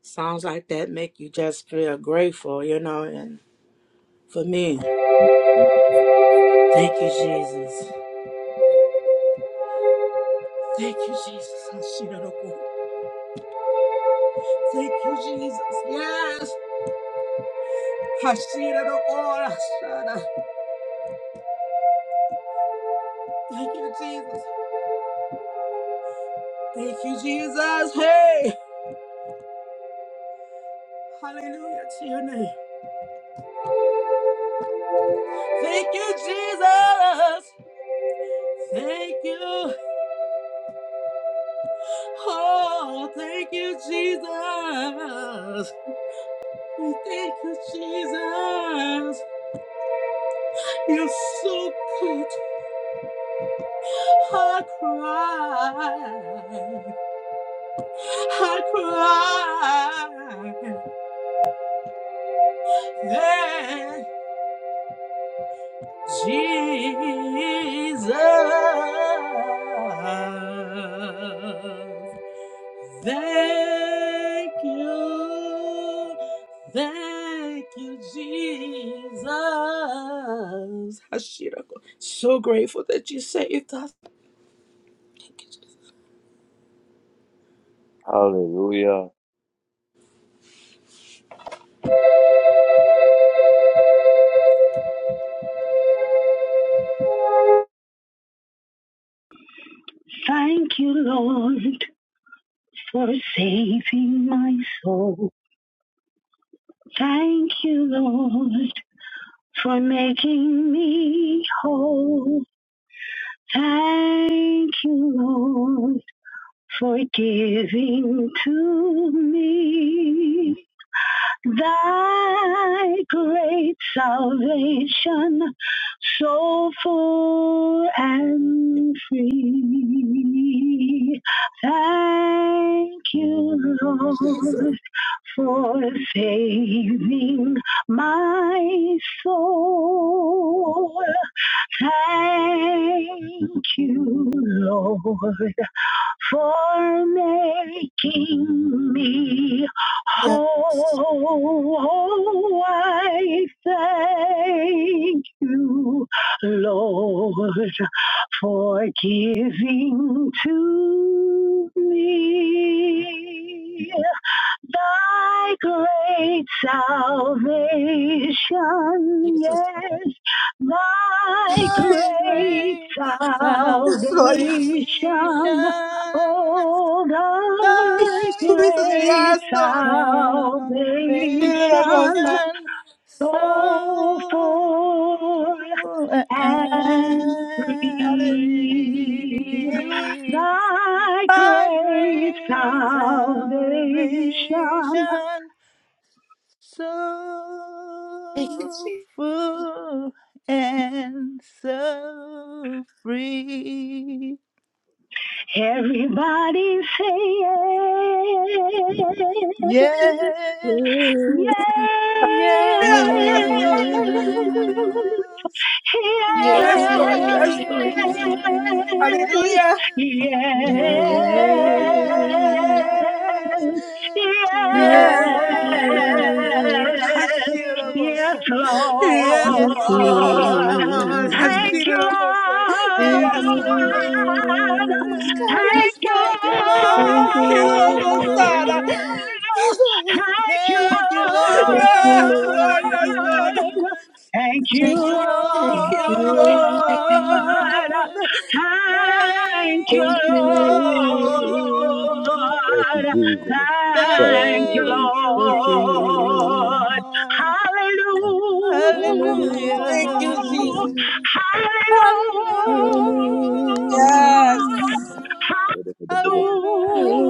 H: Songs like that make you just feel grateful, you know. And for me, thank you, Jesus. Thank you, Jesus. Thank you, Jesus. Yes. Hashira no ora, shada. Thank you, Jesus. Thank you, Jesus. Hey. Hallelujah to your name. Thank you, Jesus. Thank you. Oh, thank you, Jesus. We thank you, Jesus. You're so good. I cry. I cry. Yeah. Jesus, thank you, thank you, Jesus. Hashirako. So grateful that you saved us. Thank you,
B: Hallelujah.
N: Thank you, Lord, for saving my soul. Thank you, Lord, for making me whole. Thank you, Lord, for giving to me thy great salvation, so full and free. Thank you,
H: Jesus.
N: Lord, for saving my soul. Thank you, Lord for making me
H: Yes,
N: whole. Oh, I thank you, Lord, for giving to me thy great salvation,
H: Jesus.
N: yes, thy
D: My
N: great
D: great
H: Lord.
D: salvation,
H: Yes,
N: salvation, Oh, thy
D: thy
H: Jesus.
N: great
H: Yes,
D: great
H: Lord.
D: salvation,
H: Hallelujah.
N: salvation,
H: Hallelujah.
N: so full
D: soul
N: and
D: and
N: free.
D: free.
N: Thy
D: By
N: great
D: great salvation,
N: salvation,
H: Thank you,
D: so
H: Jesus.
D: full and so free.
N: everybody say yes.
D: Yes,
A: is
D: yes,
H: Yes, Lord.
N: Yes. yes,
H: Yes, Lord. Yes, Lord. Yes, Lord.
D: Yes,
H: Hallelujah.
D: yes,
H: Yes.
D: yes,
H: Yes.
N: yes, yes,
H: Hashirokos.
N: yes,
H: Yes,
D: yes,
N: Lord.
H: Lord.
N: Thank
D: Lord.
N: you,
H: Hashirokos.
A: doing.
D: Thank
N: Lord.
A: Thank
H: Yes,
D: you,
H: God. Like, yes,
A: you.
H: God.
D: Lord.
N: Thank
H: Yes,
N: you,
H: God.
D: Thank you,
N: Lord.
H: Yes, God.
A: Thank
H: Hashirokos.
A: you.
D: Lord.
H: Yes, Lord.
N: Thank you,
D: Thank you,
A: you,
H: Yes,
A: Lord.
H: Lord. Yes, Lord.
N: Lord.
D: Lord.
N: Thank you,
D: Thank
N: Lord.
D: you,
H: Thank
D: Lord.
H: you, Lord.
N: Thank you,
A: Thank
D: Thank you,
A: you, Lord.
B: Thank you,
N: Lord.
D: Lord.
B: Jesus.
N: Thank you,
D: Thank
B: Thank
D: you,
A: Thank you, Lord.
N: Lord.
D: Lord.
N: Hallelujah.
D: Hallelujah.
H: Thank you,
D: Hallelujah.
H: Jesus.
N: Hallelujah.
A: Hallelujah.
H: Yes.
B: you.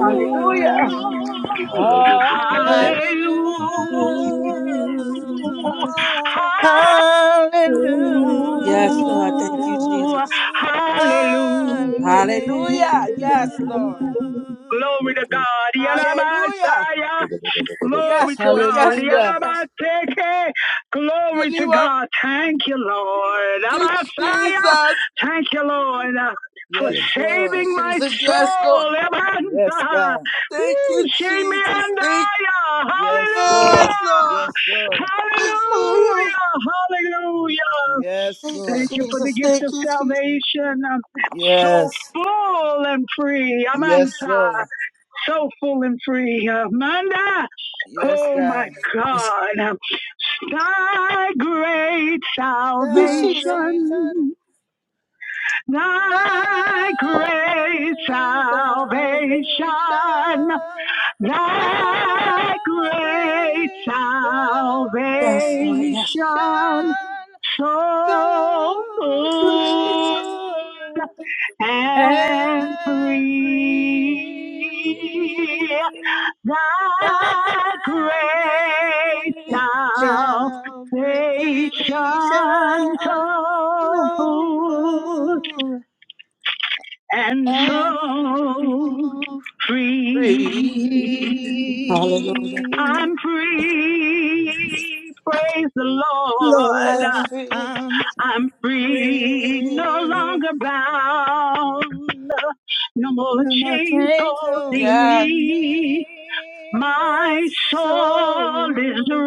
H: Hallelujah.
B: Hallelujah.
N: Hallelujah.
H: Hallelujah.
A: Hallelujah.
D: Hallelujah.
N: Hallelujah.
D: Hallelujah.
A: Hallelujah.
H: Yes, Lord. Thank you,
N: Ooh,
H: Jesus.
N: hallelujah.
H: Hallelujah. Yes, Lord.
N: Glory to
D: Hallelujah.
N: God.
H: Hallelujah.
N: Yalabasaya.
B: Jesus.
N: Glory
H: Yes,
N: to
H: Lord.
N: God.
H: Yes, Lord.
D: Hallelujah.
H: Yes.
N: Yalabaseke. Glory to
H: Anyone,
N: God. Thank you, Lord.
H: thank you,
N: Abasaya.
H: Jesus.
N: Thank you, Lord, uh, for
D: Yes,
H: Thank
D: Lord.
H: you,
N: saving my
H: Jesus. Yes, Lord.
N: soul.
D: Yes,
N: Abasa.
D: God.
H: Thank
N: Woo,
H: you, Jesus. Thank
N: Shemiandaya.
D: Yes,
H: Yes,
D: Lord.
N: Hallelujah.
H: Lord.
D: Yes, Lord.
H: Oh, yes.
N: Hallelujah. Hallelujah.
D: Yes,
H: Thank
D: Lord.
N: Thank
H: you,
N: you for the
H: Jesus.
N: gift
H: Thank
N: of
H: you, Jesus.
N: salvation. I'm so
D: Yes.
N: full and free.
D: Yes,
N: Amanta,
D: Lord.
N: so full and free. Amanda,
D: Yes,
N: oh my
D: God.
H: Yes.
N: God. Thy great
H: Thank you, Jesus.
D: Salvation.
N: salvation,
D: The
N: thy great
D: great
N: salvation.
D: salvation. Thy
N: Thy great
D: great
N: salvation
H: Yes, Lord. Yes.
D: salvation,
N: so
D: so
H: Thank you, Jesus.
N: good
D: full
N: and
D: and
N: free.
D: free.
N: Thy
D: Thy
N: great
H: Thank
D: great
H: you, Jesus.
D: salvation,
N: salvation so
D: so
N: full
D: full
N: and
D: and
N: so
D: free.
N: free.
H: Hallelujah.
N: I'm free. Praise the Lord.
H: I'm
D: Lord,
H: free.
D: I'm
N: I'm free. No
D: free.
N: longer bound. No more
D: No more
N: chains
D: chains
N: holding
H: Yes,
D: holding me.
N: me.
D: My
N: My soul is
D: soul is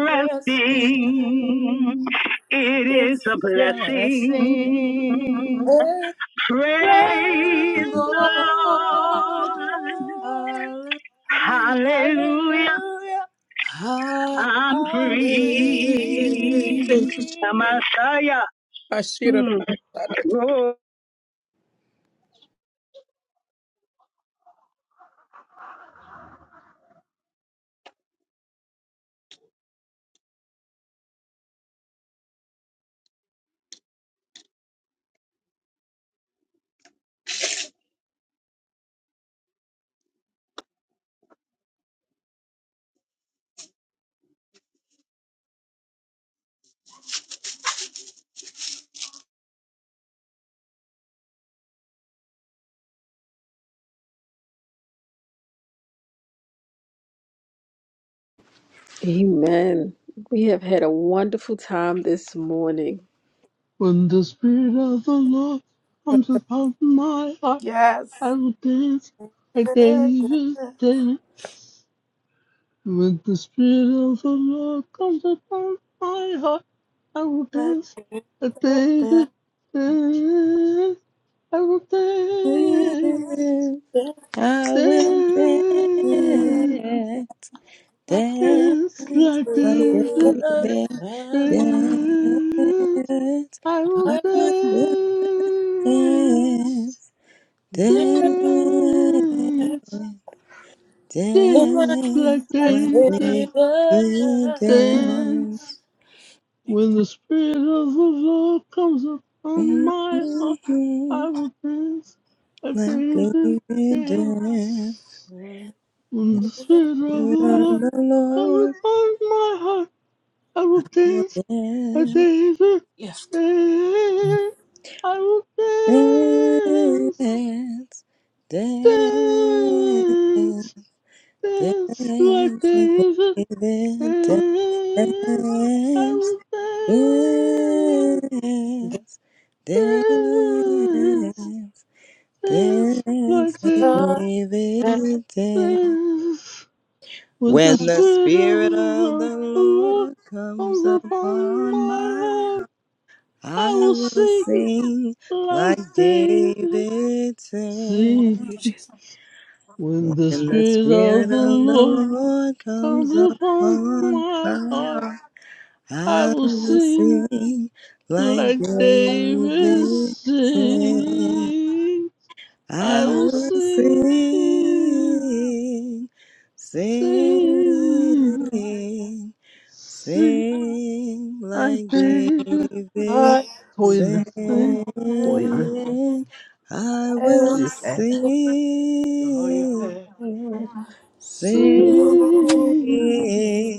H: yes, God.
D: resting.
N: It is
D: It's
N: a
D: just
N: blessing.
D: sing.
H: Praise
N: Praise
D: Praise
N: the
H: the
D: the
H: Lord.
N: Lord.
D: Lord.
H: Hallelujah.
N: Hallelujah.
D: Hallelujah.
H: Hallelujah.
N: I'm
D: I'm
N: free.
H: Thank you,
N: I'm
D: free.
N: Messiah.
H: Ashira.
N: Mm. Lord,
A: Amen. We have had a wonderful time this morning.
I: When the Spirit of the Lord comes upon my heart,
H: Yes.
I: I will dance like
H: I would
I: David danced. When the Spirit of the Lord comes upon my heart, I will
H: never like
I: dance
H: they
I: like David danced. I will dance,
P: I will dance,
I: dance,
P: dance
I: dance like
P: like
I: David
P: David,
I: danced.
P: dance.
I: I will
P: I will
I: dance,
P: dance, dance,
I: dance, dance like
P: dance like
I: David
H: the
P: David.
H: done.
P: dance.
I: dance.
H: Thank you.
I: When the spirit of the Lord comes upon
P: Mhm.
I: my heart, I will dance like
P: Like
I: David
P: David did,
I: dance. When the spirit of the
P: we are
I: Lord
P: the
I: comes
P: Lord
I: upon my heart, I will dance like David dance.
H: Yes.
I: I will
P: will
I: dance.
P: dance, dance,
I: Dance,
P: dance,
I: dance like
P: dance like
I: David
P: David dance,
I: dance. I
P: dance,
I: will dance, dance,
P: dance,
I: dance
P: dance
I: like
P: like
I: David
H: Lord, thank
P: David dance.
I: dance. With
P: When
I: the
P: the
I: spirit of
P: Spirit
I: the
P: of the
I: Lord
P: Lord comes
I: comes upon
P: upon
I: my
P: my
I: heart,
P: heart, I
I: I will
P: will
I: sing
P: sing like
I: like David.
P: David sang.
I: Sing
H: you, Jesus.
I: when the
P: When the
I: spirit of
P: Spirit
I: the
P: of the
I: Lord
P: Lord comes
I: comes upon
P: upon
I: my
P: my
I: heart.
P: heart,
I: I
P: I
I: will
P: will
I: sing
P: sing like
I: like David
P: David sang.
I: sings. I
P: I
I: will
P: will
I: sing,
P: sing, sing.
I: sing, sing
P: Sing
I: like
P: like
I: David.
P: David,
H: Lord,
I: Toilet
H: thank
I: sing,
H: you.
I: toilet
P: sing. I
H: I
I: pad,
H: will
P: will
I: toilet pad.
P: sing,
H: sing,
P: sing,
I: Sing,
H: sing,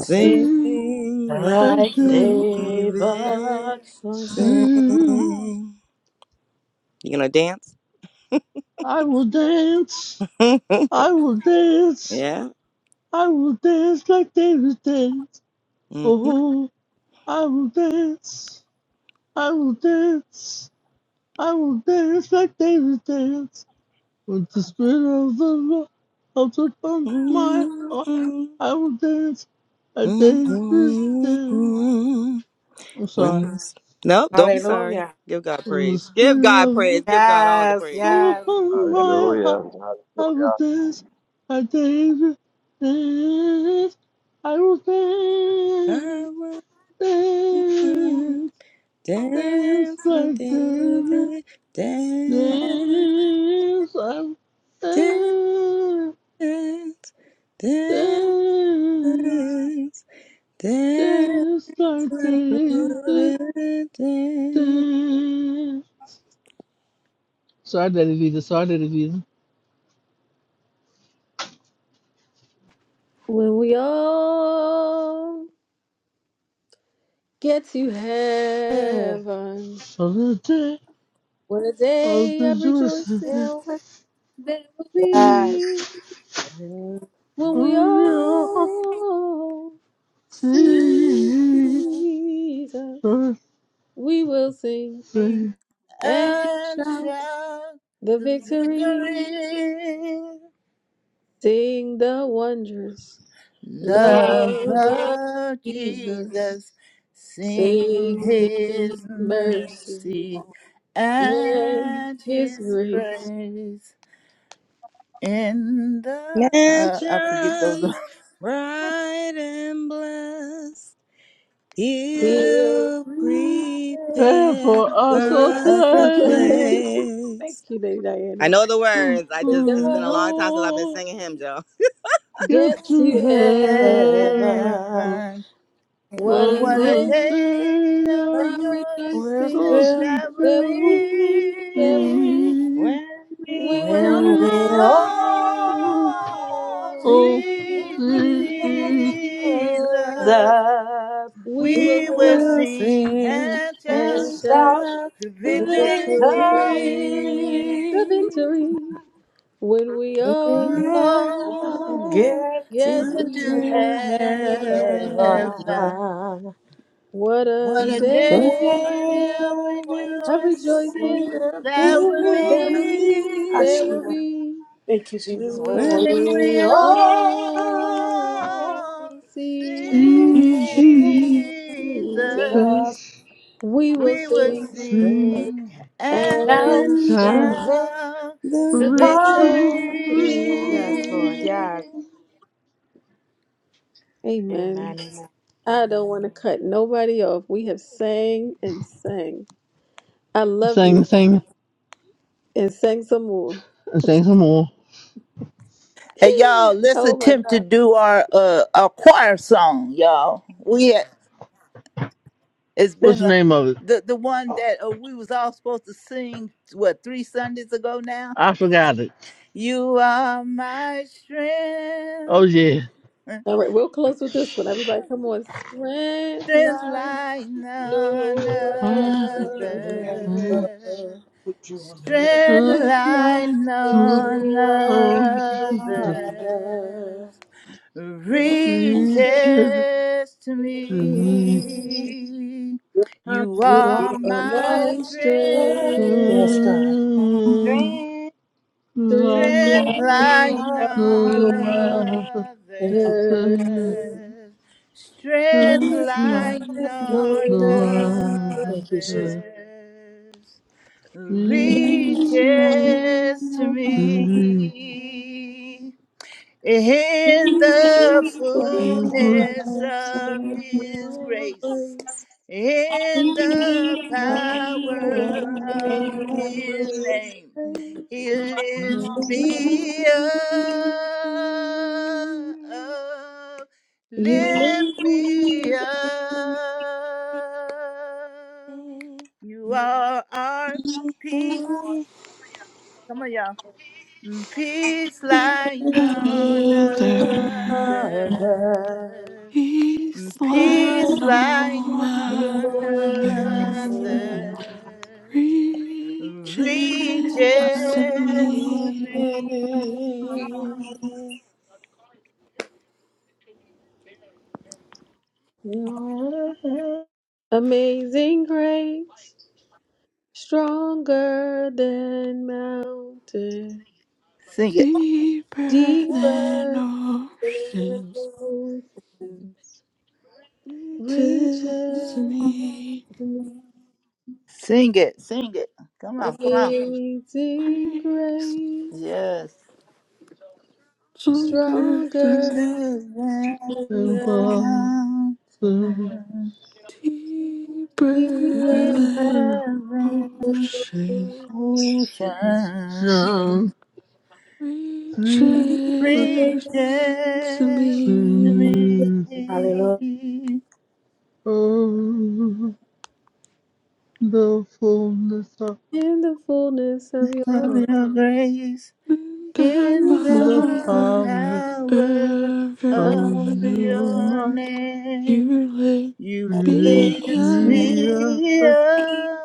H: sing
I: like
H: like
P: like
I: David.
H: David
P: David,
H: sing.
P: sing.
I: Sing.
P: You gonna dance?
I: I will dance. I will dance.
P: Yeah.
I: I will dance like David dance. Oh. I will dance. I will dance. I will dance like David danced with the spirit of the Lord of the upon my heart. I will dance like David danced.
P: hmm
I: I'm sorry.
P: Women. No, don't be sorry.
H: Hallelujah.
P: Give God
I: with the
P: praise. Give
I: spirit
P: God
I: of
P: praise.
I: the
P: Give God all the
H: Yes,
P: praise.
I: Lord
P: Amen.
H: yes.
I: upon my heart,
B: Hallelujah.
I: I will
B: Hallelujah.
I: dance like David danced. I will
P: I
I: dance,
P: will
I: dance, dance
P: dance, dance,
I: like David.
P: dance,
I: There's
P: dance,
I: dance,
P: dance, dance
I: just like
P: like the
I: David
P: dance.
I: danced. Sorry, Daddy Visa. Sorry, Daddy Visa.
A: When we all get to
H: Mm.
A: heaven,
I: On the day
A: what a
I: of
A: day
I: the
A: of rejoicing
I: Joseph,
H: It was
A: there will
H: yes.
A: be.
H: When
A: when we
I: on your
A: all see
I: singing
A: Jesus, we will sing
I: birthday,
A: and
D: and
A: shout
D: shout
A: the
D: the
A: victory,
D: victory.
A: sing the wondrous
D: Love
A: love of
D: of
A: Jesus,
D: Jesus, sing
A: sing His
D: his
A: mercy
D: mercy
A: and
D: and
A: His
D: his
A: grace.
D: praise in the uh, I forget those
P: Mansions
D: are-
P: bright and blessed.
A: He'll
P: You
A: prepare
I: and
P: prepare
I: for us
P: for
A: for
I: to
A: us
P: us
D: as
A: to
D: a
P: a
A: play.
I: play,
D: place
A: Thank
P: place.
A: you, Lady
P: I
A: Diana.
P: know the
I: you
P: words. I
A: We
P: just, it's been a long
A: go.
P: time since I've been
I: all
P: singing him, Joe.
A: Yes,
I: get
A: you have.
I: to have.
H: heaven
D: heaven.
A: What a
D: What
H: and
D: a
H: earth
A: day
I: Welcome
D: day of
A: of
I: to the
H: will
A: rejoicing
D: rejoicing
H: fill
I: Dawson
D: that will
A: there will
I: Family.
A: be, there
D: be
A: will be
P: When
A: when
P: we
D: When
A: we
H: when we
D: we
P: all
A: are
D: all
H: all
A: alone.
I: Oh,
P: see
D: see
H: Jesus, we will
I: Jesus,
D: Jesus,
P: Jesus, we
A: We will
D: we will
A: sing
P: will
D: sing
P: sing
D: and
H: and
D: shout
A: and
P: and
A: shout
H: shout
P: shout
D: the
A: the
P: the
A: victory,
D: victory.
H: victory.
A: the
P: victory.
A: victory when we all
D: Oh,
P: Oh,
H: Get
A: get
D: get
P: give
D: to
A: together.
P: to
H: heaven.
P: heaven.
D: heaven.
A: What
D: What
A: a
D: a
A: day
P: Great
H: Hey,
D: day of
H: what
A: of rejoicing
P: rejoicing
D: rejoicing
H: would
D: that
P: It
D: will
H: be?
P: will
A: there will be,
H: I
D: be.
A: there
P: be
H: should
A: will
H: have.
A: be
H: Thank you, Jesus.
A: when we
H: Will
P: when
D: When
P: we
H: we
D: we
P: are
H: all
A: Oh,
D: all
A: see
D: see
H: see
A: Jesus.
D: Jesus,
H: Jesus
A: We will
D: we will
A: sing
P: together.
I: sing,
D: sing
H: shout
D: and
A: and
P: friendship!
I: shout,
A: shout
D: shout
P: the
D: the
A: the victory.
H: Hallelujah. Yes, Lord. Yes.
D: victory.
H: Amen.
A: Amen. I don't want to cut nobody off. We have sang and sang. I love
I: Sing,
A: you
I: sing,
A: and sang some more.
I: and sing some more.
D: Hey y'all, let's
A: Oh my
D: attempt to
A: God.
D: do our uh our choir song, y'all. We had, it's
I: What's
D: been
I: the
D: a
I: name of it?
D: the the one that uh, we was all supposed to sing what three Sundays ago now.
I: I forgot it.
D: You are my
I: Oh,
D: strength.
I: yeah.
A: All right, we'll close with this one. Everybody, come on. Strength
D: strength
A: like
D: like none
A: no
H: Amen.
I: Ah, Just
A: other.
I: like
D: other. Strength
A: Live like
D: like
A: the
I: the
D: none
I: um, the
A: world.
D: others
I: Oh,
A: Reaching
D: reaches to me.
Q: From
D: You
H: You
D: are
H: are
D: my
H: my
A: my
D: strength.
H: God. Yes,
A: strength.
H: God.
Q: Strength,
A: Live
D: Strength
A: like
D: like
H: My God.
D: none
A: the
Q: to
A: world.
H: Thank you.
A: Life
D: other. Strength
H: My
A: no
D: like
H: God.
D: none
H: Thank you, Jesus.
D: others. Reaches to me in the fullness of his grace, in the power of his name,
A: other,
P: victory.
D: he
A: like
D: lifts
P: Thank
D: me up,
A: no
D: lift me up. You are our peace. Come on, y'all. Mm, Peace like
A: great.
D: none
R: Another
D: other.
R: peace
A: You
R: like
A: live
D: Peace like
A: like the
R: no
D: none
R: other
D: other.
A: world.
D: Reaches
R: reaches to
P: you.
D: to
R: me
D: me.
A: Amazing grace, stronger than mountain,
D: Sing it,
R: deeper than
A: deeper than
R: oceans
A: oceans,
R: reaches
A: reaches.
R: me.
D: sing it, sing it. Come on, come on.
A: Amazing
R: Grace
A: grace,
D: Yes.
R: stronger than
A: stronger than mountain,
R: deeper
A: deeper
R: than
A: than
R: ocean
A: oceans,
D: Mountain,
A: reaches.
R: reaches to
D: Redemption
R: me.
H: Hallelujah.
D: me
I: the fullness of
A: in the fullness of your
D: of your grace
R: In the
D: in
I: the
A: goodness.
D: the
R: power
I: power
D: power
R: of
D: of
R: your name,
D: your
I: Oh,
D: name.
R: you lift
D: You
I: you
R: me
D: lift
R: up,
I: free
D: me
I: up,
D: up.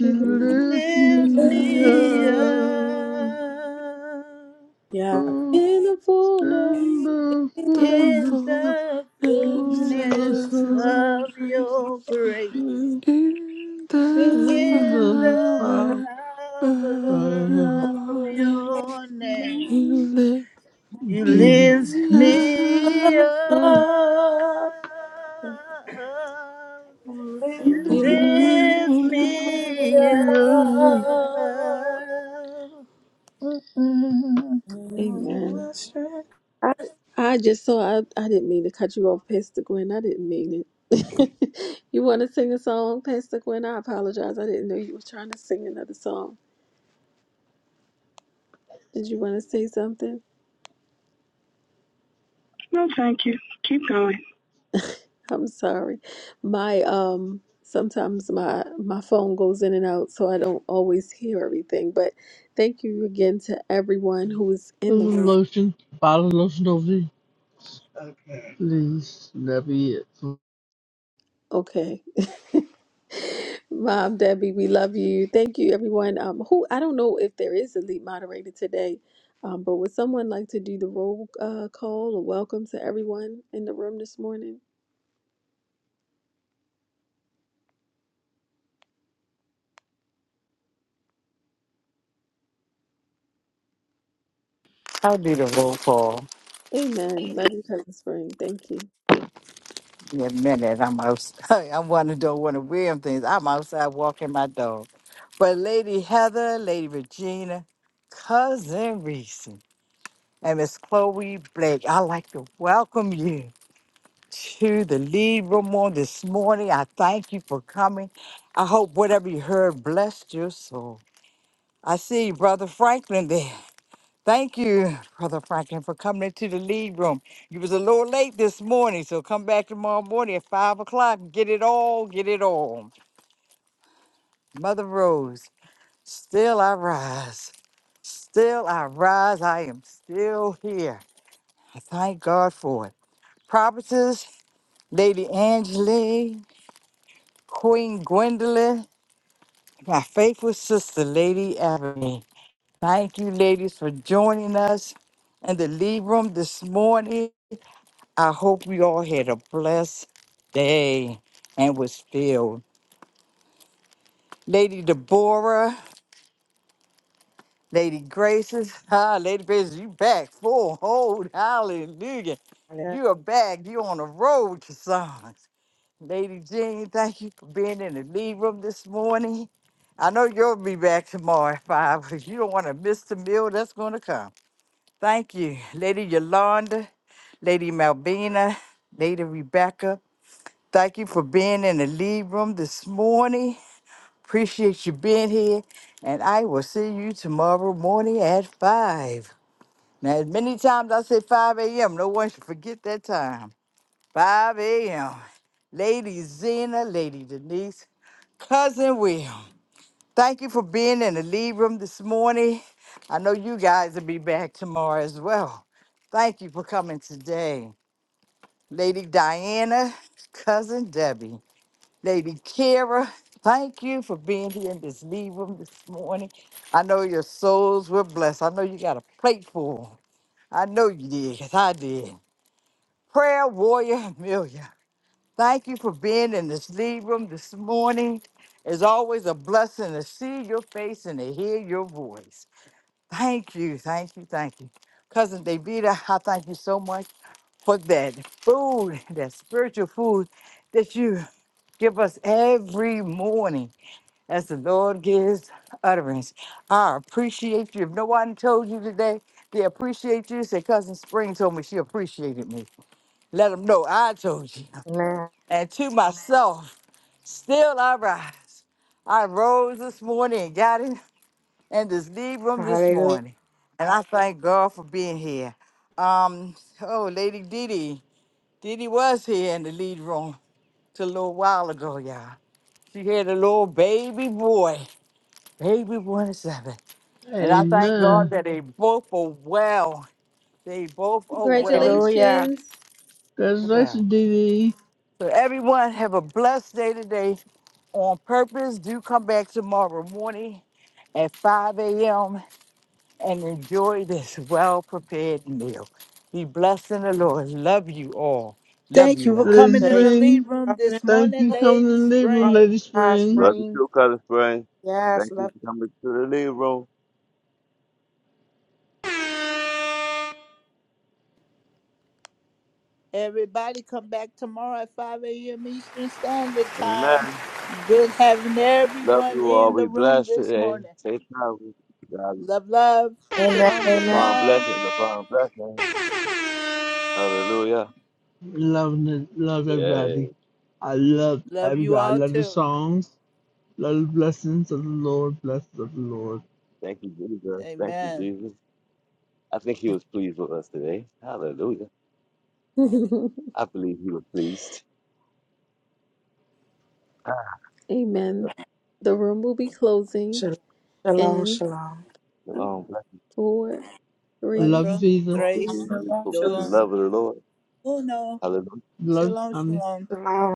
I: you
D: You
R: lift
I: lift
R: me
D: lift
I: me
A: I'm
D: me
R: up.
I: up.
D: up
H: Yeah.
I: Oh,
A: In the fullness,
I: and
R: In
I: the
R: the
I: from
A: the
D: in
I: the sun,
D: the
R: fullness
A: Amen.
I: from the
R: of
D: fullness
I: sun,
R: your
D: of
R: grace,
D: your grace.
I: is
R: in the
I: in
D: in
I: the
D: the
I: power
R: power
D: power
R: of
I: of
D: of
R: your name,
D: your name.
R: you lift
D: You
I: the
D: lift
R: me
D: me
R: up,
D: up.
I: Lord.
H: Hallelujah.
D: You
R: lift
D: lift
R: me up.
D: me up. Mm-mm.
A: I, I just saw. I, I didn't mean to cut you off, Pastor Gwen. I didn't mean it. you want to sing a song, Pastor Gwen? I apologize. I didn't know you were trying to sing another song. Did you want to say something?
N: no, thank you. Keep going.
A: I'm sorry. My um sometimes my my phone goes in and out so I don't always hear everything. But thank you again to everyone who is in the room.
I: lotion, bottle of lotion over here. Please, that be it.
A: Okay. Mom Debbie, we love you. Thank you everyone. Um who I don't know if there is a lead moderator today. Um, but would someone like to do the roll uh, call or welcome to everyone in the room this morning?
C: I'll do the roll call
A: Amen. Love you, Cousin Spring. Thank you.
C: in a minute. I'm outside. I want to do one of William things. I'm outside walking my dog. But Lady Heather, Lady Regina, Cousin Reese, and Miss Chloe Blake. I'd like to welcome you to the lead room on this morning. I thank you for coming. I hope whatever you heard blessed your soul. I see Brother Franklin there. Thank you, Brother Franklin, for coming into the lead room. You was a little late this morning, so come back tomorrow morning at five o'clock and get it all, get it all. Mother Rose, still I rise. Still I rise. I am still here. I thank God for it. Prophetess, Lady Angela, Queen Gwendolyn, my faithful sister, Lady Ebony. Thank you, ladies, for joining us in the lead room this morning. I hope we all had a blessed day and was filled. Lady Deborah, Lady Graces, ah, Lady Graces, you back full hold, hallelujah. You are back, you on the road to songs. Lady Jean, thank you for being in the lead room this morning. I know you'll be back tomorrow at five, because you don't want to miss the meal that's gonna come. Thank you, Lady Yolanda, Lady Malvina, Lady Rebecca. Thank you for being in the lead room this morning. Appreciate you being here, and I will see you tomorrow morning at five. Now, as many times I say 5 a.m., no one should forget that time. 5 a.m. Lady Zena, Lady Denise, Cousin Will, thank you for being in the lead room this morning. I know you guys will be back tomorrow as well. Thank you for coming today. Lady Diana, Cousin Debbie, Lady Kira, thank you for being here in this lead room this morning. I know your souls were blessed. I know you got a plate full. I know you did, because I did. Prayer Warrior Amelia, thank you for being in this lead room this morning. It's always a blessing to see your face and to hear your voice. Thank you, thank you, thank you. Cousin Davida, I thank you so much for that food, that spiritual food that you give us every morning as the Lord gives utterance. I appreciate you. If no one told you today, they appreciate you. Say, Cousin Spring told me she appreciated me. Let them know I told you. And to myself, still I rise. I rose this morning and got in, in this lead room this morning. And I thank God for being here. Um, oh, Lady Didi. Didi was here in the lead room till a little while ago, y'all. She had a little baby boy, baby boy and seven. And I thank God
I: Amen.
C: that they both are well. They both are well,
H: Hallelujah.
A: Congratulations.
C: well.
I: Congratulations, DD.
C: So everyone have a blessed day today on purpose. Do come back tomorrow morning at 5 a.m. and enjoy this well-prepared meal. Be blessed in the Lord. Love you all. Love
D: Thank you
C: you
D: for
C: all.
I: Let's
D: coming in the
H: Thank you
I: bring
D: lead
H: for
D: room
H: coming
D: this
H: in
I: Thank
D: morning,
I: you for
H: the
I: coming
D: Lady
I: in the living room,
H: room.
I: Lady
D: Spring.
H: God,
I: Spring.
B: Love you
H: spring.
B: too, Cousin Spring.
H: Yes,
B: Thank you
H: love
B: for
H: you.
B: coming to the living room.
D: Everybody come back tomorrow at 5 a.m. Eastern Standard Time.
B: Amen.
D: Good having
B: Love
D: everyone
B: you
D: in
B: all.
D: the
B: Be
D: room
B: blessed
D: this
B: today.
D: morning.
B: Stay powerful. God is
D: Love, love.
H: Amen.
D: Shalom,
B: blessings
H: Amen.
B: upon
D: shalom.
B: blessings upon blessings. Hallelujah.
I: Love, it, love everybody.
B: Yay.
I: I love
D: Love you
I: everybody. I
D: all
I: love the
D: too.
I: songs. Love the blessings of the Lord. Blessings of the Lord.
B: Thank you, Jesus. Thank you,
D: Amen.
B: Jesus. I think he was pleased with us today. Hallelujah. I believe he was pleased. Ah,
A: Amen.
B: Love you.
A: The room will be closing
H: Shalom. Shalom.
A: in
H: Shalom.
B: Shalom. Bless
A: four, three, two.
I: I love you,
D: Cuatro,
B: you
I: Jesus.
B: all.
D: tres,
B: Remember to
S: Shalom,
B: cook With the
S: shalom.
D: dos,
B: love of the Lord.
D: uno.
B: Hallelujah.
I: Love you,
D: Shalom,
I: Tanya.
D: shalom.
H: Shalom.